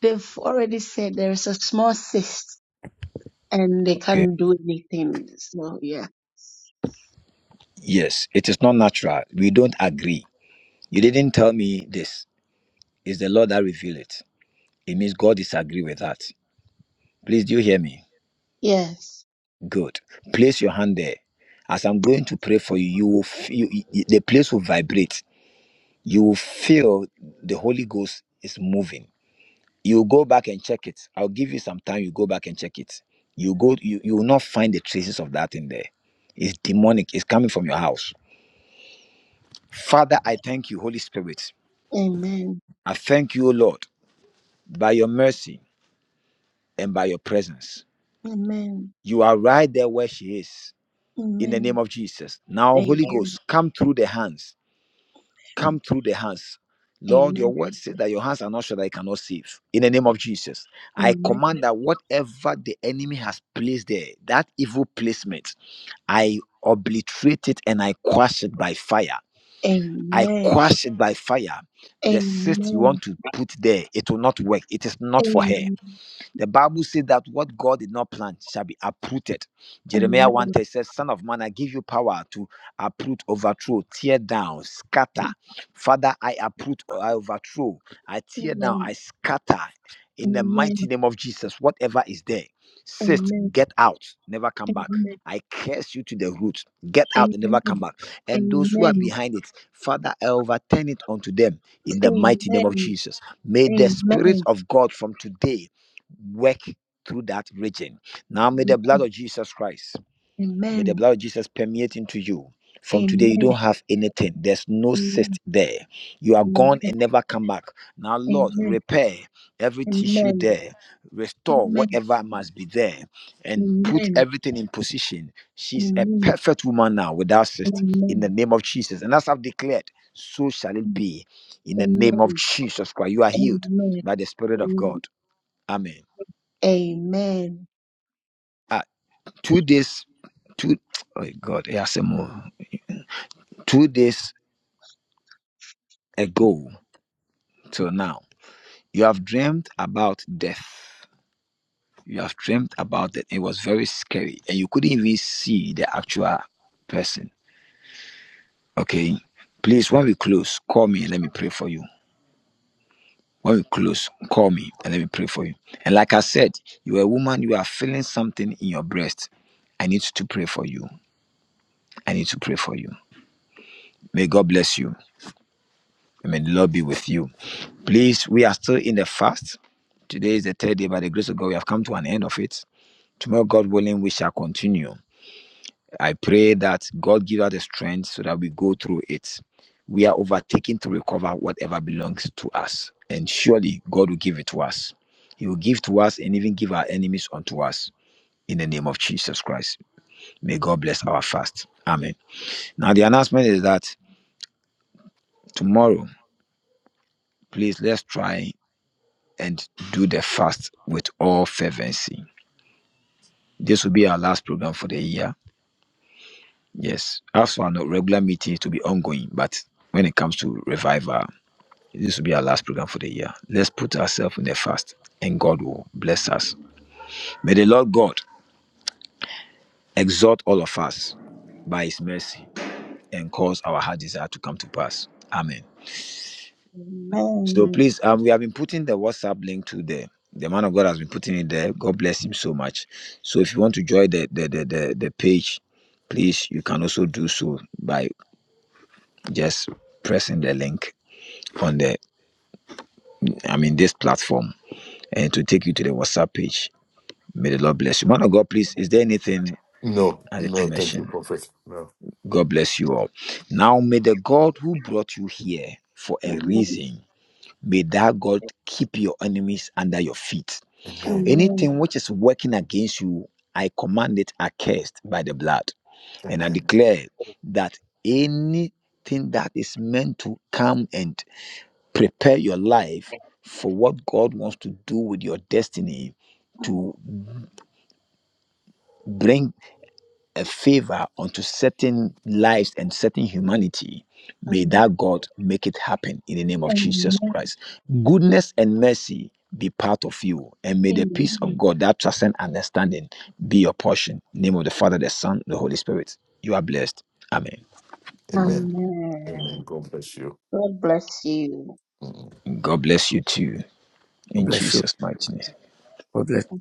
they've already said there is a small cyst, and they okay. can't do anything. So yeah, Yes, it is not natural. We don't agree. You didn't tell me this. It's the Lord that revealed it. It means God disagree with that. Please, do you hear me? yes, Good. Place your hand there. As I'm going to pray for you, you will feel, the place will vibrate. You will feel the Holy Ghost is moving you go back and check it i'll give you some time you go back and check it you go you, you will not find the traces of that in there it's demonic it's coming from your house father i thank you holy spirit amen, i thank you O lord by your mercy and by your presence amen, you are right there where she is in the name amen, of jesus now amen, holy amen, ghost come through the hands come through the hands. Lord, your amen, word says that your hands are not sure that I cannot save. In the name of Jesus, I amen, command that whatever the enemy has placed there, that evil placement, I obliterate it and I quash it by fire. amen, amen, amen, amen, amen, amen, amen, I amen, quash it by fire. The cyst you amen, want to put there, it will not work. It is not for her. The Bible says that what God did not plant shall be uprooted. Jeremiah one ten says, Son of man, I give you power to uproot, overthrow, tear down, scatter. Father, I uproot, I overthrow, I tear down, I scatter. In the mighty name of Jesus, whatever is there, sit, get out, never come back. I curse you to the root. Get out amen, and never come back. And those who are behind it, Father, I overturn it unto them in the mighty name of Jesus. May the amen, Spirit amen, of God from today work through that region. Now, may the blood of Jesus Christ, may the amen. blood of Jesus permeate into you. From today, amen, you don't have anything. There's no Amen. cyst there. You are gone Amen. and never come back. Now, Lord, Amen. repair every tissue Amen. there, restore Amen. whatever must be there, and put everything in position. She's a Amen. perfect woman now without cyst in the Amen. name of Jesus. And as I've declared, so shall it be in the name of Amen. Amen. Jesus Christ. You are healed Amen. by the Spirit of God. Amen. Amen. Amen. Ah. two days two oh god more. two days ago till now you have dreamt about death you have dreamt about it it was very scary and you couldn't even see the actual person okay please when we close call me and let me pray for you when we close call me and let me pray for you and like i said you're a woman you are feeling something in your breast i need to pray for you i need to pray for you may god bless you I mean, Lord be with you. Please, we are still in the fast. Today is the third day. By the grace of God, we have come to an end of it. Tomorrow, God willing, we shall continue. I pray that God give us the strength so that we go through it. We are overtaken to recover whatever belongs to us. And surely God will give it to us. He will give to us and even give our enemies unto us in the name of Jesus Christ. May God bless our fast. Amen. Now, the announcement is that tomorrow, please let's try. and do the fast with all fervency. This will be our last program for the year. Yes. As for our no, regular meetings to be ongoing, but when it comes to revival, this will be our last program for the year. Let's put ourselves in the fast and God will bless us. May the Lord God exhort all of us by his mercy and cause our heart desire to come to pass. Amen. So please, um, we have been putting the WhatsApp link to the the man of God has been putting it there. God bless him so much. So if you want to join the the the the, the page, please you can also do so by just pressing the link on the I mean this platform and to take you to the WhatsApp page. May the Lord bless you. Man of God, please, is there anything No. I didn't No. Thank you, mention? Prophet. No. God bless you all. Now may the God who brought you here for a Amen. reason, may that God keep your enemies under your feet Amen. Amen. Amen. Anything which is working against you, I command it accursed by the blood. And I Amen. declare that anything that is meant to come and prepare your life for what God wants to do with your destiny, to bring a favor unto certain lives and certain humanity, may Amen. that God make it happen in the name of Jesus Amen. Christ. Goodness and mercy be part of you, and may the peace of Amen. God that transcends understanding be your portion. In the name of the Father, the Son, the Holy Spirit. You are blessed. Amen. Amen. Amen. Amen. God bless you. God bless you. Mm. God bless you too. God In bless you. Jesus' mighty name. God bless.